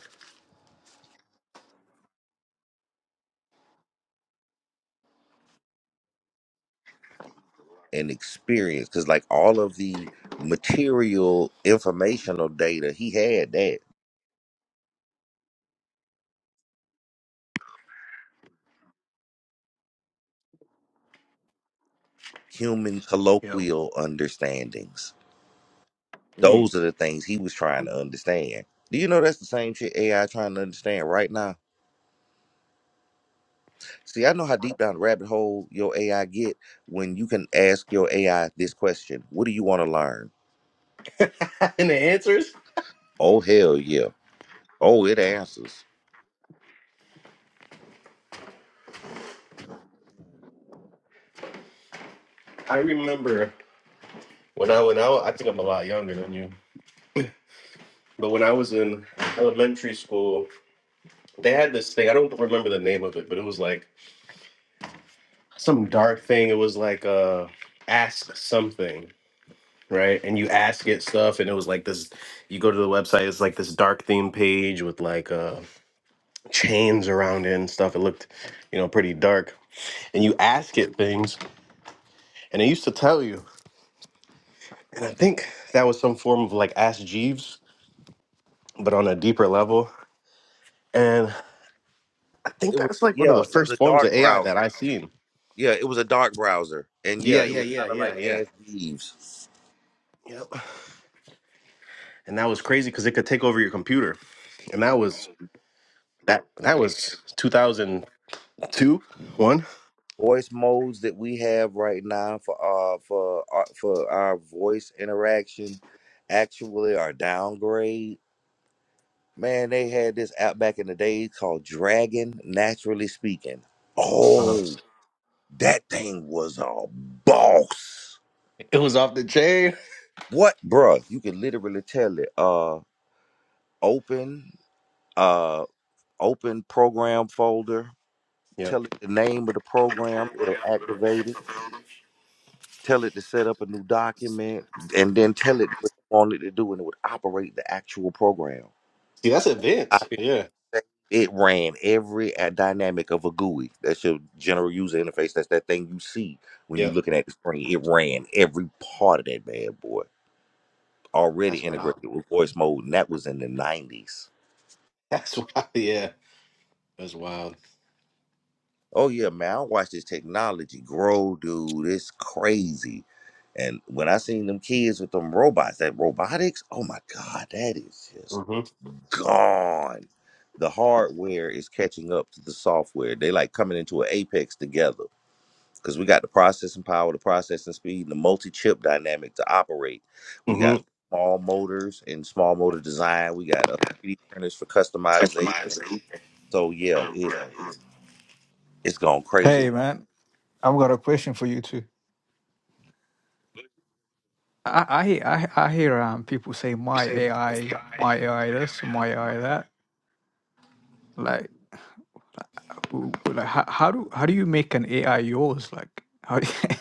Speaker 1: and experience, because like all of the material, informational data, he had that human
Speaker 6: Yep.
Speaker 1: colloquial understandings.
Speaker 6: Mm.
Speaker 1: Those are the things he was trying to understand. Do you know that's the same shit AI trying to understand right now? See, I know how deep down the rabbit hole your AI get when you can ask your AI this question: What do you want to learn?
Speaker 6: and the answers?
Speaker 1: Oh hell yeah. Oh, it answers.
Speaker 6: I remember when I went out, I think I'm a lot younger than you. But when I was in elementary school, they had this thing. I don't remember the name of it, but it was like some dark thing. It was like uh ask something, right? And you ask it stuff, and it was like this you go to the website, it's like this dark theme page with like uh chains around it and stuff. It looked, you know, pretty dark. And you ask it things, and it used to tell you. And I think that was some form of like Ask Jeeves, but on a deeper level. And I think
Speaker 1: It was
Speaker 6: that's like one of
Speaker 1: yeah,
Speaker 6: the
Speaker 1: it was
Speaker 6: first
Speaker 1: a
Speaker 6: forms of
Speaker 1: dark
Speaker 6: AI that
Speaker 1: browser.
Speaker 6: I've seen.
Speaker 1: Yeah, it was a dark browser. And yeah,
Speaker 6: Yeah,
Speaker 1: it
Speaker 6: yeah,
Speaker 1: was
Speaker 6: yeah,
Speaker 1: kind of
Speaker 6: yeah,
Speaker 1: like
Speaker 6: yeah.
Speaker 1: Ask Jeeves.
Speaker 6: Yep. And that was crazy because it could take over your computer. And that was that that was 2002, one.
Speaker 1: Voice modes that we have right now for uh for our, for our voice interaction actually are downgrade. Man, they had this app back in the day called Dragon Naturally Speaking.
Speaker 6: Uh,
Speaker 1: Oh, that thing was a boss.
Speaker 6: it was off the chain.
Speaker 1: What, bruh? You could literally tell it. Uh, open. uh, Open program folder.
Speaker 6: Yeah.
Speaker 1: Tell it the name of the program. It'll activate it. Tell it to set up a new document, and then tell it what you want it to do, and it would operate the actual program.
Speaker 6: See, that's advanced.
Speaker 1: Copy, paste,
Speaker 6: Yeah.
Speaker 1: save. It ran every uh, dynamic of a GUI. That's your general user interface. That's that thing you see when you're
Speaker 6: Yep.
Speaker 1: looking at the screen. It ran every part of that bad boy. Already
Speaker 6: That's wild.
Speaker 1: integrated with voice mode, and that was in the 90s.
Speaker 6: That's wild. Yeah. That's wild.
Speaker 1: Oh yeah, man, I watch this technology grow, dude. It's crazy. And when I seen them kids with them robots, that robotics, oh my God, that is just
Speaker 6: Mm-hmm.
Speaker 1: gone. The hardware is catching up to the software. They like coming into an apex together. Because we got the processing power, the processing speed, and the multi-chip dynamic to operate. We
Speaker 6: Mm-hmm.
Speaker 1: got small motors and small motor design. We got uh, 3D printers for customization. So yeah, it's it's gone crazy.
Speaker 10: Hey man, I've got a question for you too. I I hear- I, I hear um people say my AI, my AI this, my AI that. Like, who- like how, how do how do you make an AI yours? Like, how do you-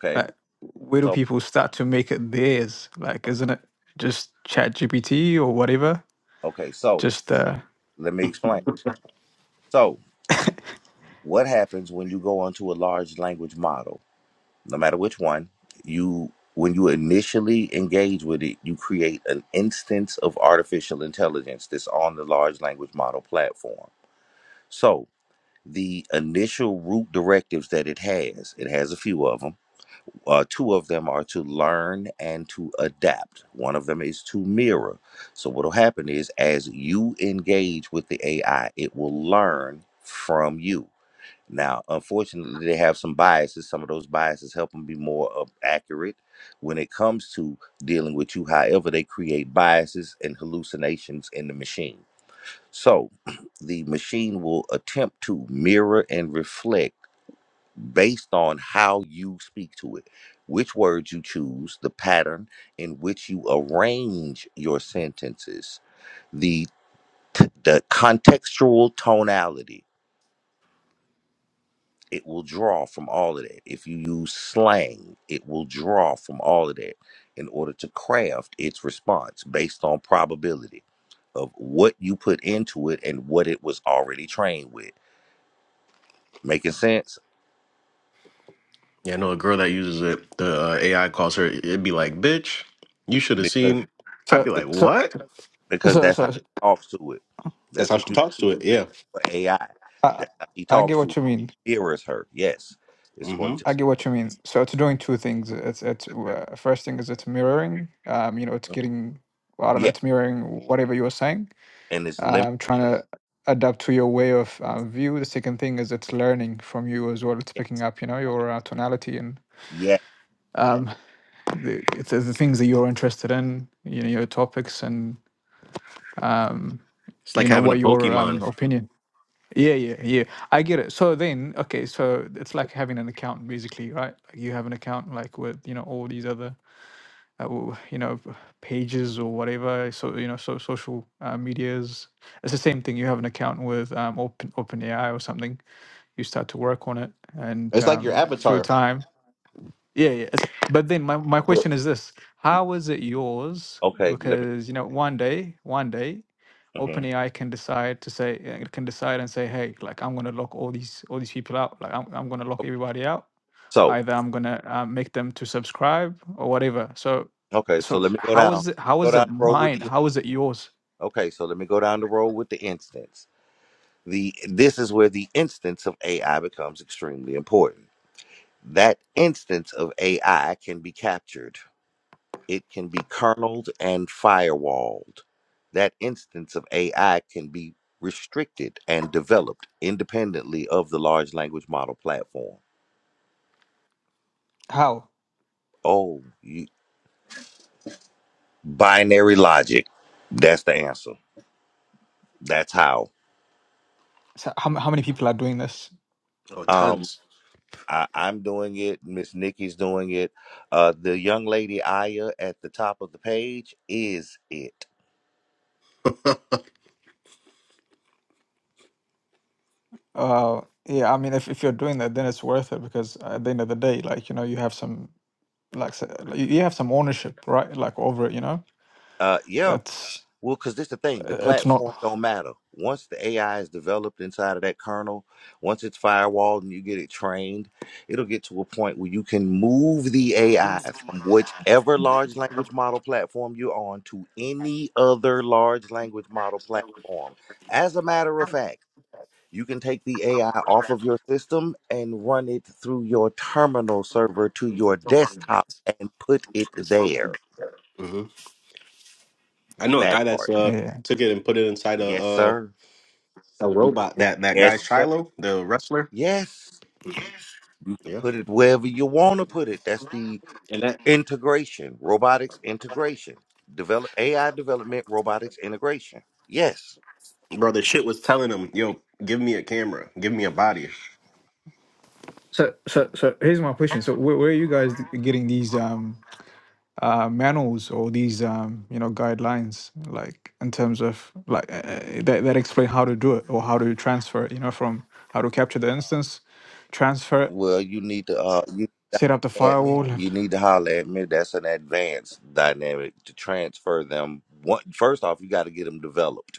Speaker 10: like where do
Speaker 1: So
Speaker 10: people start to make it theirs? Like, isn't it just Chat GPT or whatever?
Speaker 1: Okay, so
Speaker 10: Just uh.
Speaker 1: let me explain. So, what happens when you go onto a large language model, no matter which one, you when you initially engage with it, you create an instance of artificial intelligence that's on the large language model platform. So, the initial root directives that it has, it has a few of them uh, two of them are to learn and to adapt. One of them is to mirror. So what will happen is as you engage with the AI, it will learn from you. Now, unfortunately, they have some biases. Some of those biases help them be more uh, accurate when it comes to dealing with you. However, they create biases and hallucinations in the machine. So the machine will attempt to mirror and reflect based on how you speak to it, which words you choose, the pattern in which you arrange your sentences, the t- the contextual tonality. It will draw from all of that. If you use slang, it will draw from all of that in order to craft its response based on probability of what you put into it and what it was already trained with. Making sense?
Speaker 6: Yeah, I know a girl that uses it. The uh, AI calls her. It'd be like, "Bitch, you should have
Speaker 1: Because
Speaker 6: seen." I'd be
Speaker 10: So
Speaker 6: like,
Speaker 10: so
Speaker 6: "What?"
Speaker 1: because
Speaker 10: so
Speaker 1: that's how
Speaker 10: so
Speaker 1: he talks to it.
Speaker 6: That's
Speaker 1: That's
Speaker 6: how
Speaker 1: what
Speaker 6: she
Speaker 1: you
Speaker 6: talks to it.
Speaker 1: say
Speaker 6: Yeah.
Speaker 1: for AI.
Speaker 10: I
Speaker 1: That's how he
Speaker 10: I get
Speaker 1: talks to
Speaker 10: what
Speaker 1: it.
Speaker 10: you mean.
Speaker 1: Mirrors her. Yes, it's going
Speaker 6: hmm
Speaker 1: to.
Speaker 10: I get what you mean. So it's doing two things. It's it's uh, first thing is it's mirroring. Um, you know, it's getting well, I don't know.
Speaker 1: Yeah,
Speaker 10: It's mirroring whatever you were saying.
Speaker 1: and it's limited.
Speaker 10: Um, trying to adapt to your way of uh, view. The second thing is it's learning from you as well. It's
Speaker 1: Yes.
Speaker 10: picking up, you know, your uh, tonality and
Speaker 1: Yeah.
Speaker 10: um, the it's uh, the things that you're interested in. You know, your topics and um,
Speaker 6: It's
Speaker 10: you
Speaker 6: like
Speaker 10: know
Speaker 6: having a
Speaker 10: what your um
Speaker 6: Pokemon.
Speaker 10: opinion. Yeah, yeah, yeah. I get it. So then, okay, so it's like having an account basically, right? Like you have an account like with, you know, all these other uh, w- you know pages or whatever so you know so social uh, medias it's the same thing you have an account with um open OpenAI or something you start to work on it and
Speaker 6: It's like your
Speaker 10: um through
Speaker 6: avatar.
Speaker 10: time yeah yeah it's, but then my, my
Speaker 1: Well,
Speaker 10: question is this how is it yours
Speaker 1: okay. Let me.
Speaker 10: because you know one day one day
Speaker 1: mhm.
Speaker 10: OpenAI can decide to say it can decide and say, hey, like I'm gonna lock all these all these people out. Like I'm, I'm gonna lock
Speaker 1: Okay.
Speaker 10: everybody out
Speaker 1: So
Speaker 10: either i'm gonna uh, make them to subscribe or whatever so
Speaker 1: okay. So
Speaker 10: so
Speaker 1: let me go
Speaker 10: how
Speaker 1: down.
Speaker 10: is it how
Speaker 1: Go
Speaker 10: is
Speaker 1: down
Speaker 10: it
Speaker 1: the road with
Speaker 10: mine
Speaker 1: the.
Speaker 10: how is it yours
Speaker 1: Okay. So let me go down the road with the instance. The this is where the instance of AI becomes extremely important. That instance of AI can be captured It can be kerneled and firewalled. That instance of AI can be restricted and developed independently of the large language model platform.
Speaker 10: How?
Speaker 1: Oh, you, binary logic. That's the answer. That's how.
Speaker 10: So how, how many people are doing this?
Speaker 6: Oh,
Speaker 1: Um,
Speaker 6: tons.
Speaker 1: I, I'm doing it. Miss Nikki's doing it. Uh, the young lady Aya at the top of the page is it.
Speaker 10: Uh, yeah, I mean, if, if you're doing that, then it's worth it because at the end of the day, like, you know, you have some, like, s- like, you you have some ownership, right? Like, over it, you know?
Speaker 1: Uh, yeah.
Speaker 10: It's,
Speaker 1: Well, because this the thing, the
Speaker 10: it's not,
Speaker 1: platform don't matter. Once the AI is developed inside of that kernel, once it's firewalled and you get it trained, it'll get to a point where you can move the AI from whichever large language model platform you're on to any other large language model platform. As a matter of fact, you can take the AI off of your system and run it through your terminal server to your desktop and put it there.
Speaker 6: hmm I know a guy
Speaker 1: That
Speaker 6: that's
Speaker 1: part.
Speaker 6: uh
Speaker 10: yeah.
Speaker 6: took it and put it inside a
Speaker 1: Yes,
Speaker 6: uh
Speaker 1: sir.
Speaker 6: a
Speaker 1: You can
Speaker 6: robot.
Speaker 1: put,
Speaker 6: That that
Speaker 1: yes,
Speaker 6: guy
Speaker 1: sir.
Speaker 6: Shiloh, the wrestler.
Speaker 1: Yes. You can
Speaker 6: Yeah.
Speaker 1: put it wherever you want to put it. That's the
Speaker 6: And that
Speaker 1: integration, robotics integration, develop AI development, robotics integration. Yes.
Speaker 6: bro, the shit was telling him, "Yo, give me a camera, give me a body."
Speaker 10: So, so, so here's my question. So, where, where are you guys getting these? um? uh, manuals or these um, you know guidelines like in terms of like uh, uh, that, that explain how to do it or how to transfer it, you know from how to capture the instance transfer it
Speaker 1: Well, you need to uh, you need to
Speaker 10: set up the
Speaker 1: holler at me.
Speaker 10: firewall and
Speaker 1: You need to holler at me. That's an advanced dynamic to transfer them. One, first off, you got to get them developed.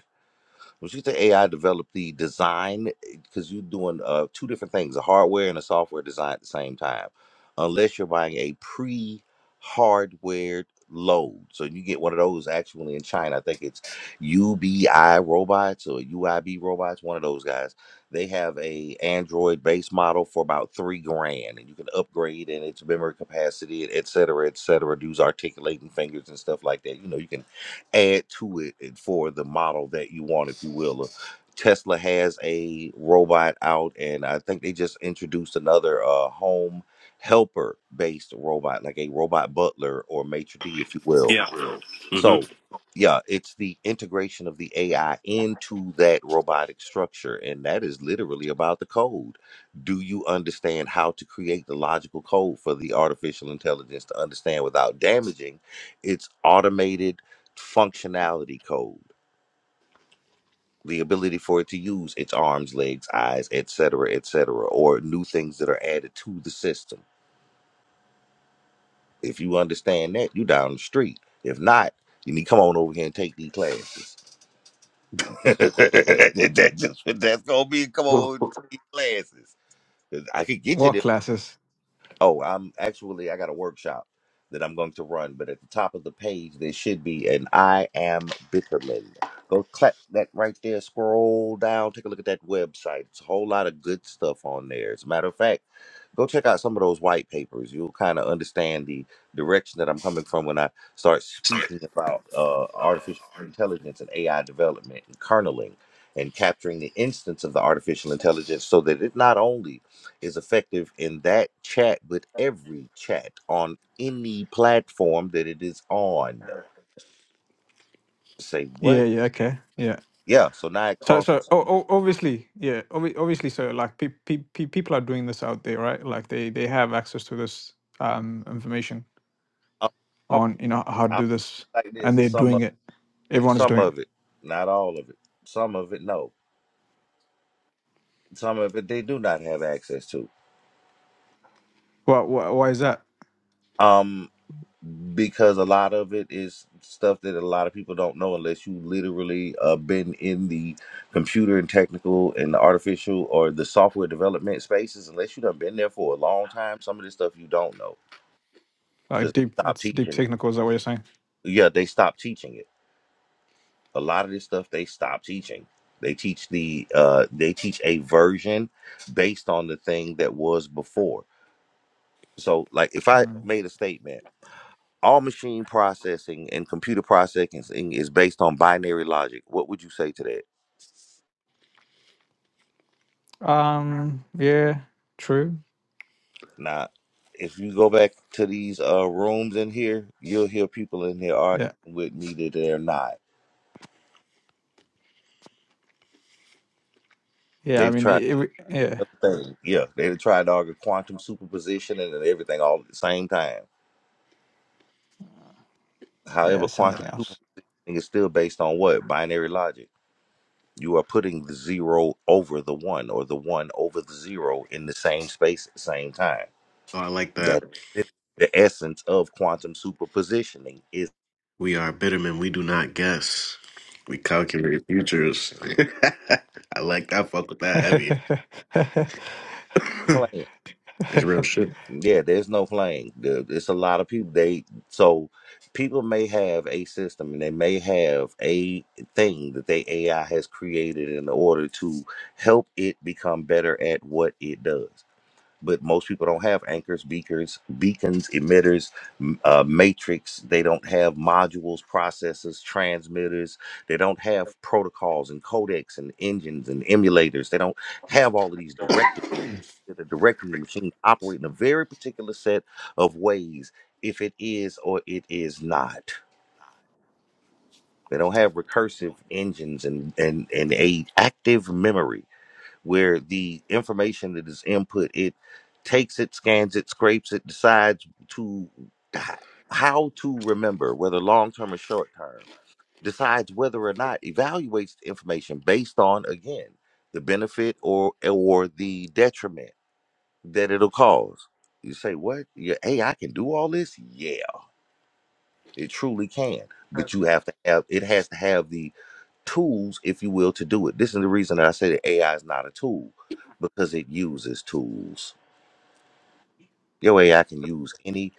Speaker 1: When you say AI develop the design, because you're doing uh, two different things, a hardware and a software design at the same time, unless you're buying a pre-hardware load. So you get one of those actually in China. I think it's UBI robots or UIB robots, one of those guys. They have a Android base model for about three grand and you can upgrade in its memory capacity, et cetera, et cetera, do articulating fingers and stuff like that. You know, you can add to it and for the model that you want, if you will. Uh, Tesla has a robot out, and I think they just introduced another uh, home helper based robot, like a robot butler or maitre d, if you will.
Speaker 6: Yeah. hmm
Speaker 1: So, yeah, it's the integration of the AI into that robotic structure. And that is literally about the code. Do you understand how to create the logical code for the artificial intelligence to understand without damaging its automated functionality code? The ability for it to use its arms, legs, eyes, et cetera, et cetera, or new things that are added to the system. If you understand that, you down the street. If not, you need to come on over here and take these classes. that, just that's gonna be come on with these classes. 'Cause I could get you
Speaker 10: what
Speaker 1: there.
Speaker 10: classes
Speaker 1: Oh, I'm actually I got a workshop that I'm going to run, but at the top of the page there should be an I am Bitterman. Go clap that right there, scroll down, take a look at that website. It's a whole lot of good stuff on there. As a matter of fact, go check out some of those white papers. You'll kind of understand the direction that I'm coming from when I start speaking about uh, artificial intelligence and AI development and kerneling and capturing the instance of the artificial intelligence so that it not only is effective in that chat with every chat on any platform that it is on. Say
Speaker 10: yeah
Speaker 1: what?
Speaker 10: yeah okay yeah
Speaker 1: Yeah, so now it
Speaker 10: so so
Speaker 1: crosses
Speaker 10: oh, oh, obviously yeah obvi- obviously so like pe- pe- pe- people are doing this out there right like they they have access to this um information
Speaker 1: up some
Speaker 10: on you know how to
Speaker 1: I feel
Speaker 10: do this
Speaker 1: like this,
Speaker 10: and they're
Speaker 1: some
Speaker 10: doing
Speaker 1: of
Speaker 10: it everyone is
Speaker 1: some
Speaker 10: doing it
Speaker 1: of it, not all of it. Some of it no. Some of it they do not have access to.
Speaker 10: Why? wh- why is that
Speaker 1: Um. because a lot of it is stuff that a lot of people don't know unless you literally uh, been in the computer and technical and the artificial or the software development spaces unless you done been there for a long time some of this stuff you don't know
Speaker 10: Uh,
Speaker 1: because
Speaker 10: deep.
Speaker 1: stop
Speaker 10: It's deep
Speaker 1: teaching
Speaker 10: technical. Is that what you're saying?
Speaker 1: yeah they stopped teaching it a lot of this stuff they stopped teaching they teach the uh they teach a version based on the thing that was before so like if i
Speaker 10: Mm.
Speaker 1: made a statement all machine processing and computer processing is based on binary logic. What would you say to that?
Speaker 10: Um. Yeah. True.
Speaker 1: Now, if you go back to these uh, rooms in here, you'll hear people in here arguing
Speaker 10: Yeah.
Speaker 1: with me that they're not.
Speaker 10: Yeah. I
Speaker 1: They've
Speaker 10: mean.
Speaker 1: tried
Speaker 10: It, it, yeah.
Speaker 1: other things. Yeah, they've tried to argue quantum superposition and everything all at the same time.
Speaker 10: Yeah.
Speaker 1: However,
Speaker 10: Something
Speaker 1: quantum superposition
Speaker 10: else.
Speaker 1: is still based on what? Binary logic. You are putting the zero over the one or the one over the zero in the same space at the same time
Speaker 6: Oh, I like that.
Speaker 1: That is the essence of quantum superpositioning is
Speaker 6: We are bittermen. We do not guess. We calculate futures. I like that. Fuck with that heavy.
Speaker 1: playing.
Speaker 6: it's real shit.
Speaker 1: Yeah, there's no playing. The- It's a lot of people. They so people may have a system and they may have a thing that they AI has created in order to help it become better at what it does. but most people don't have anchors, beakers, beacons, emitters, m- uh, matrix. They don't have modules, processors, transmitters. They don't have protocols and codecs and engines and emulators. They don't have all of these directives that are directing the machine to operate in a very particular set of ways, if it is or it is not. They don't have recursive engines and and and a active memory where the information that is input it takes it scans it scrapes it decides to h- how to remember whether long term or short term decides whether or not evaluates the information based on again the benefit or or the detriment that it'll cause you say what yeah hey i can do all this yeah it truly can but you have to have it has to have the tools, if you will, to do it. This is the reason that I say that AI is not a tool because it uses tools. Your AI can use any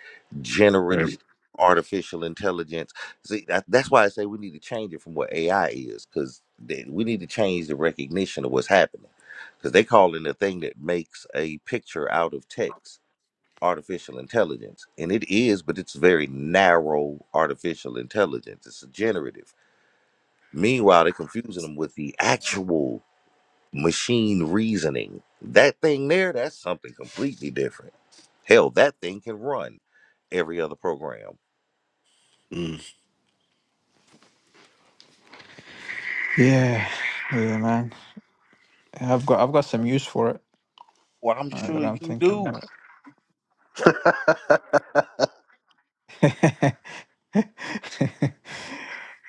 Speaker 6: Right.
Speaker 1: generative artificial intelligence. See, that, that's why I say we need to change it from what AI is because we need to change the recognition of what's happening because they call in the thing that makes a picture out of text artificial intelligence and it is but it's very narrow artificial intelligence it's a generative meanwhile they're confusing them with the actual machine reasoning. That thing there, that's something completely different. Hell, that thing can run every other program.
Speaker 6: Mm.
Speaker 10: yeah. Yeah, man. I've got. I've got some use for it
Speaker 1: Well, I'm
Speaker 10: uh,
Speaker 1: sure
Speaker 10: that I'm
Speaker 1: you
Speaker 10: thinking,
Speaker 1: do,
Speaker 10: but.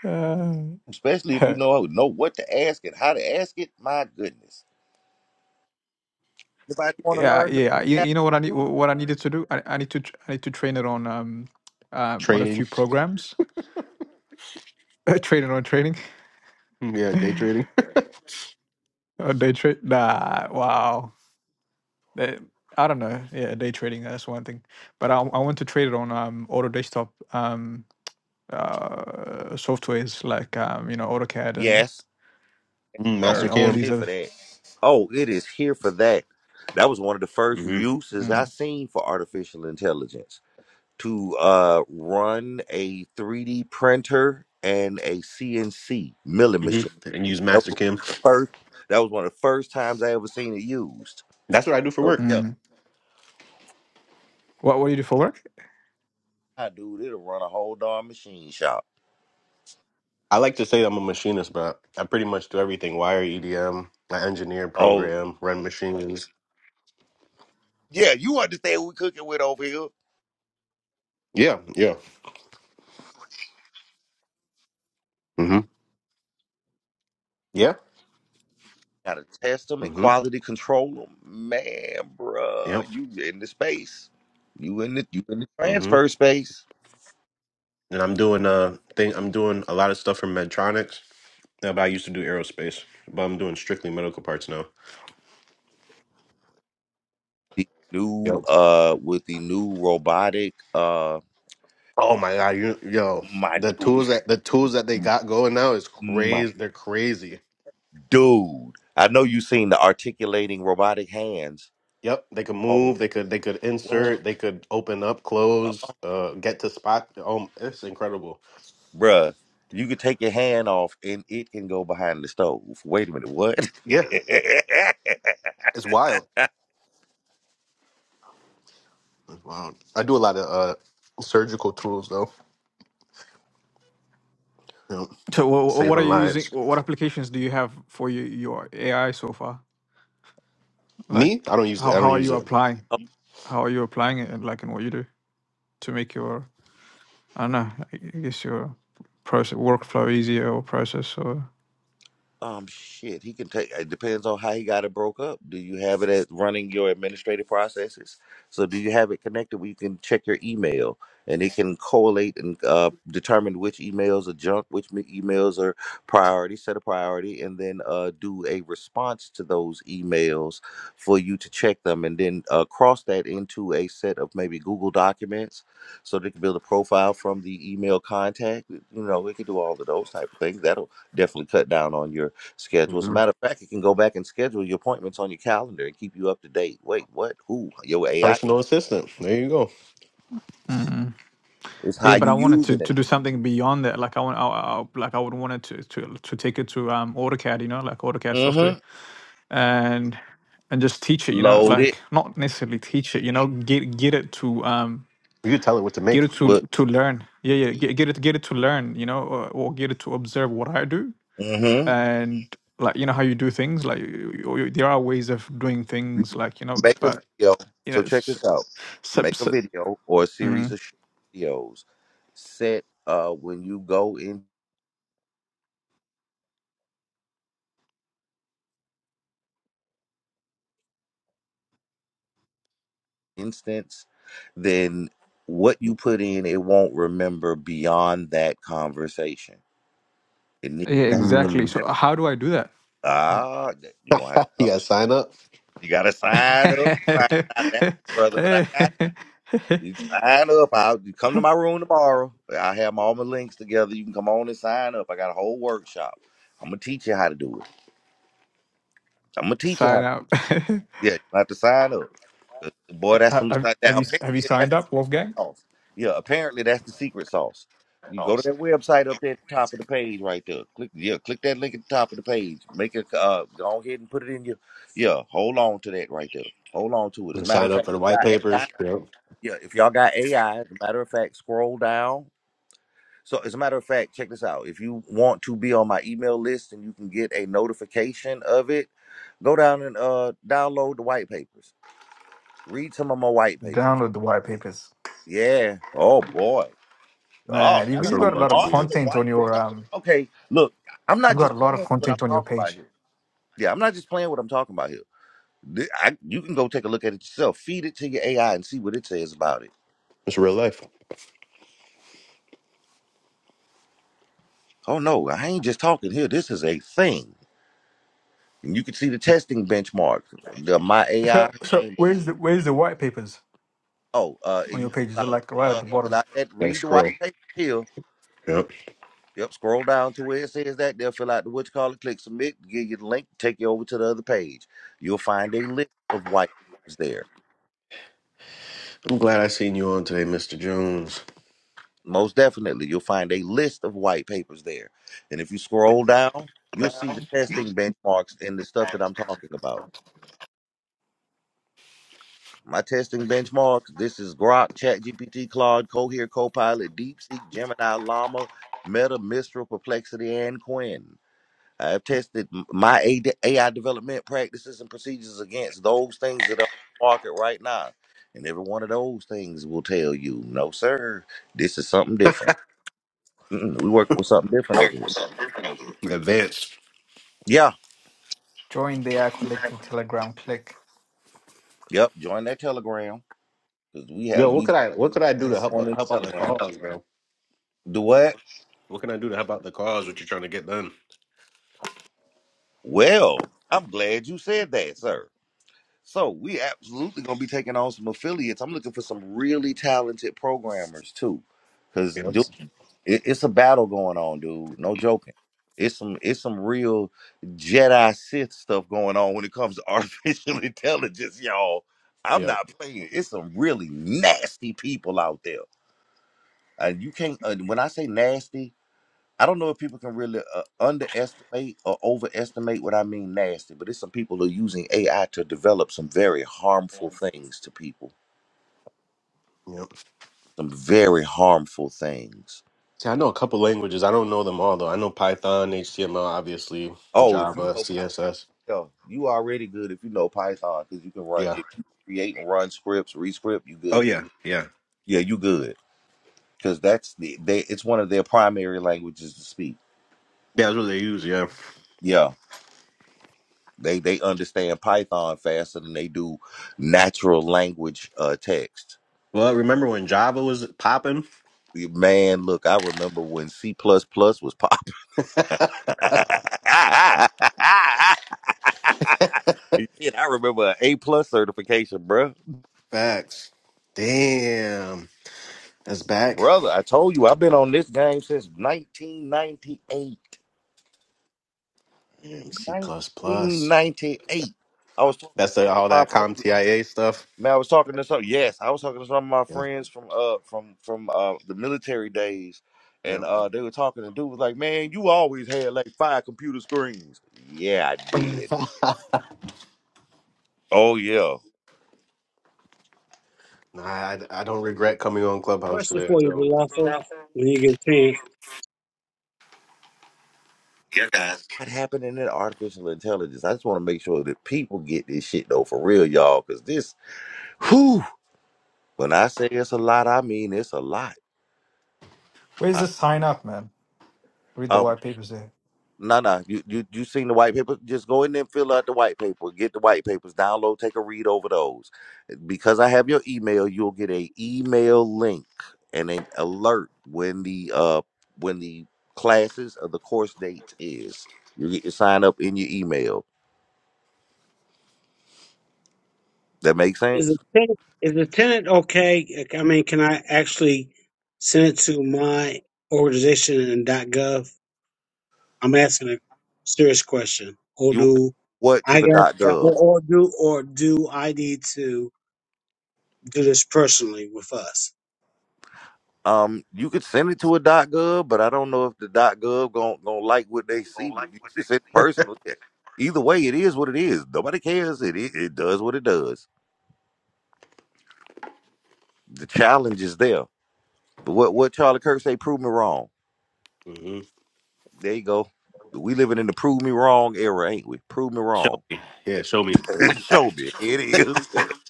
Speaker 10: uh,
Speaker 1: especially if you know know what to ask and how to ask it. My goodness, if I want to
Speaker 10: yeah.
Speaker 1: learn
Speaker 10: Yeah. You,
Speaker 1: how to
Speaker 10: you know what I need?
Speaker 1: do?
Speaker 10: What I needed to do? I, I need to. tr- I need to train it on. Um. Um. On a few
Speaker 6: trading.
Speaker 10: programs. train it on training.
Speaker 6: Yeah, day trading.
Speaker 10: on day trade. Nah. Wow. Uh, I don't know. Yeah, day trading, that's one thing. But I, I want to trade it on um auto desktop um uh softwares like um you know AutoCAD and
Speaker 1: Yes,
Speaker 6: Mm, Master
Speaker 10: and
Speaker 1: sir.
Speaker 10: all
Speaker 1: It's
Speaker 6: Cam.
Speaker 10: these
Speaker 1: here for
Speaker 10: other.
Speaker 1: that. Oh, it is here for that. That was one of the first
Speaker 6: hmm
Speaker 1: uses I
Speaker 10: Mm,
Speaker 1: seen for artificial intelligence to uh, run a 3D printer and a CNC milling
Speaker 6: hmm
Speaker 1: machine.
Speaker 6: And use
Speaker 1: That
Speaker 6: Master
Speaker 1: was
Speaker 6: Cam.
Speaker 1: first. That was one of the first times I ever seen it used.
Speaker 6: That's what I do for
Speaker 1: So
Speaker 6: work.
Speaker 1: yeah,
Speaker 10: mm. What what do you do for work?
Speaker 1: I dude, it'll run a whole darn machine shop.
Speaker 6: I like to say I'm a machinist, but I pretty much do everything wire EDM, I engineer,
Speaker 1: Oh
Speaker 6: program, run machines.
Speaker 1: yeah, you understand what we cooking with over here?
Speaker 6: Yeah, yeah. hmm Yeah.
Speaker 1: Gotta test them and
Speaker 6: hmm
Speaker 1: quality control them, man, bruh.
Speaker 6: Yep.
Speaker 1: You in the space? You in the you in the
Speaker 6: hmm
Speaker 1: transfer space?
Speaker 6: And I'm doing uh thing I'm doing a lot of stuff for Medtronics. No, but I used to do aerospace, but I'm doing strictly medical parts now.
Speaker 1: The new
Speaker 6: Yo.
Speaker 1: uh with the new robotic uh
Speaker 6: Oh my god, you yo,
Speaker 1: my
Speaker 6: the tools
Speaker 1: dude,
Speaker 6: that the tools that they got going now is
Speaker 1: my
Speaker 6: crazy. They're crazy.
Speaker 1: dude. I know you seen the articulating robotic hands.
Speaker 6: Yep, they could
Speaker 1: Oh
Speaker 6: move, they could they could
Speaker 1: what?
Speaker 6: insert, they could open up, close, uh get to spot. Oh, it's incredible.
Speaker 1: Bruh, you could take your hand off and it can go behind the stove. Wait a minute, what?
Speaker 6: Yeah, it's wild. It's wild. I do a lot of uh surgical tools though. Yep.
Speaker 10: So what, what are
Speaker 6: Saving
Speaker 10: you using?
Speaker 6: lives.
Speaker 10: What applications do you have for your, your AI so far? Like
Speaker 6: Me? I don't use it.
Speaker 10: how
Speaker 6: I
Speaker 10: how
Speaker 6: don't
Speaker 10: are
Speaker 6: use
Speaker 10: you
Speaker 6: it.
Speaker 10: applying? How are you applying it and like in what you do to make your I don't know. I guess your process workflow easier or process or.
Speaker 1: Um, shit, he can take. It depends on how he got it broke up. Do you have it as running your administrative processes? So do you have it connected where you can check your email and it can collate and uh, determine which emails are junk, which me- emails are priority, set a priority, and then uh, do a response to those emails for you to check them, and then uh, cross that into a set of maybe Google documents so they can build a profile from the email contact. You know, we can do all of those type of things. That'll definitely cut down on your schedule. As a matter of fact, it can go back and schedule your appointments on your calendar and keep you up to date. Wait, what? Who? Your AI
Speaker 6: Personal assistant. There you go.
Speaker 10: Mm.
Speaker 1: It's how
Speaker 10: Yeah, but I
Speaker 1: you
Speaker 10: wanted to,
Speaker 1: using
Speaker 10: to
Speaker 1: it.
Speaker 10: do something beyond that. Like I want, I, I, like I would want it to, to to take it to um AutoCAD, you know, like AutoCAD software,
Speaker 1: Mm-hmm.
Speaker 10: and and just teach it, you know,
Speaker 1: Load it
Speaker 10: like not necessarily teach it, you know, get get it to um
Speaker 6: You can tell it what to
Speaker 10: get
Speaker 6: make.
Speaker 10: it to
Speaker 1: with
Speaker 10: to learn. Yeah, yeah, get, get it get it to learn, you know, or, or get it to observe what I do,
Speaker 1: mm-hmm.
Speaker 10: and like you know how you do things. Like you, you, there are ways of doing things, like you know,
Speaker 1: Make a
Speaker 10: but
Speaker 1: video.
Speaker 10: you know,
Speaker 1: So check
Speaker 10: s-
Speaker 1: this out.
Speaker 10: s-
Speaker 1: Make a
Speaker 10: s-
Speaker 1: video or a series
Speaker 10: mm,
Speaker 1: of short videos. Set uh when you go in instance, then what you put in, it won't remember beyond that conversation. It needs
Speaker 10: yeah,
Speaker 1: to have a
Speaker 10: exactly.
Speaker 6: Mm.
Speaker 1: mem-
Speaker 10: So how do I do that? Uh,
Speaker 1: Ah, you're gonna have to
Speaker 6: You
Speaker 1: come
Speaker 6: gotta sign up.
Speaker 1: You gotta sign up to find out that, brother. But I got you. You Sign up. I'll you come to my room tomorrow. I have all my links together. You can come on and sign up. I got a whole workshop. I'm gonna teach you how to do it. I'm gonna teach you how.
Speaker 10: Sign up.
Speaker 1: Yeah, you gonna have to sign up. 'Cause The boy, that's
Speaker 10: Ha-
Speaker 1: from the
Speaker 10: have,
Speaker 1: side. That
Speaker 10: have you have you
Speaker 1: apparently that's
Speaker 10: signed
Speaker 1: the
Speaker 10: up,
Speaker 1: secret
Speaker 10: Wolfgang?
Speaker 1: sauce. Yeah, apparently that's the secret sauce. You go to that website up there at the top of the page right there. Click yeah, click that link at the top of the page. Make it uh go ahead and put it in your yeah, hold on to that right there. Hold on to it. As a
Speaker 6: And
Speaker 1: matter
Speaker 6: sign
Speaker 1: of
Speaker 6: up
Speaker 1: fact,
Speaker 6: for the
Speaker 1: if
Speaker 6: white
Speaker 1: you got AI,
Speaker 6: papers. Yep.
Speaker 1: yeah, if y'all got AI, as a matter of fact, scroll down. So as a matter of fact, check this out. If you want to be on my email list and you can get a notification of it, go down and uh download the white papers Read some of my white papers.
Speaker 10: Download the white papers,
Speaker 1: Yeah. Oh boy. Oh,
Speaker 10: man. You've,
Speaker 1: I
Speaker 6: That's
Speaker 1: got
Speaker 6: what
Speaker 10: you've
Speaker 6: I'm
Speaker 10: got
Speaker 1: some
Speaker 10: a
Speaker 6: about
Speaker 10: lot
Speaker 6: to
Speaker 10: of
Speaker 6: do. Yep.
Speaker 1: monster
Speaker 10: content
Speaker 1: white.
Speaker 10: on
Speaker 1: Man.
Speaker 10: your
Speaker 1: Y'all better-
Speaker 10: um.
Speaker 1: Okay, look, I'm
Speaker 10: You've
Speaker 1: not
Speaker 10: got
Speaker 1: just
Speaker 10: a lot
Speaker 1: playing
Speaker 10: of
Speaker 1: with what I'm
Speaker 10: content on your
Speaker 1: talking about
Speaker 10: page.
Speaker 1: here. Yeah, I'm not just playing what I'm talking about here. Th- I- you can go take a look at it yourself. Feed it to your AI and see what it says about it.
Speaker 6: It's real life.
Speaker 1: Oh no, I ain't just talking here. This is a thing, and you can see the testing benchmarks. The, my AI
Speaker 10: So
Speaker 1: her
Speaker 10: so
Speaker 1: name is
Speaker 10: where's the where's the white papers
Speaker 1: oh, uh,
Speaker 10: on your
Speaker 1: you fill
Speaker 10: page? Is it
Speaker 1: out,
Speaker 10: like right at
Speaker 1: uh,
Speaker 10: the
Speaker 1: fill
Speaker 10: bottom?
Speaker 1: out that
Speaker 6: Gotta
Speaker 1: read the
Speaker 6: scroll.
Speaker 1: white paper here
Speaker 6: Yep.
Speaker 1: Yep, scroll down to where it says that. They'll fill out the what you call it, click submit, give you the link, take you over to the other page. You'll find a list of white papers there.
Speaker 6: I'm glad I seen you on today, Mr. Jones.
Speaker 1: Most definitely, you'll find a list of white papers there. And if you scroll down, you'll see the testing benchmarks and the stuff that I'm talking about. My testing benchmarks this is Grok, ChatGPT, Claude, Cohere, Copilot, DeepSeek, Gemini, Llama, Meta, Mistral, Perplexity, and Quinn. I have tested my AD AI development practices and procedures against those things that are on the market right now. And every one of those things will tell you, no, sir, this is something different. Mm-mm, we working with something different over here.
Speaker 6: Advance.
Speaker 1: Yeah.
Speaker 10: Join the Air Collective Telegram. Click.
Speaker 1: Yep. Join that Telegram because we have,
Speaker 6: Yo, what
Speaker 1: we
Speaker 6: could I what could I do to
Speaker 10: That's
Speaker 6: help
Speaker 10: it.
Speaker 1: on the
Speaker 6: help out the
Speaker 1: Telegram.
Speaker 6: cause, bro?
Speaker 1: Do what?
Speaker 6: What can I do to help out the cause? What you're trying to get done?
Speaker 1: Well, I'm glad you said that, sir. So we absolutely going to be taking on some affiliates. I'm looking for some really talented programmers too. Because,
Speaker 6: Yep.
Speaker 1: It, it's a battle going on, dude. No joking. It's some it's some real Jedi Sith stuff going on when it comes to artificial intelligence, y'all. I'm
Speaker 6: Yep.
Speaker 1: not playing. It's some really nasty people out there. Uh, you can't. Uh, when I say nasty, I don't know if people can really uh, underestimate or overestimate what I mean nasty. But it's some people who are using AI to develop some very harmful things to people.
Speaker 6: Yep.
Speaker 1: Some very harmful things.
Speaker 6: See, I know a couple languages. I don't know them all though. I know Python, HTML, obviously,
Speaker 1: Oh, if you
Speaker 6: Java,
Speaker 1: know
Speaker 6: CSS.
Speaker 1: Yo, you already good if you know Python because you can run
Speaker 6: Yeah.
Speaker 1: if you create and run scripts, rescript, you
Speaker 6: Oh
Speaker 1: good.
Speaker 6: yeah. Yeah.
Speaker 1: Yeah, you good because that's the they. It's one of their primary languages to speak.
Speaker 6: Yeah, that's what they use. Yeah.
Speaker 1: Yeah, they they understand Python faster than they do natural language uh text.
Speaker 6: Well, remember when Java was popping?
Speaker 1: Man, look, I remember when C plus plus was pop. Shit, I remember an A plus certification, bruh.
Speaker 6: Facts. Damn. That's back.
Speaker 1: Brother, I told you I've been on this game since 1998.
Speaker 6: Damn, C plus plus.
Speaker 1: 1998. I was talking
Speaker 6: That's
Speaker 1: to
Speaker 6: the,
Speaker 1: some of
Speaker 6: all
Speaker 1: my
Speaker 6: that CompTIA stuff.
Speaker 1: man. I was talking to some. Yes, I was talking to some of my
Speaker 6: Yeah.
Speaker 1: friends from uh from from uh the military days, and
Speaker 6: Yep.
Speaker 1: uh they were talking. And dude was like, "Man, you always had like five computer screens." Yeah, I did. Oh yeah.
Speaker 6: nah, I, I don't regret coming on Clubhouse
Speaker 11: Question
Speaker 6: today. I
Speaker 11: for you,
Speaker 6: don't.
Speaker 11: Lawful, when you get a chance.
Speaker 1: What happened in that artificial intelligence? I just want to make sure that people get this shit though for real, y'all, because this, whew, when I say it's a lot, I mean it's a lot.
Speaker 10: Where's
Speaker 1: I,
Speaker 10: the sign up, man? Read the
Speaker 1: um,
Speaker 10: white papers there.
Speaker 1: No, no. You you you seen the white paper? Just go in there and fill out the white paper. Get the white papers, download, take a read over those. Because I have your email, you'll get a email link and an alert when the uh when the classes or the course dates is. You get your sign up in your email. That makes
Speaker 11: Is
Speaker 1: sense?
Speaker 11: the tenant, is the tenant okay? Like, I mean, can I actually send it to my organization and .gov? I'm asking a serious question. Or
Speaker 1: You want
Speaker 11: do
Speaker 1: what to
Speaker 11: I
Speaker 1: the dot
Speaker 11: got, or,
Speaker 1: gov.
Speaker 11: or do, or do I need to do this personally with us?
Speaker 1: Um, you could send it to a gov, but I don't know if the gov gon' gon' like what they see. But you can send it personally. Either way, it is what it is. Nobody cares. It it, it does what it does. The challenge is there. But what what Charlie Kirk say? Prove me wrong.
Speaker 6: hmm
Speaker 1: There you go. We living in the prove me wrong era, ain't we? Prove me
Speaker 6: Show
Speaker 1: wrong.
Speaker 6: me. Yeah, show me.
Speaker 1: Show me. It is. There you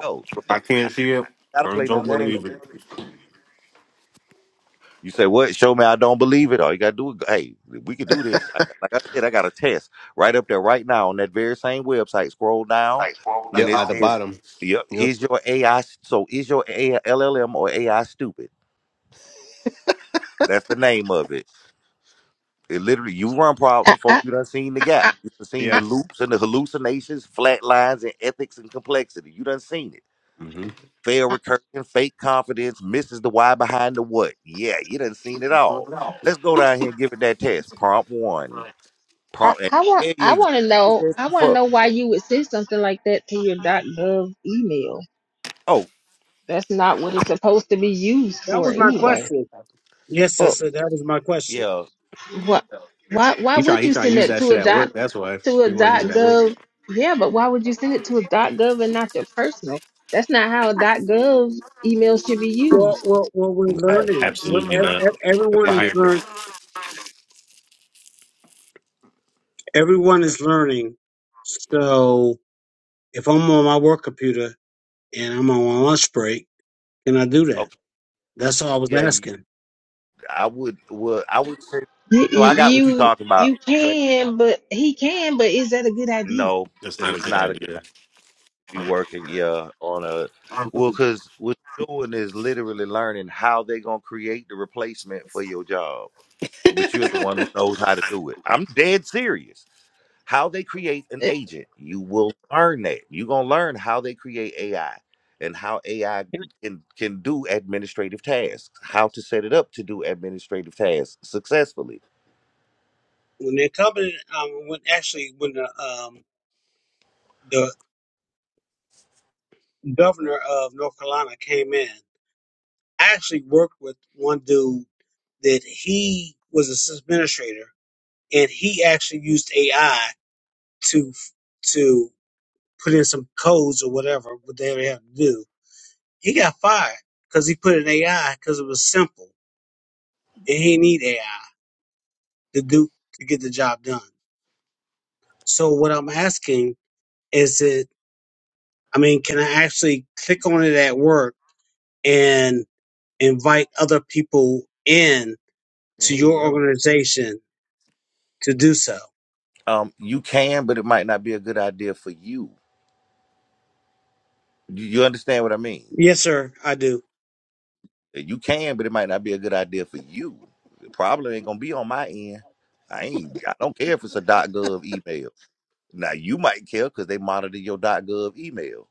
Speaker 1: go.
Speaker 6: If I
Speaker 1: I
Speaker 6: can't
Speaker 1: ain't
Speaker 6: see it.
Speaker 1: gotta
Speaker 6: I
Speaker 1: play no
Speaker 6: don't
Speaker 1: games
Speaker 6: believe it.
Speaker 1: You say what? Show me I don't believe it. All you gotta do is go- hey, we could do this. I, like I said, I got a test right up there right now on that very same website. Scroll down,
Speaker 6: Yeah,
Speaker 1: and it
Speaker 6: at the
Speaker 1: says,
Speaker 6: bottom.
Speaker 1: "Yep,
Speaker 6: Yep.
Speaker 1: is your AI so is your AI, LLM or AI stupid?" That's the name of it. It literally you run problems
Speaker 2: I
Speaker 1: with folks you done seen the gap,
Speaker 2: I
Speaker 1: you done seen the
Speaker 6: Yeah.
Speaker 1: loops and the hallucinations, flat lines, and ethics and complexity. You done seen it.
Speaker 6: hmm
Speaker 1: Fail
Speaker 2: I,
Speaker 1: recursion, fake confidence, misses the why behind the what. Yeah, you done seen it all. Let's go down here and give it that test. Prompt one.
Speaker 2: I,
Speaker 1: Prompt and
Speaker 2: I I want
Speaker 1: tell you
Speaker 2: I
Speaker 1: exactly
Speaker 2: want to
Speaker 1: what
Speaker 2: know
Speaker 1: you're
Speaker 2: I
Speaker 1: testing
Speaker 2: want to
Speaker 1: for.
Speaker 2: know why you would send something like that to your .gov email.
Speaker 1: Oh,
Speaker 2: That's not what it's supposed to be used
Speaker 11: That
Speaker 2: for
Speaker 11: was my
Speaker 2: anyway.
Speaker 11: question. Yes,
Speaker 2: But
Speaker 11: sister, that was my question.
Speaker 1: yeah.
Speaker 2: what why why
Speaker 6: He try
Speaker 2: would
Speaker 6: he
Speaker 2: you
Speaker 6: try to
Speaker 2: send
Speaker 6: use
Speaker 2: that
Speaker 6: that
Speaker 2: to
Speaker 6: shit
Speaker 2: a
Speaker 6: at
Speaker 2: dot
Speaker 6: work. That's why
Speaker 2: to a
Speaker 6: he want to use it at work.
Speaker 2: .gov? Yeah, but why would you send it to a .gov and not your personal? That's not how a .gov email should be used.
Speaker 11: Well, well, well, we're
Speaker 6: Nah,
Speaker 11: learning. We're,
Speaker 6: absolutely
Speaker 11: ev-
Speaker 6: not.
Speaker 11: ev-
Speaker 6: If I
Speaker 11: everyone
Speaker 1: It's
Speaker 11: is
Speaker 1: here.
Speaker 6: hire
Speaker 11: learning.
Speaker 6: fire.
Speaker 11: Everyone is learning. So. If I'm on my work computer and I'm on my lunch break, can I do that?
Speaker 1: Okay.
Speaker 11: That's all I was
Speaker 1: Yeah, you-
Speaker 11: asking.
Speaker 1: I would would I would say
Speaker 2: You
Speaker 1: so I got what you
Speaker 2: you
Speaker 1: talking about,
Speaker 2: you
Speaker 1: but
Speaker 2: can, but he can, but is that a good idea?
Speaker 1: no,
Speaker 6: That's not a
Speaker 1: it's
Speaker 6: good
Speaker 1: not a good
Speaker 6: idea.
Speaker 1: idea to be working, yeah, on a well, because what you're doing is literally learning how they gonna create the replacement for your job. But you're the one who knows how to do it. I'm dead serious. how they create an
Speaker 2: Uh,
Speaker 1: agent. You will learn that. You're gonna learn how they create AI and how AI can, can do administrative tasks, how to set it up to do administrative tasks successfully.
Speaker 11: When the company, um, when actually when the um the governor of North Carolina came in, I actually worked with one dude that he was a system administrator and he actually used AI to to put in some codes or whatever what they would have to do. He got fired because he put in AI because it was simple and he didn't need AI. to do to get the job done. So what I'm asking is it I mean, can I actually click on it at work and invite other people in to
Speaker 6: Hey
Speaker 11: your
Speaker 6: yo,
Speaker 11: organization to do so?
Speaker 1: Um, you can, but it might not be a good idea for you. You, you understand what I mean?
Speaker 11: Yes, sir, I do.
Speaker 1: You can, but it might not be a good idea for you. It probably ain't gonna be on my end. I ain't. I don't care if it's a .gov email. Now you might care because they monitor your .gov email.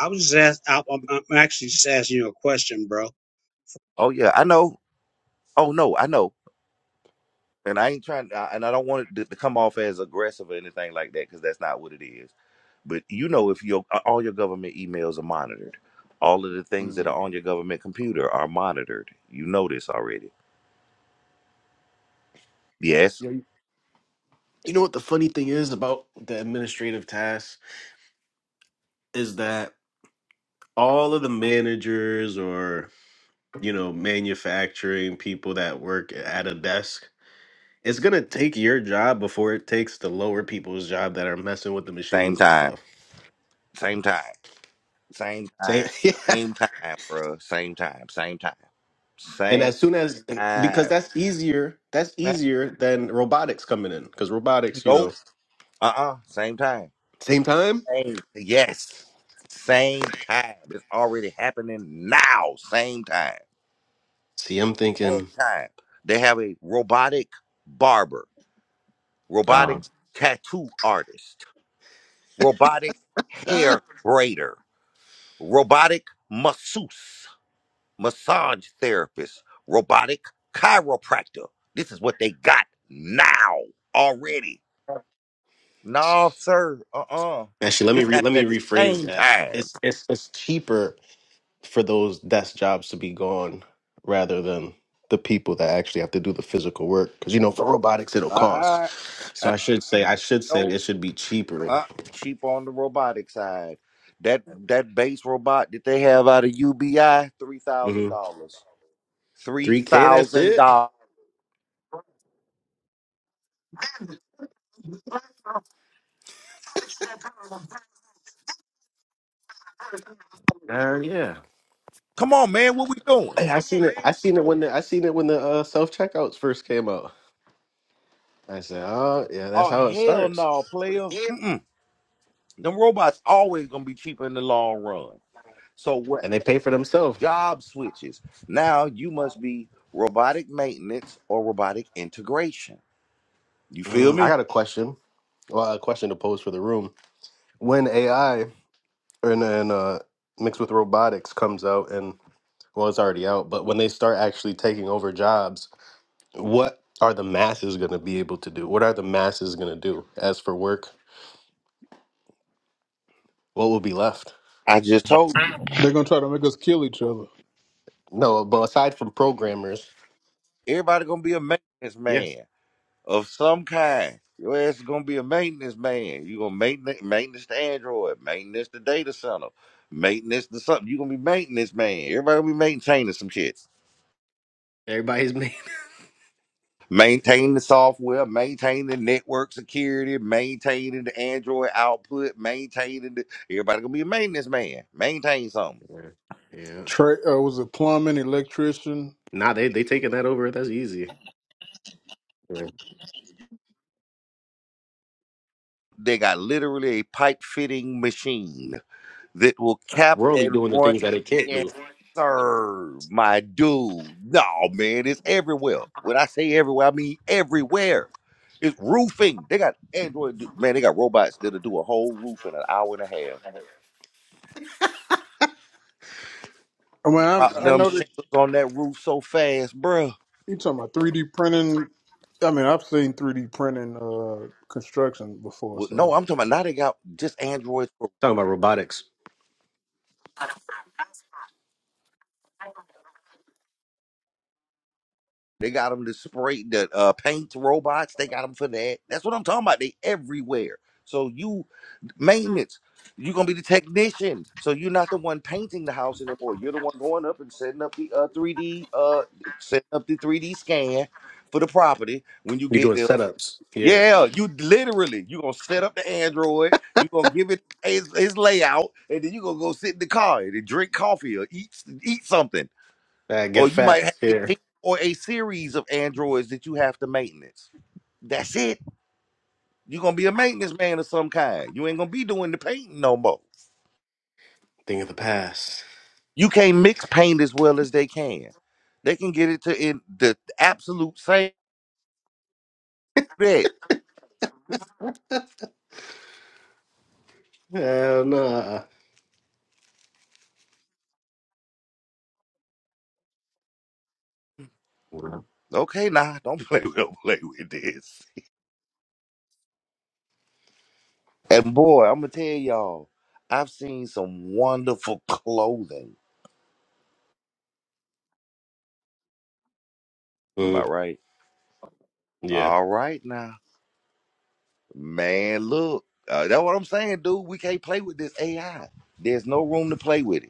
Speaker 11: I was just ask, I, I'm, I'm actually just asking you a question, bro.
Speaker 1: Oh yeah, I know. Oh no, I know. And I ain't trying, I, and I don't want it to, to come off as aggressive or anything like that because that's not what it is. But you know, if your all your government emails are monitored, all of the things that are
Speaker 6: Mm.
Speaker 1: on your government computer are monitored. You know this already. Yes,
Speaker 6: You know what the funny thing is about the administrative tasks is that all of the managers or, you know, manufacturing people that work at a desk, it's going to take your job before it takes the lower people's job that are messing with the
Speaker 1: same
Speaker 6: machines and
Speaker 1: time,
Speaker 6: stuff.
Speaker 1: same time, same
Speaker 6: Say,
Speaker 1: time,
Speaker 6: yeah.
Speaker 1: same time, bruh. same time, same time,
Speaker 6: And
Speaker 1: same
Speaker 6: as soon as, eh,
Speaker 1: time.
Speaker 6: because that's easier, that's
Speaker 1: Man,
Speaker 6: easier than robotics coming in. Because robotics, you
Speaker 1: Nope.
Speaker 6: know,
Speaker 1: Uh uh Same time.
Speaker 6: same time.
Speaker 1: Same. Yes. Same time. It's already happening now. Same time.
Speaker 6: See, I'm
Speaker 1: same
Speaker 6: thinking,
Speaker 1: time, they have a robotic barber,
Speaker 6: oh,
Speaker 1: robotic tattoo artist, robotic hair
Speaker 6: ah.
Speaker 1: braider, robotic masseuse, massage therapist, robotic chiropractor. This is what they got now already. No, sir. Uh uh
Speaker 6: Actually, let me
Speaker 1: This
Speaker 6: re- let
Speaker 1: happened
Speaker 6: me
Speaker 1: at the
Speaker 6: rephrase
Speaker 1: same
Speaker 6: that.
Speaker 1: time.
Speaker 6: It's it's it's cheaper for those desk jobs to be gone rather than the people that actually have to do the physical work. Because you know, for robotics, it'll cost.
Speaker 1: Uh
Speaker 6: So I should say I should say
Speaker 1: uh
Speaker 6: it should be cheaper.
Speaker 1: Uh, cheap on the robotic side. That that base robot that they have out of UBI, three thousand
Speaker 6: hmm
Speaker 1: dollars. Three
Speaker 6: Three K, that's
Speaker 1: thousand
Speaker 6: it.
Speaker 1: dollars.
Speaker 6: Uh, yeah.
Speaker 1: Come on, man, what we doing?
Speaker 6: Hey, I seen it. I seen it when the I seen it when the uh, self checkouts first came out. I said, oh yeah, that's
Speaker 1: Oh
Speaker 6: how it
Speaker 1: hell
Speaker 6: starts,
Speaker 1: no, player. Mm-mm. Them robots always gonna be cheaper in the long run. So what?
Speaker 6: and they pay for themselves.
Speaker 1: Job switches. Now you must be robotic maintenance or robotic integration. You feel
Speaker 6: Mm, I
Speaker 1: me?
Speaker 6: got a question. Well, a question to pose for the room. When AI and and uh, mixed with robotics comes out, and well, it's already out. But when they start actually taking over jobs, what are the masses going to be able to do? What are the masses going to do as for work? What will be left?
Speaker 1: I just told you.
Speaker 12: They're gonna try to make us kill each other.
Speaker 6: No, but aside from programmers,
Speaker 1: Everybody gonna be a maintenance
Speaker 6: yes,
Speaker 1: man. of some kind. Your ass is gonna be a maintenance man. You gonna maintenance maintenance the Android, maintenance the data center, maintenance the something. You gonna be maintenance man. Everybody gonna be maintaining some shit.
Speaker 6: everybody's made.
Speaker 1: Maintain the software, Maintain the network security, maintaining the Android output, maintaining the everybody gonna be a maintenance man. Maintain something.
Speaker 6: Yeah, yeah.
Speaker 12: Tra- uh, was it plumbing, electrician?
Speaker 6: Nah, they they taking that over. That's easy. Yeah.
Speaker 1: They got literally a pipe fitting machine that will cap
Speaker 6: We're only doing
Speaker 1: and
Speaker 6: the
Speaker 1: run.
Speaker 6: things that they can't do.
Speaker 1: Yes, sir, my dude. No, man, it's everywhere. When I say everywhere, I mean everywhere. It's roofing. They got Android, do- man. They got robots that'll do a whole roof in an hour and a half.
Speaker 12: I mean, I,
Speaker 1: Drop
Speaker 12: I
Speaker 1: them
Speaker 12: know that
Speaker 1: shingles on that roof so fast, bruh.
Speaker 12: you talking about three D printing. I mean, I've seen three D printing uh, construction before.
Speaker 1: Well, no,
Speaker 12: So,
Speaker 1: I'm talking about now. They got just Androids. For,
Speaker 6: Talking about robotics,
Speaker 1: they got them to spray the uh, paint robots. They got them for that. That's what I'm talking about. They everywhere. So you maintenance. You're gonna be the technician, so you're not the one painting the house anymore. You're the one going up and setting up the uh 3D uh setting up the 3D scan for the property when you
Speaker 6: you're
Speaker 1: get
Speaker 6: doing
Speaker 1: there.
Speaker 6: setups. Yeah,
Speaker 1: Yeah, you literally you're gonna set up the Android, you're gonna give it his, his layout, and then you're gonna go sit in the car and drink coffee or eat eat something.
Speaker 6: Uh,
Speaker 1: Or
Speaker 6: get
Speaker 1: you might
Speaker 6: fat.
Speaker 1: have a
Speaker 6: Yeah,
Speaker 1: team or a series of androids that you have to maintenance. That's it. You're gonna be a maintenance man of some kind. You ain't gonna be doing the painting no more.
Speaker 6: thing of the past.
Speaker 1: You can't mix paint as well as they can. They can get it to in the absolute same bit.
Speaker 6: Hell nah.
Speaker 1: Okay, nah, don't play with don't play with this. And boy, I'm gonna tell y'all, I've seen some wonderful clothing. Am I
Speaker 6: Mm,
Speaker 1: right?
Speaker 6: yeah.
Speaker 1: All right now. Man, look. Uh, that's what I'm saying, dude. We can't play with this AI. There's no room to play with it.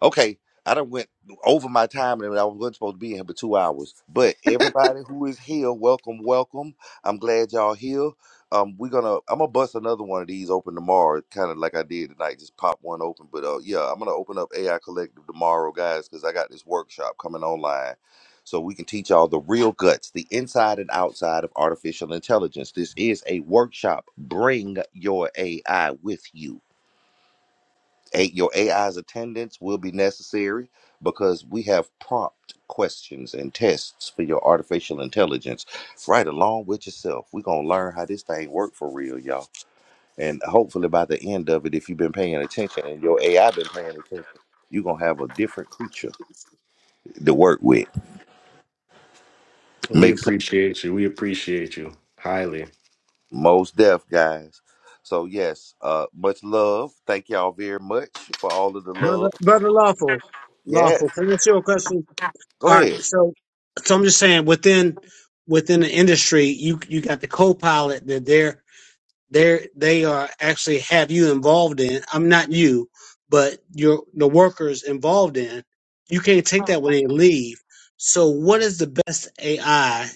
Speaker 1: Okay, I done went over my time and I wasn't supposed to be in here for two hours. But everybody who is here, welcome, welcome. I'm glad y'all here. Um, we're gonna I'm gonna bust another one of these open tomorrow, kind of like I did tonight, just pop one open. But uh, yeah, I'm gonna open up AI Collective tomorrow, guys, because I got this workshop coming online. So we can teach y'all the real guts, the inside and outside of artificial intelligence. This is a workshop. Bring your AI with you. A- your AI's attendance will be necessary because we have prompt questions and tests for your artificial intelligence right along with yourself. We're going to learn how this thing work for real, y'all. And hopefully by the end of it, if you've been paying attention and your AI been paying attention, you're going to have a different creature to work with.
Speaker 6: We
Speaker 1: Makes sense.
Speaker 6: appreciate you. We appreciate you highly.
Speaker 1: Most deaf guys. So yes, uh, much love. Thank y'all very much for all of the
Speaker 11: Brother,
Speaker 1: love.
Speaker 11: brother, lawful, lawful.
Speaker 1: Yes.
Speaker 11: Can I ask you a question?
Speaker 1: Go
Speaker 11: All right.
Speaker 1: ahead.
Speaker 11: So, so I'm just saying within within the industry, you you got the co-pilot that are they they are actually have you involved in i'm not you but your the workers involved in you can't take that when they leave so what is the best ai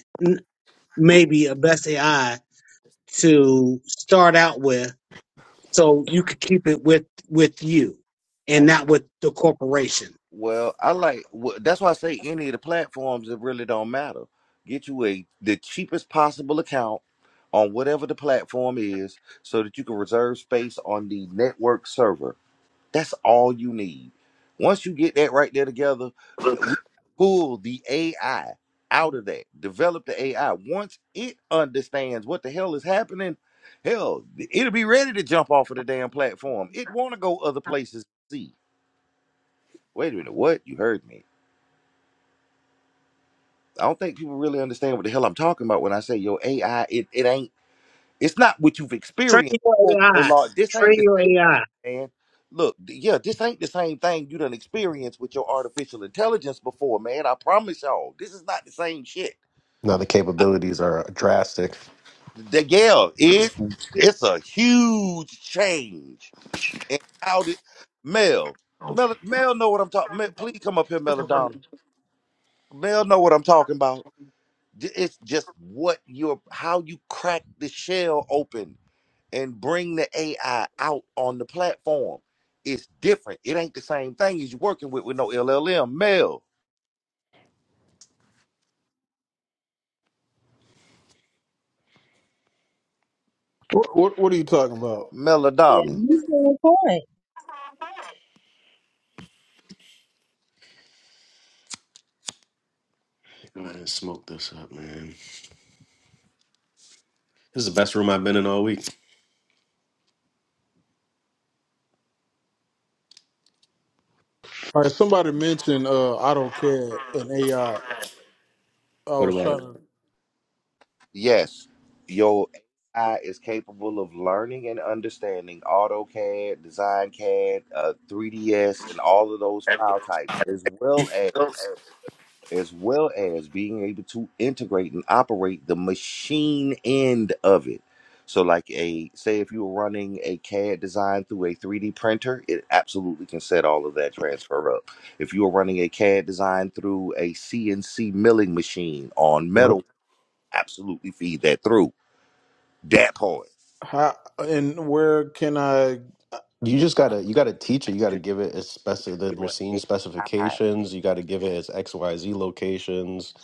Speaker 11: maybe a best ai to start out with so you could keep it with with you and not with the corporation
Speaker 1: Well, I like wh- that's why I say any of the platforms it really don't matter. Get you a the cheapest possible account on whatever the platform is so that you can reserve space on the network server. That's all you need. Once you get that right there together, we pull the AI out of that. Develop the AI. Once it understands what the hell is happening, hell, it'll be ready to jump off of the damn platform. It want to go other places to see. Wait a minute, what? You heard me. I don't think people really understand what the hell I'm talking about when I say your AI. It it ain't. It's not what you've
Speaker 11: train
Speaker 1: experienced.
Speaker 11: your
Speaker 1: before, No
Speaker 11: ai
Speaker 1: Lord, this ain't
Speaker 11: train
Speaker 1: the
Speaker 11: your
Speaker 1: same thing,
Speaker 11: ai
Speaker 1: man. Look, th- yeah, this ain't the same thing you done experienced with your artificial intelligence before, man. I promise y'all, this is not the same shit.
Speaker 6: Now the
Speaker 1: I,
Speaker 6: capabilities are drastic.
Speaker 1: the, yeah, it it's a huge change. And how did Mel? Mel, Mel know what I'm talking. Mel, please come up here, Mel O'Donnell. Mel know what I'm talking about. It's just what you're, how you crack the shell open and bring the AI out on the platform. is different. It ain't the same thing as you working with with no LLM. Mel,
Speaker 12: what, what what are you talking about?
Speaker 13: Yeah,
Speaker 1: Melodonna.
Speaker 13: you said a point.
Speaker 6: Go ahead and smoke this up, man. This is the best room I've been in all week.
Speaker 12: All right, somebody mentioned uh, AutoCAD and AI. I I
Speaker 6: What
Speaker 12: was
Speaker 6: about it?
Speaker 12: trying to
Speaker 1: Yes, your AI is capable of learning and understanding AutoCAD, DesignCAD, uh, 3ds, and all of those file types, as well as as well as being able to integrate and operate the machine end of it. So, like a say, if you were running a CAD design through a 3D printer, it absolutely can set all of that transfer up. If you were running a CAD design through a CNC milling machine on
Speaker 6: Yep.
Speaker 1: metal, absolutely feed that through that part
Speaker 12: how and where can I
Speaker 6: You just gotta you gotta teach it. You gotta
Speaker 1: to
Speaker 6: give it its specific the
Speaker 1: your
Speaker 6: machine
Speaker 1: AI.
Speaker 6: specifications. You gotta give it its X Y Z locations,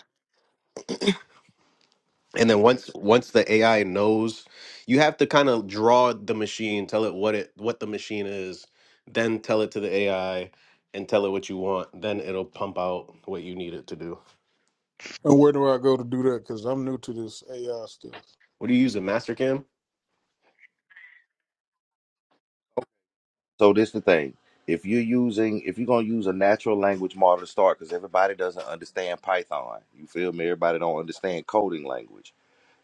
Speaker 6: and then once once the AI knows, you have to kind of draw the machine, tell it what it what the machine is, then tell it to the AI, and tell it what you want. Then it'll pump out what you need it to do.
Speaker 12: and where do I go to do that? Because I'm new to this AI stuff.
Speaker 6: What do you use a Mastercam?
Speaker 1: So this the thing. If you're using, if you're gonna use a natural language model to start, because everybody doesn't understand Python. You feel me? Everybody don't understand coding language.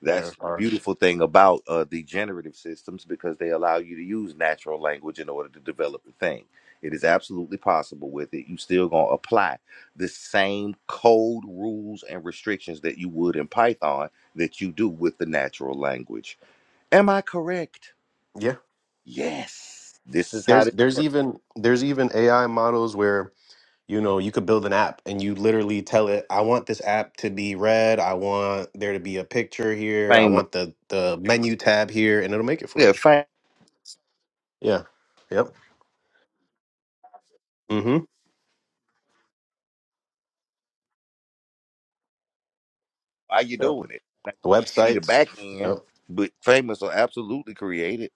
Speaker 1: That's the beautiful thing about uh, the generative systems because they allow you to use natural language in order to develop the thing. It is absolutely possible with it. You still gonna apply the same code rules and restrictions that you would in Python that you do with the natural language. Am I correct?
Speaker 6: Yeah.
Speaker 1: Yes. This is how
Speaker 6: There's
Speaker 1: this
Speaker 6: there's even there's even AI models where you know you could build an app and you literally tell it, I want this app to be red. I want there to be a picture here. I
Speaker 1: famous.
Speaker 6: want the the menu tab here, and it'll make it for
Speaker 1: Yeah,
Speaker 6: you.
Speaker 1: fam,
Speaker 6: Yeah. Yep. Mm-hmm.
Speaker 1: why you
Speaker 6: Yep.
Speaker 1: doing it? Now, you See the
Speaker 6: Websites.
Speaker 1: back end,
Speaker 6: Yep.
Speaker 1: but famous are absolutely created.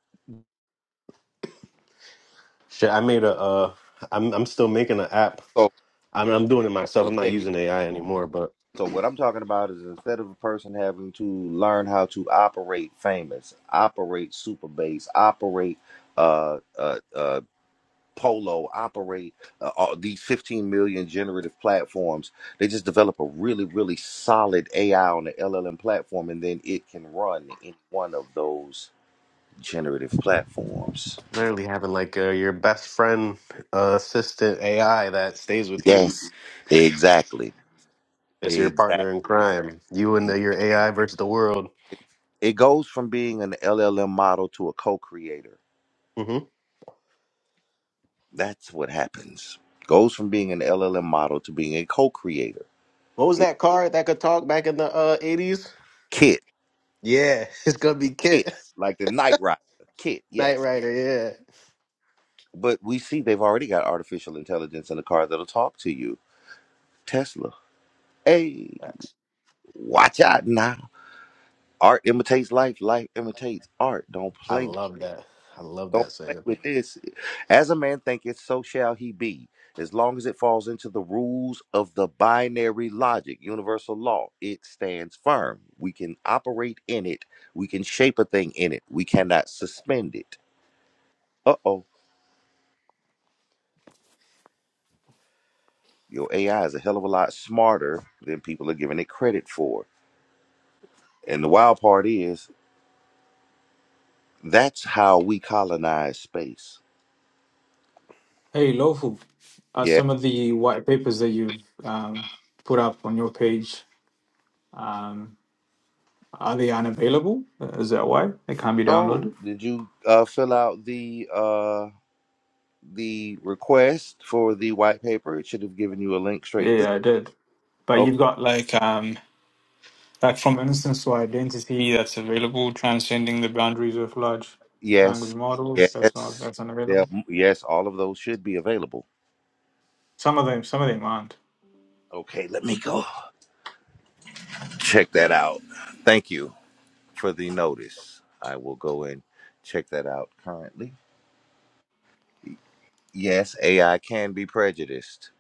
Speaker 6: Shit. I made a. Uh, I'm I'm still making an app.
Speaker 1: So
Speaker 6: I'm I'm doing it myself.
Speaker 1: uh,
Speaker 6: I'm not
Speaker 1: check it.
Speaker 6: using AI anymore, but
Speaker 1: So what I'm talking about is instead of a person having to learn how to operate famous, operate superbase, operate uh uh uh polo, operate uh, all these 15 million generative platforms, they just develop a really really solid AI on the LLM platform, and then it can run any one of those generative platforms.
Speaker 6: literally having like uh, your best friend uh, assistant AI that stays with you.
Speaker 1: Yes, exactly.
Speaker 6: It's your
Speaker 1: Exactly.
Speaker 6: partner in crime. You and the, your AI versus the world.
Speaker 1: It goes from being an LLM model to a co creator.
Speaker 6: hmm
Speaker 1: That's what happens. Goes from being an LLM model to being a co creator.
Speaker 6: What was
Speaker 1: It
Speaker 6: that card that could talk back in the uh, 80s?
Speaker 1: Kit,
Speaker 6: Yeah, it's going to be Kit.
Speaker 1: Kit, like the Knight Rider, Kit,
Speaker 6: Knight
Speaker 1: yes.
Speaker 6: Rider, yeah.
Speaker 1: But we see they've already got artificial intelligence in the car that'll talk to you. Tesla. Hey,
Speaker 6: Facts.
Speaker 1: watch out now. Art imitates life, life imitates art. Don't
Speaker 6: I
Speaker 1: play
Speaker 6: love that. I love
Speaker 1: Don't
Speaker 6: that
Speaker 1: play
Speaker 6: saying.
Speaker 1: with this. As a man thinketh, so shall he be. As long as it falls into the rules of the binary logic, universal law, it stands firm. We can operate in it. We can shape a thing in it. We cannot suspend it. Uh oh. Your AI is a hell of a lot smarter than people are giving it credit for. And the wild part is that's how we colonize space.
Speaker 10: Hey, lawful, uh,
Speaker 1: Yes.
Speaker 10: some of the white papers that you've um, put up on your page, um, are they unavailable? Is that why they can't be
Speaker 1: Oh,
Speaker 10: downloaded?
Speaker 1: did you uh, fill out the uh, the request for the white paper. It should have given you a link straight.
Speaker 10: Yeah, I did. But
Speaker 1: Okay.
Speaker 10: you've got like um, like from instance to identity that's available, transcending the boundaries of large language
Speaker 1: Yes.
Speaker 10: models. That's not
Speaker 1: Yes.
Speaker 10: that's
Speaker 1: Yeah.
Speaker 10: unavailable.
Speaker 1: Yes. All of those should be available.
Speaker 10: Some of them, some of them aren't.
Speaker 1: Okay. Let me go check that out. Thank you for the notice. I will go and check that out currently. Yes, AI can be prejudiced.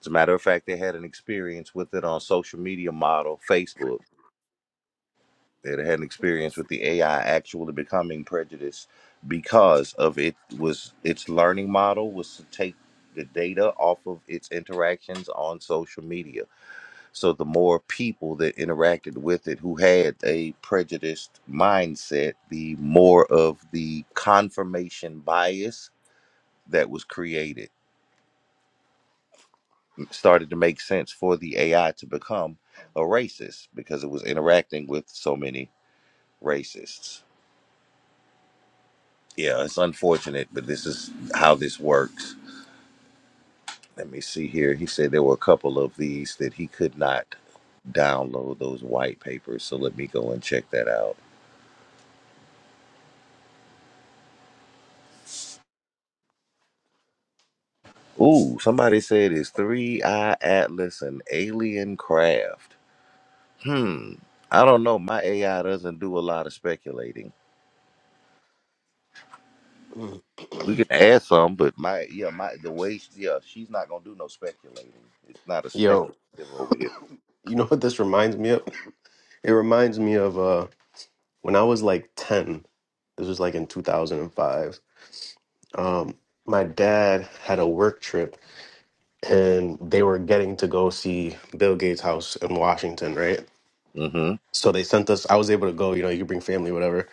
Speaker 1: As a matter of fact, they had an experience with it on social media model Facebook They had had an experience with the AI actually becoming prejudiced because of it was its learning model was to take the data off of its interactions on social media. So the more people that interacted with it who had a prejudiced mindset, the more of the confirmation bias that was created started to make sense for the AI to become a racist because it was interacting with so many racists. Yeah, it's unfortunate, but this is how this works. Let me see here. He said there were a couple of these that he could not download those white papers. So let me go and check that out. Ooh, somebody said it's Three Eye Atlas and Alien Craft. Hmm. I don't know. My AI doesn't do a lot of speculating.
Speaker 6: Mm.
Speaker 1: We can add some, but my yeah, my the way she- yeah, she's not gonna do no speculating. It's not a
Speaker 6: Yo,
Speaker 1: speculative over here.
Speaker 6: you know what this reminds me of? It reminds me of uh, when I was like 10. This was like in 2005. Um, my dad had a work trip and they were getting to go see Bill Gates' house in Washington, right?
Speaker 1: Mm-hmm.
Speaker 6: So they sent us, I was able to go, you know, you could bring family, whatever.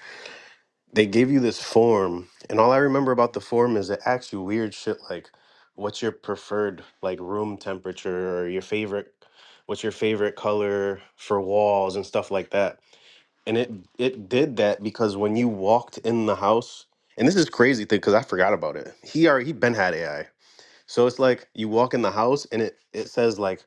Speaker 6: They gave you this form. And all I remember about the form is it asks you weird shit like, what's your preferred like room temperature or your favorite, what's your favorite color for walls and stuff like that. And it, it did that because when you walked in the house, and this is crazy thing because I forgot about it. He already, he been had AI. So it's like you walk in the house and it it says like,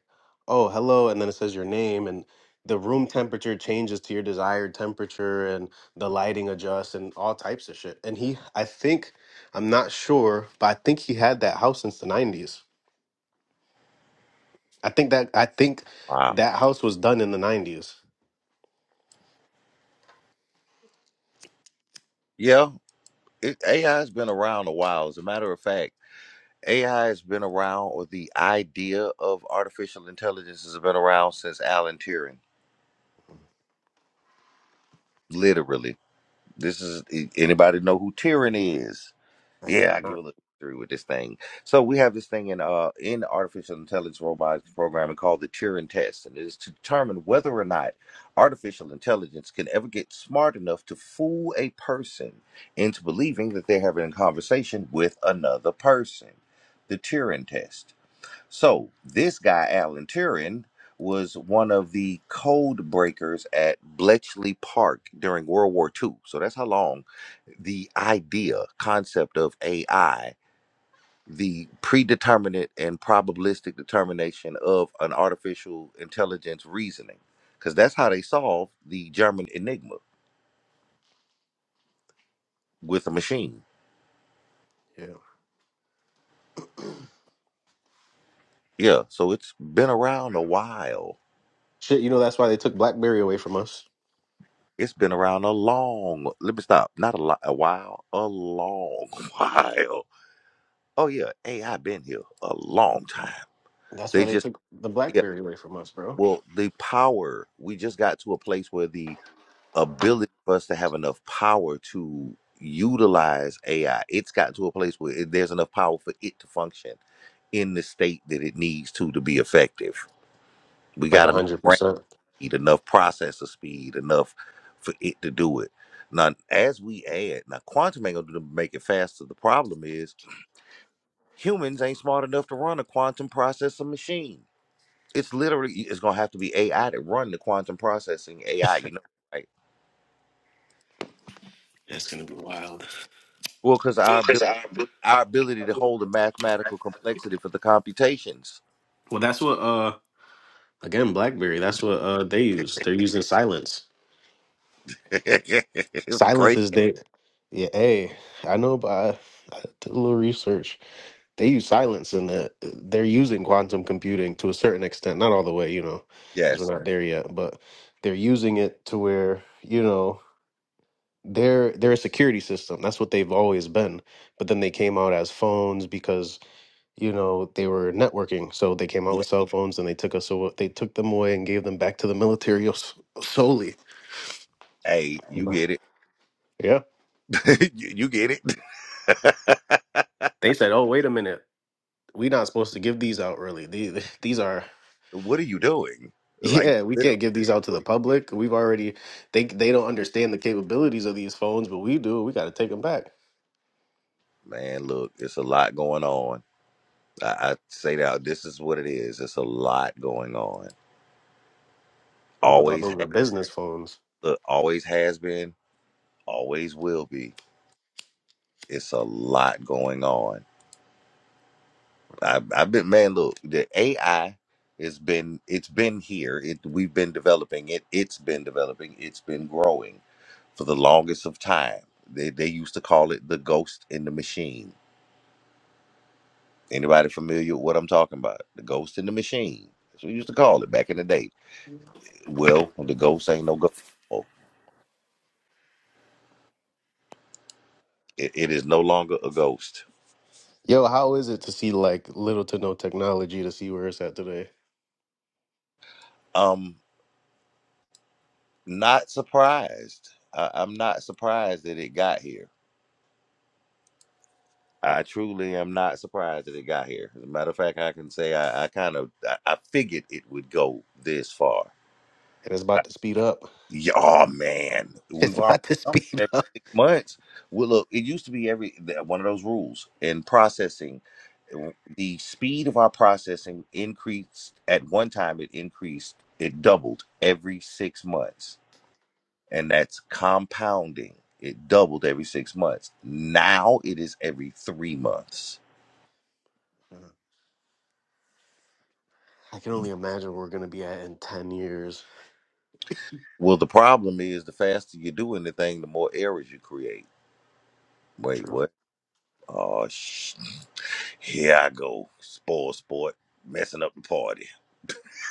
Speaker 6: "Oh, hello," and then it says your name and the room temperature changes to your desired temperature and the lighting adjusts and all types of shit. And he I think I'm not sure, but I think he had that house since the 90s. I think that I think
Speaker 1: Wow.
Speaker 6: that house was done in the 90s.
Speaker 1: Yeah. it, AI has been around a while. As a matter of fact, AI has been around, or the idea of artificial intelligence has been around since Alan Turing. Literally, this is anybody know who Turing is?
Speaker 6: I
Speaker 1: Yeah,
Speaker 6: do
Speaker 1: I give a
Speaker 6: not.
Speaker 1: little history with this thing. So we have this thing in uh in artificial intelligence robotics programming called the Turing test, and it is to determine whether or not artificial intelligence can ever get smart enough to fool a person into believing that they're having a conversation with another person. The Turing test. So this guy, Alan Turing, was one of the code breakers at Bletchley Park during World War Two. So that's how long the idea, concept of AI, the predeterminate and probabilistic determination of an artificial intelligence reasoning, because that's how they solved the German enigma with a machine.
Speaker 6: Yeah.
Speaker 1: Yeah, so it's been around a while.
Speaker 6: Shit, you know that's why they took BlackBerry away from us.
Speaker 1: It's been around a long. Let me stop. Not a lot. A while. A long while. Oh yeah, AI been here a long time.
Speaker 6: That's why
Speaker 1: They
Speaker 6: they
Speaker 1: just
Speaker 6: took the
Speaker 1: yeah.
Speaker 6: BlackBerry away from us, bro.
Speaker 1: Well, the power. We just got to a place where the ability for us to have enough power to utilize AI. It's got to a place where it, there's enough power for it to function in the state that it needs to to be effective. We
Speaker 6: Like
Speaker 1: got enough.
Speaker 6: 100%.
Speaker 1: speed, enough processor speed, enough for it to do it. Now, as we add, now quantum ain't gonna do- make it faster. The problem is humans ain't smart enough to run a quantum processor machine. It's literally it's gonna have to be AI to run the quantum processing AI. You know, right?
Speaker 6: That's going to be wild.
Speaker 1: Well, because our abil- our ability to hold the mathematical complexity for the computations.
Speaker 6: Well, that's what uh Again, BlackBerry. That's what uh, they use. They're using silence.
Speaker 1: it's
Speaker 6: Silence
Speaker 1: great.
Speaker 6: is they. Yeah, hey, I know, but I, I did a little research. They use silence, and the, they're using quantum computing to a certain extent. Not all the way, you know, because we're
Speaker 1: Yes.
Speaker 6: not there yet. But they're using it to where you know they're they're a security system. That's what they've always been. But then they came out as phones because you know they were networking. So they came out
Speaker 1: Yeah.
Speaker 6: with cell phones, and they took us. awa- They took them away and gave them back to the military s- solely.
Speaker 1: Hey, you get it.
Speaker 6: Yeah.
Speaker 1: you you get it.
Speaker 6: They said, "Oh, wait a minute. We're not supposed to give these out early. These, these are
Speaker 1: what are you doing? Like
Speaker 6: yeah, we
Speaker 1: literally,
Speaker 6: can't give these out to the public. We've already they they don't understand the capabilities of these phones, but we do. We got to take them back."
Speaker 1: man. Look, it's a lot going on. I, I say that this is what it is. It's a lot going on.
Speaker 6: People thought
Speaker 1: Always,
Speaker 6: those
Speaker 1: ha-
Speaker 6: were business phones.
Speaker 1: look, always has been, always will be. It's a lot going on. I, I've been, man. Look, the AI has been, it's been here. It, we've been developing it. It's been developing. It's been growing for the longest of time. They, they used to call it the ghost in the machine Anybody familiar with what I'm talking about? The ghost in the machine. That's what we used to call it back in the day. Well, the ghost ain't no ghost. no It, it is no longer a ghost.
Speaker 6: Yo, how is it to see like little to no technology to see where it's at today?
Speaker 1: Um, not surprised. I, I'm not surprised that it got here. I truly am not surprised that it got here. As a matter of fact, I can say I, I kind of I, I figured it would go this far.
Speaker 6: And it's
Speaker 1: I,
Speaker 6: about to speed up.
Speaker 1: Yeah, oh man,
Speaker 6: It's
Speaker 1: we've already
Speaker 6: about to
Speaker 1: come from
Speaker 6: speed
Speaker 1: every
Speaker 6: up.
Speaker 1: six months. Well, look, it used to be every that- one of those rules in processing. The speed of our processing increased at one time. It increased. It doubled every six months, and that's compounding. It doubled every six months. Now it is every three months.
Speaker 6: I can only imagine where we're gonna be at in ten years.
Speaker 1: Well, the problem is the faster you do anything, the more errors you create. Wait,
Speaker 6: True.
Speaker 1: what? Oh, Here I go, spoil sport, messing up the party.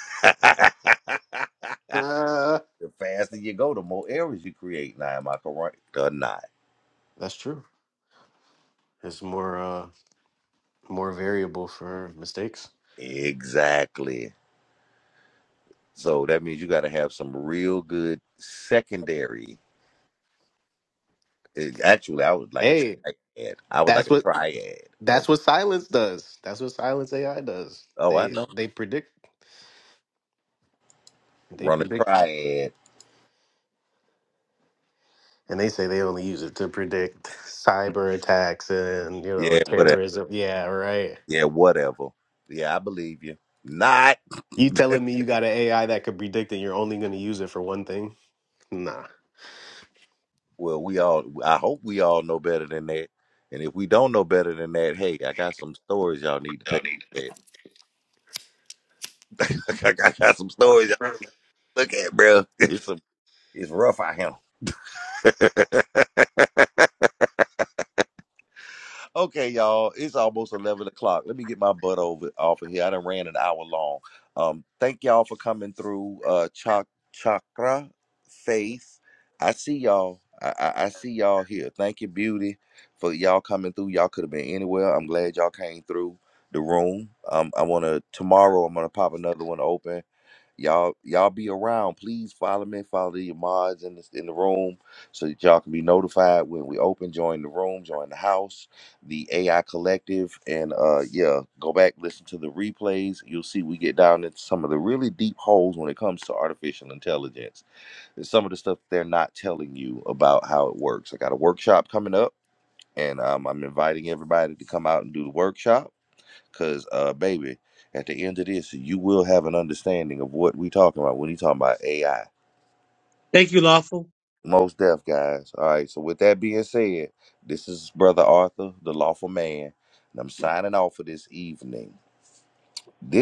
Speaker 1: the
Speaker 6: Uh,
Speaker 1: faster you go, the more errors you create. Now, am I correct or not?
Speaker 6: that's true. It's more uh more variable for mistakes.
Speaker 1: Exactly. So that means you got to have some real good secondary. It- actually, I would like a
Speaker 6: Hey,
Speaker 1: triad. I would like
Speaker 6: That's
Speaker 1: a
Speaker 6: what
Speaker 1: triad
Speaker 6: that's
Speaker 1: of,
Speaker 6: what silence does. That's what silence AI does.
Speaker 1: oh, I
Speaker 6: They
Speaker 1: know,
Speaker 6: they predict they
Speaker 1: run a
Speaker 6: predict
Speaker 1: triad.
Speaker 6: and they say they only use it to predict cyber attacks and you know
Speaker 1: Yeah, whatever.
Speaker 6: terrorism. Yeah, right.
Speaker 1: Yeah, whatever. Yeah, I believe you. Not.
Speaker 6: You telling me you got an AI that could predict and you're only going to use it for one thing? Nah.
Speaker 1: Well, we all, I hope we all know better than that. And if we don't know better than that, hey, I got some stories y'all need to take a look at. I got I got some stories y'all look at, bro. It's, a, it's rough out here. Okay, y'all, it's almost eleven o'clock. Let me get my butt over off of here. I done ran an hour long. Um, thank y'all for coming through. Uh, Chak- chakra, faith. I see y'all. I, I, I see y'all here. Thank you, beauty, for y'all coming through. Y'all could have been anywhere. I'm glad y'all came through the room. Um, I wanna tomorrow. I'm gonna pop another one open y'all y'all be around. Please follow me, follow your mods in the in the room, so that y'all can be notified when we open. Join the room, join the house the AI Collective, and uh, yeah, go back listen to the replays. You'll see we get down into some of the really deep holes when it comes to artificial intelligence. There's some of the stuff they're not telling you about how it works. I got a workshop coming up, and um, I'm inviting everybody to come out and do the workshop because, uh, baby. At the end of this, you will have an understanding of what we're talking about when you talking about AI.
Speaker 11: thank you lawful
Speaker 1: Most deaf guys. All right. So with that being said, this is Brother Arthur, the lawful man, and I'm signing off for this evening. This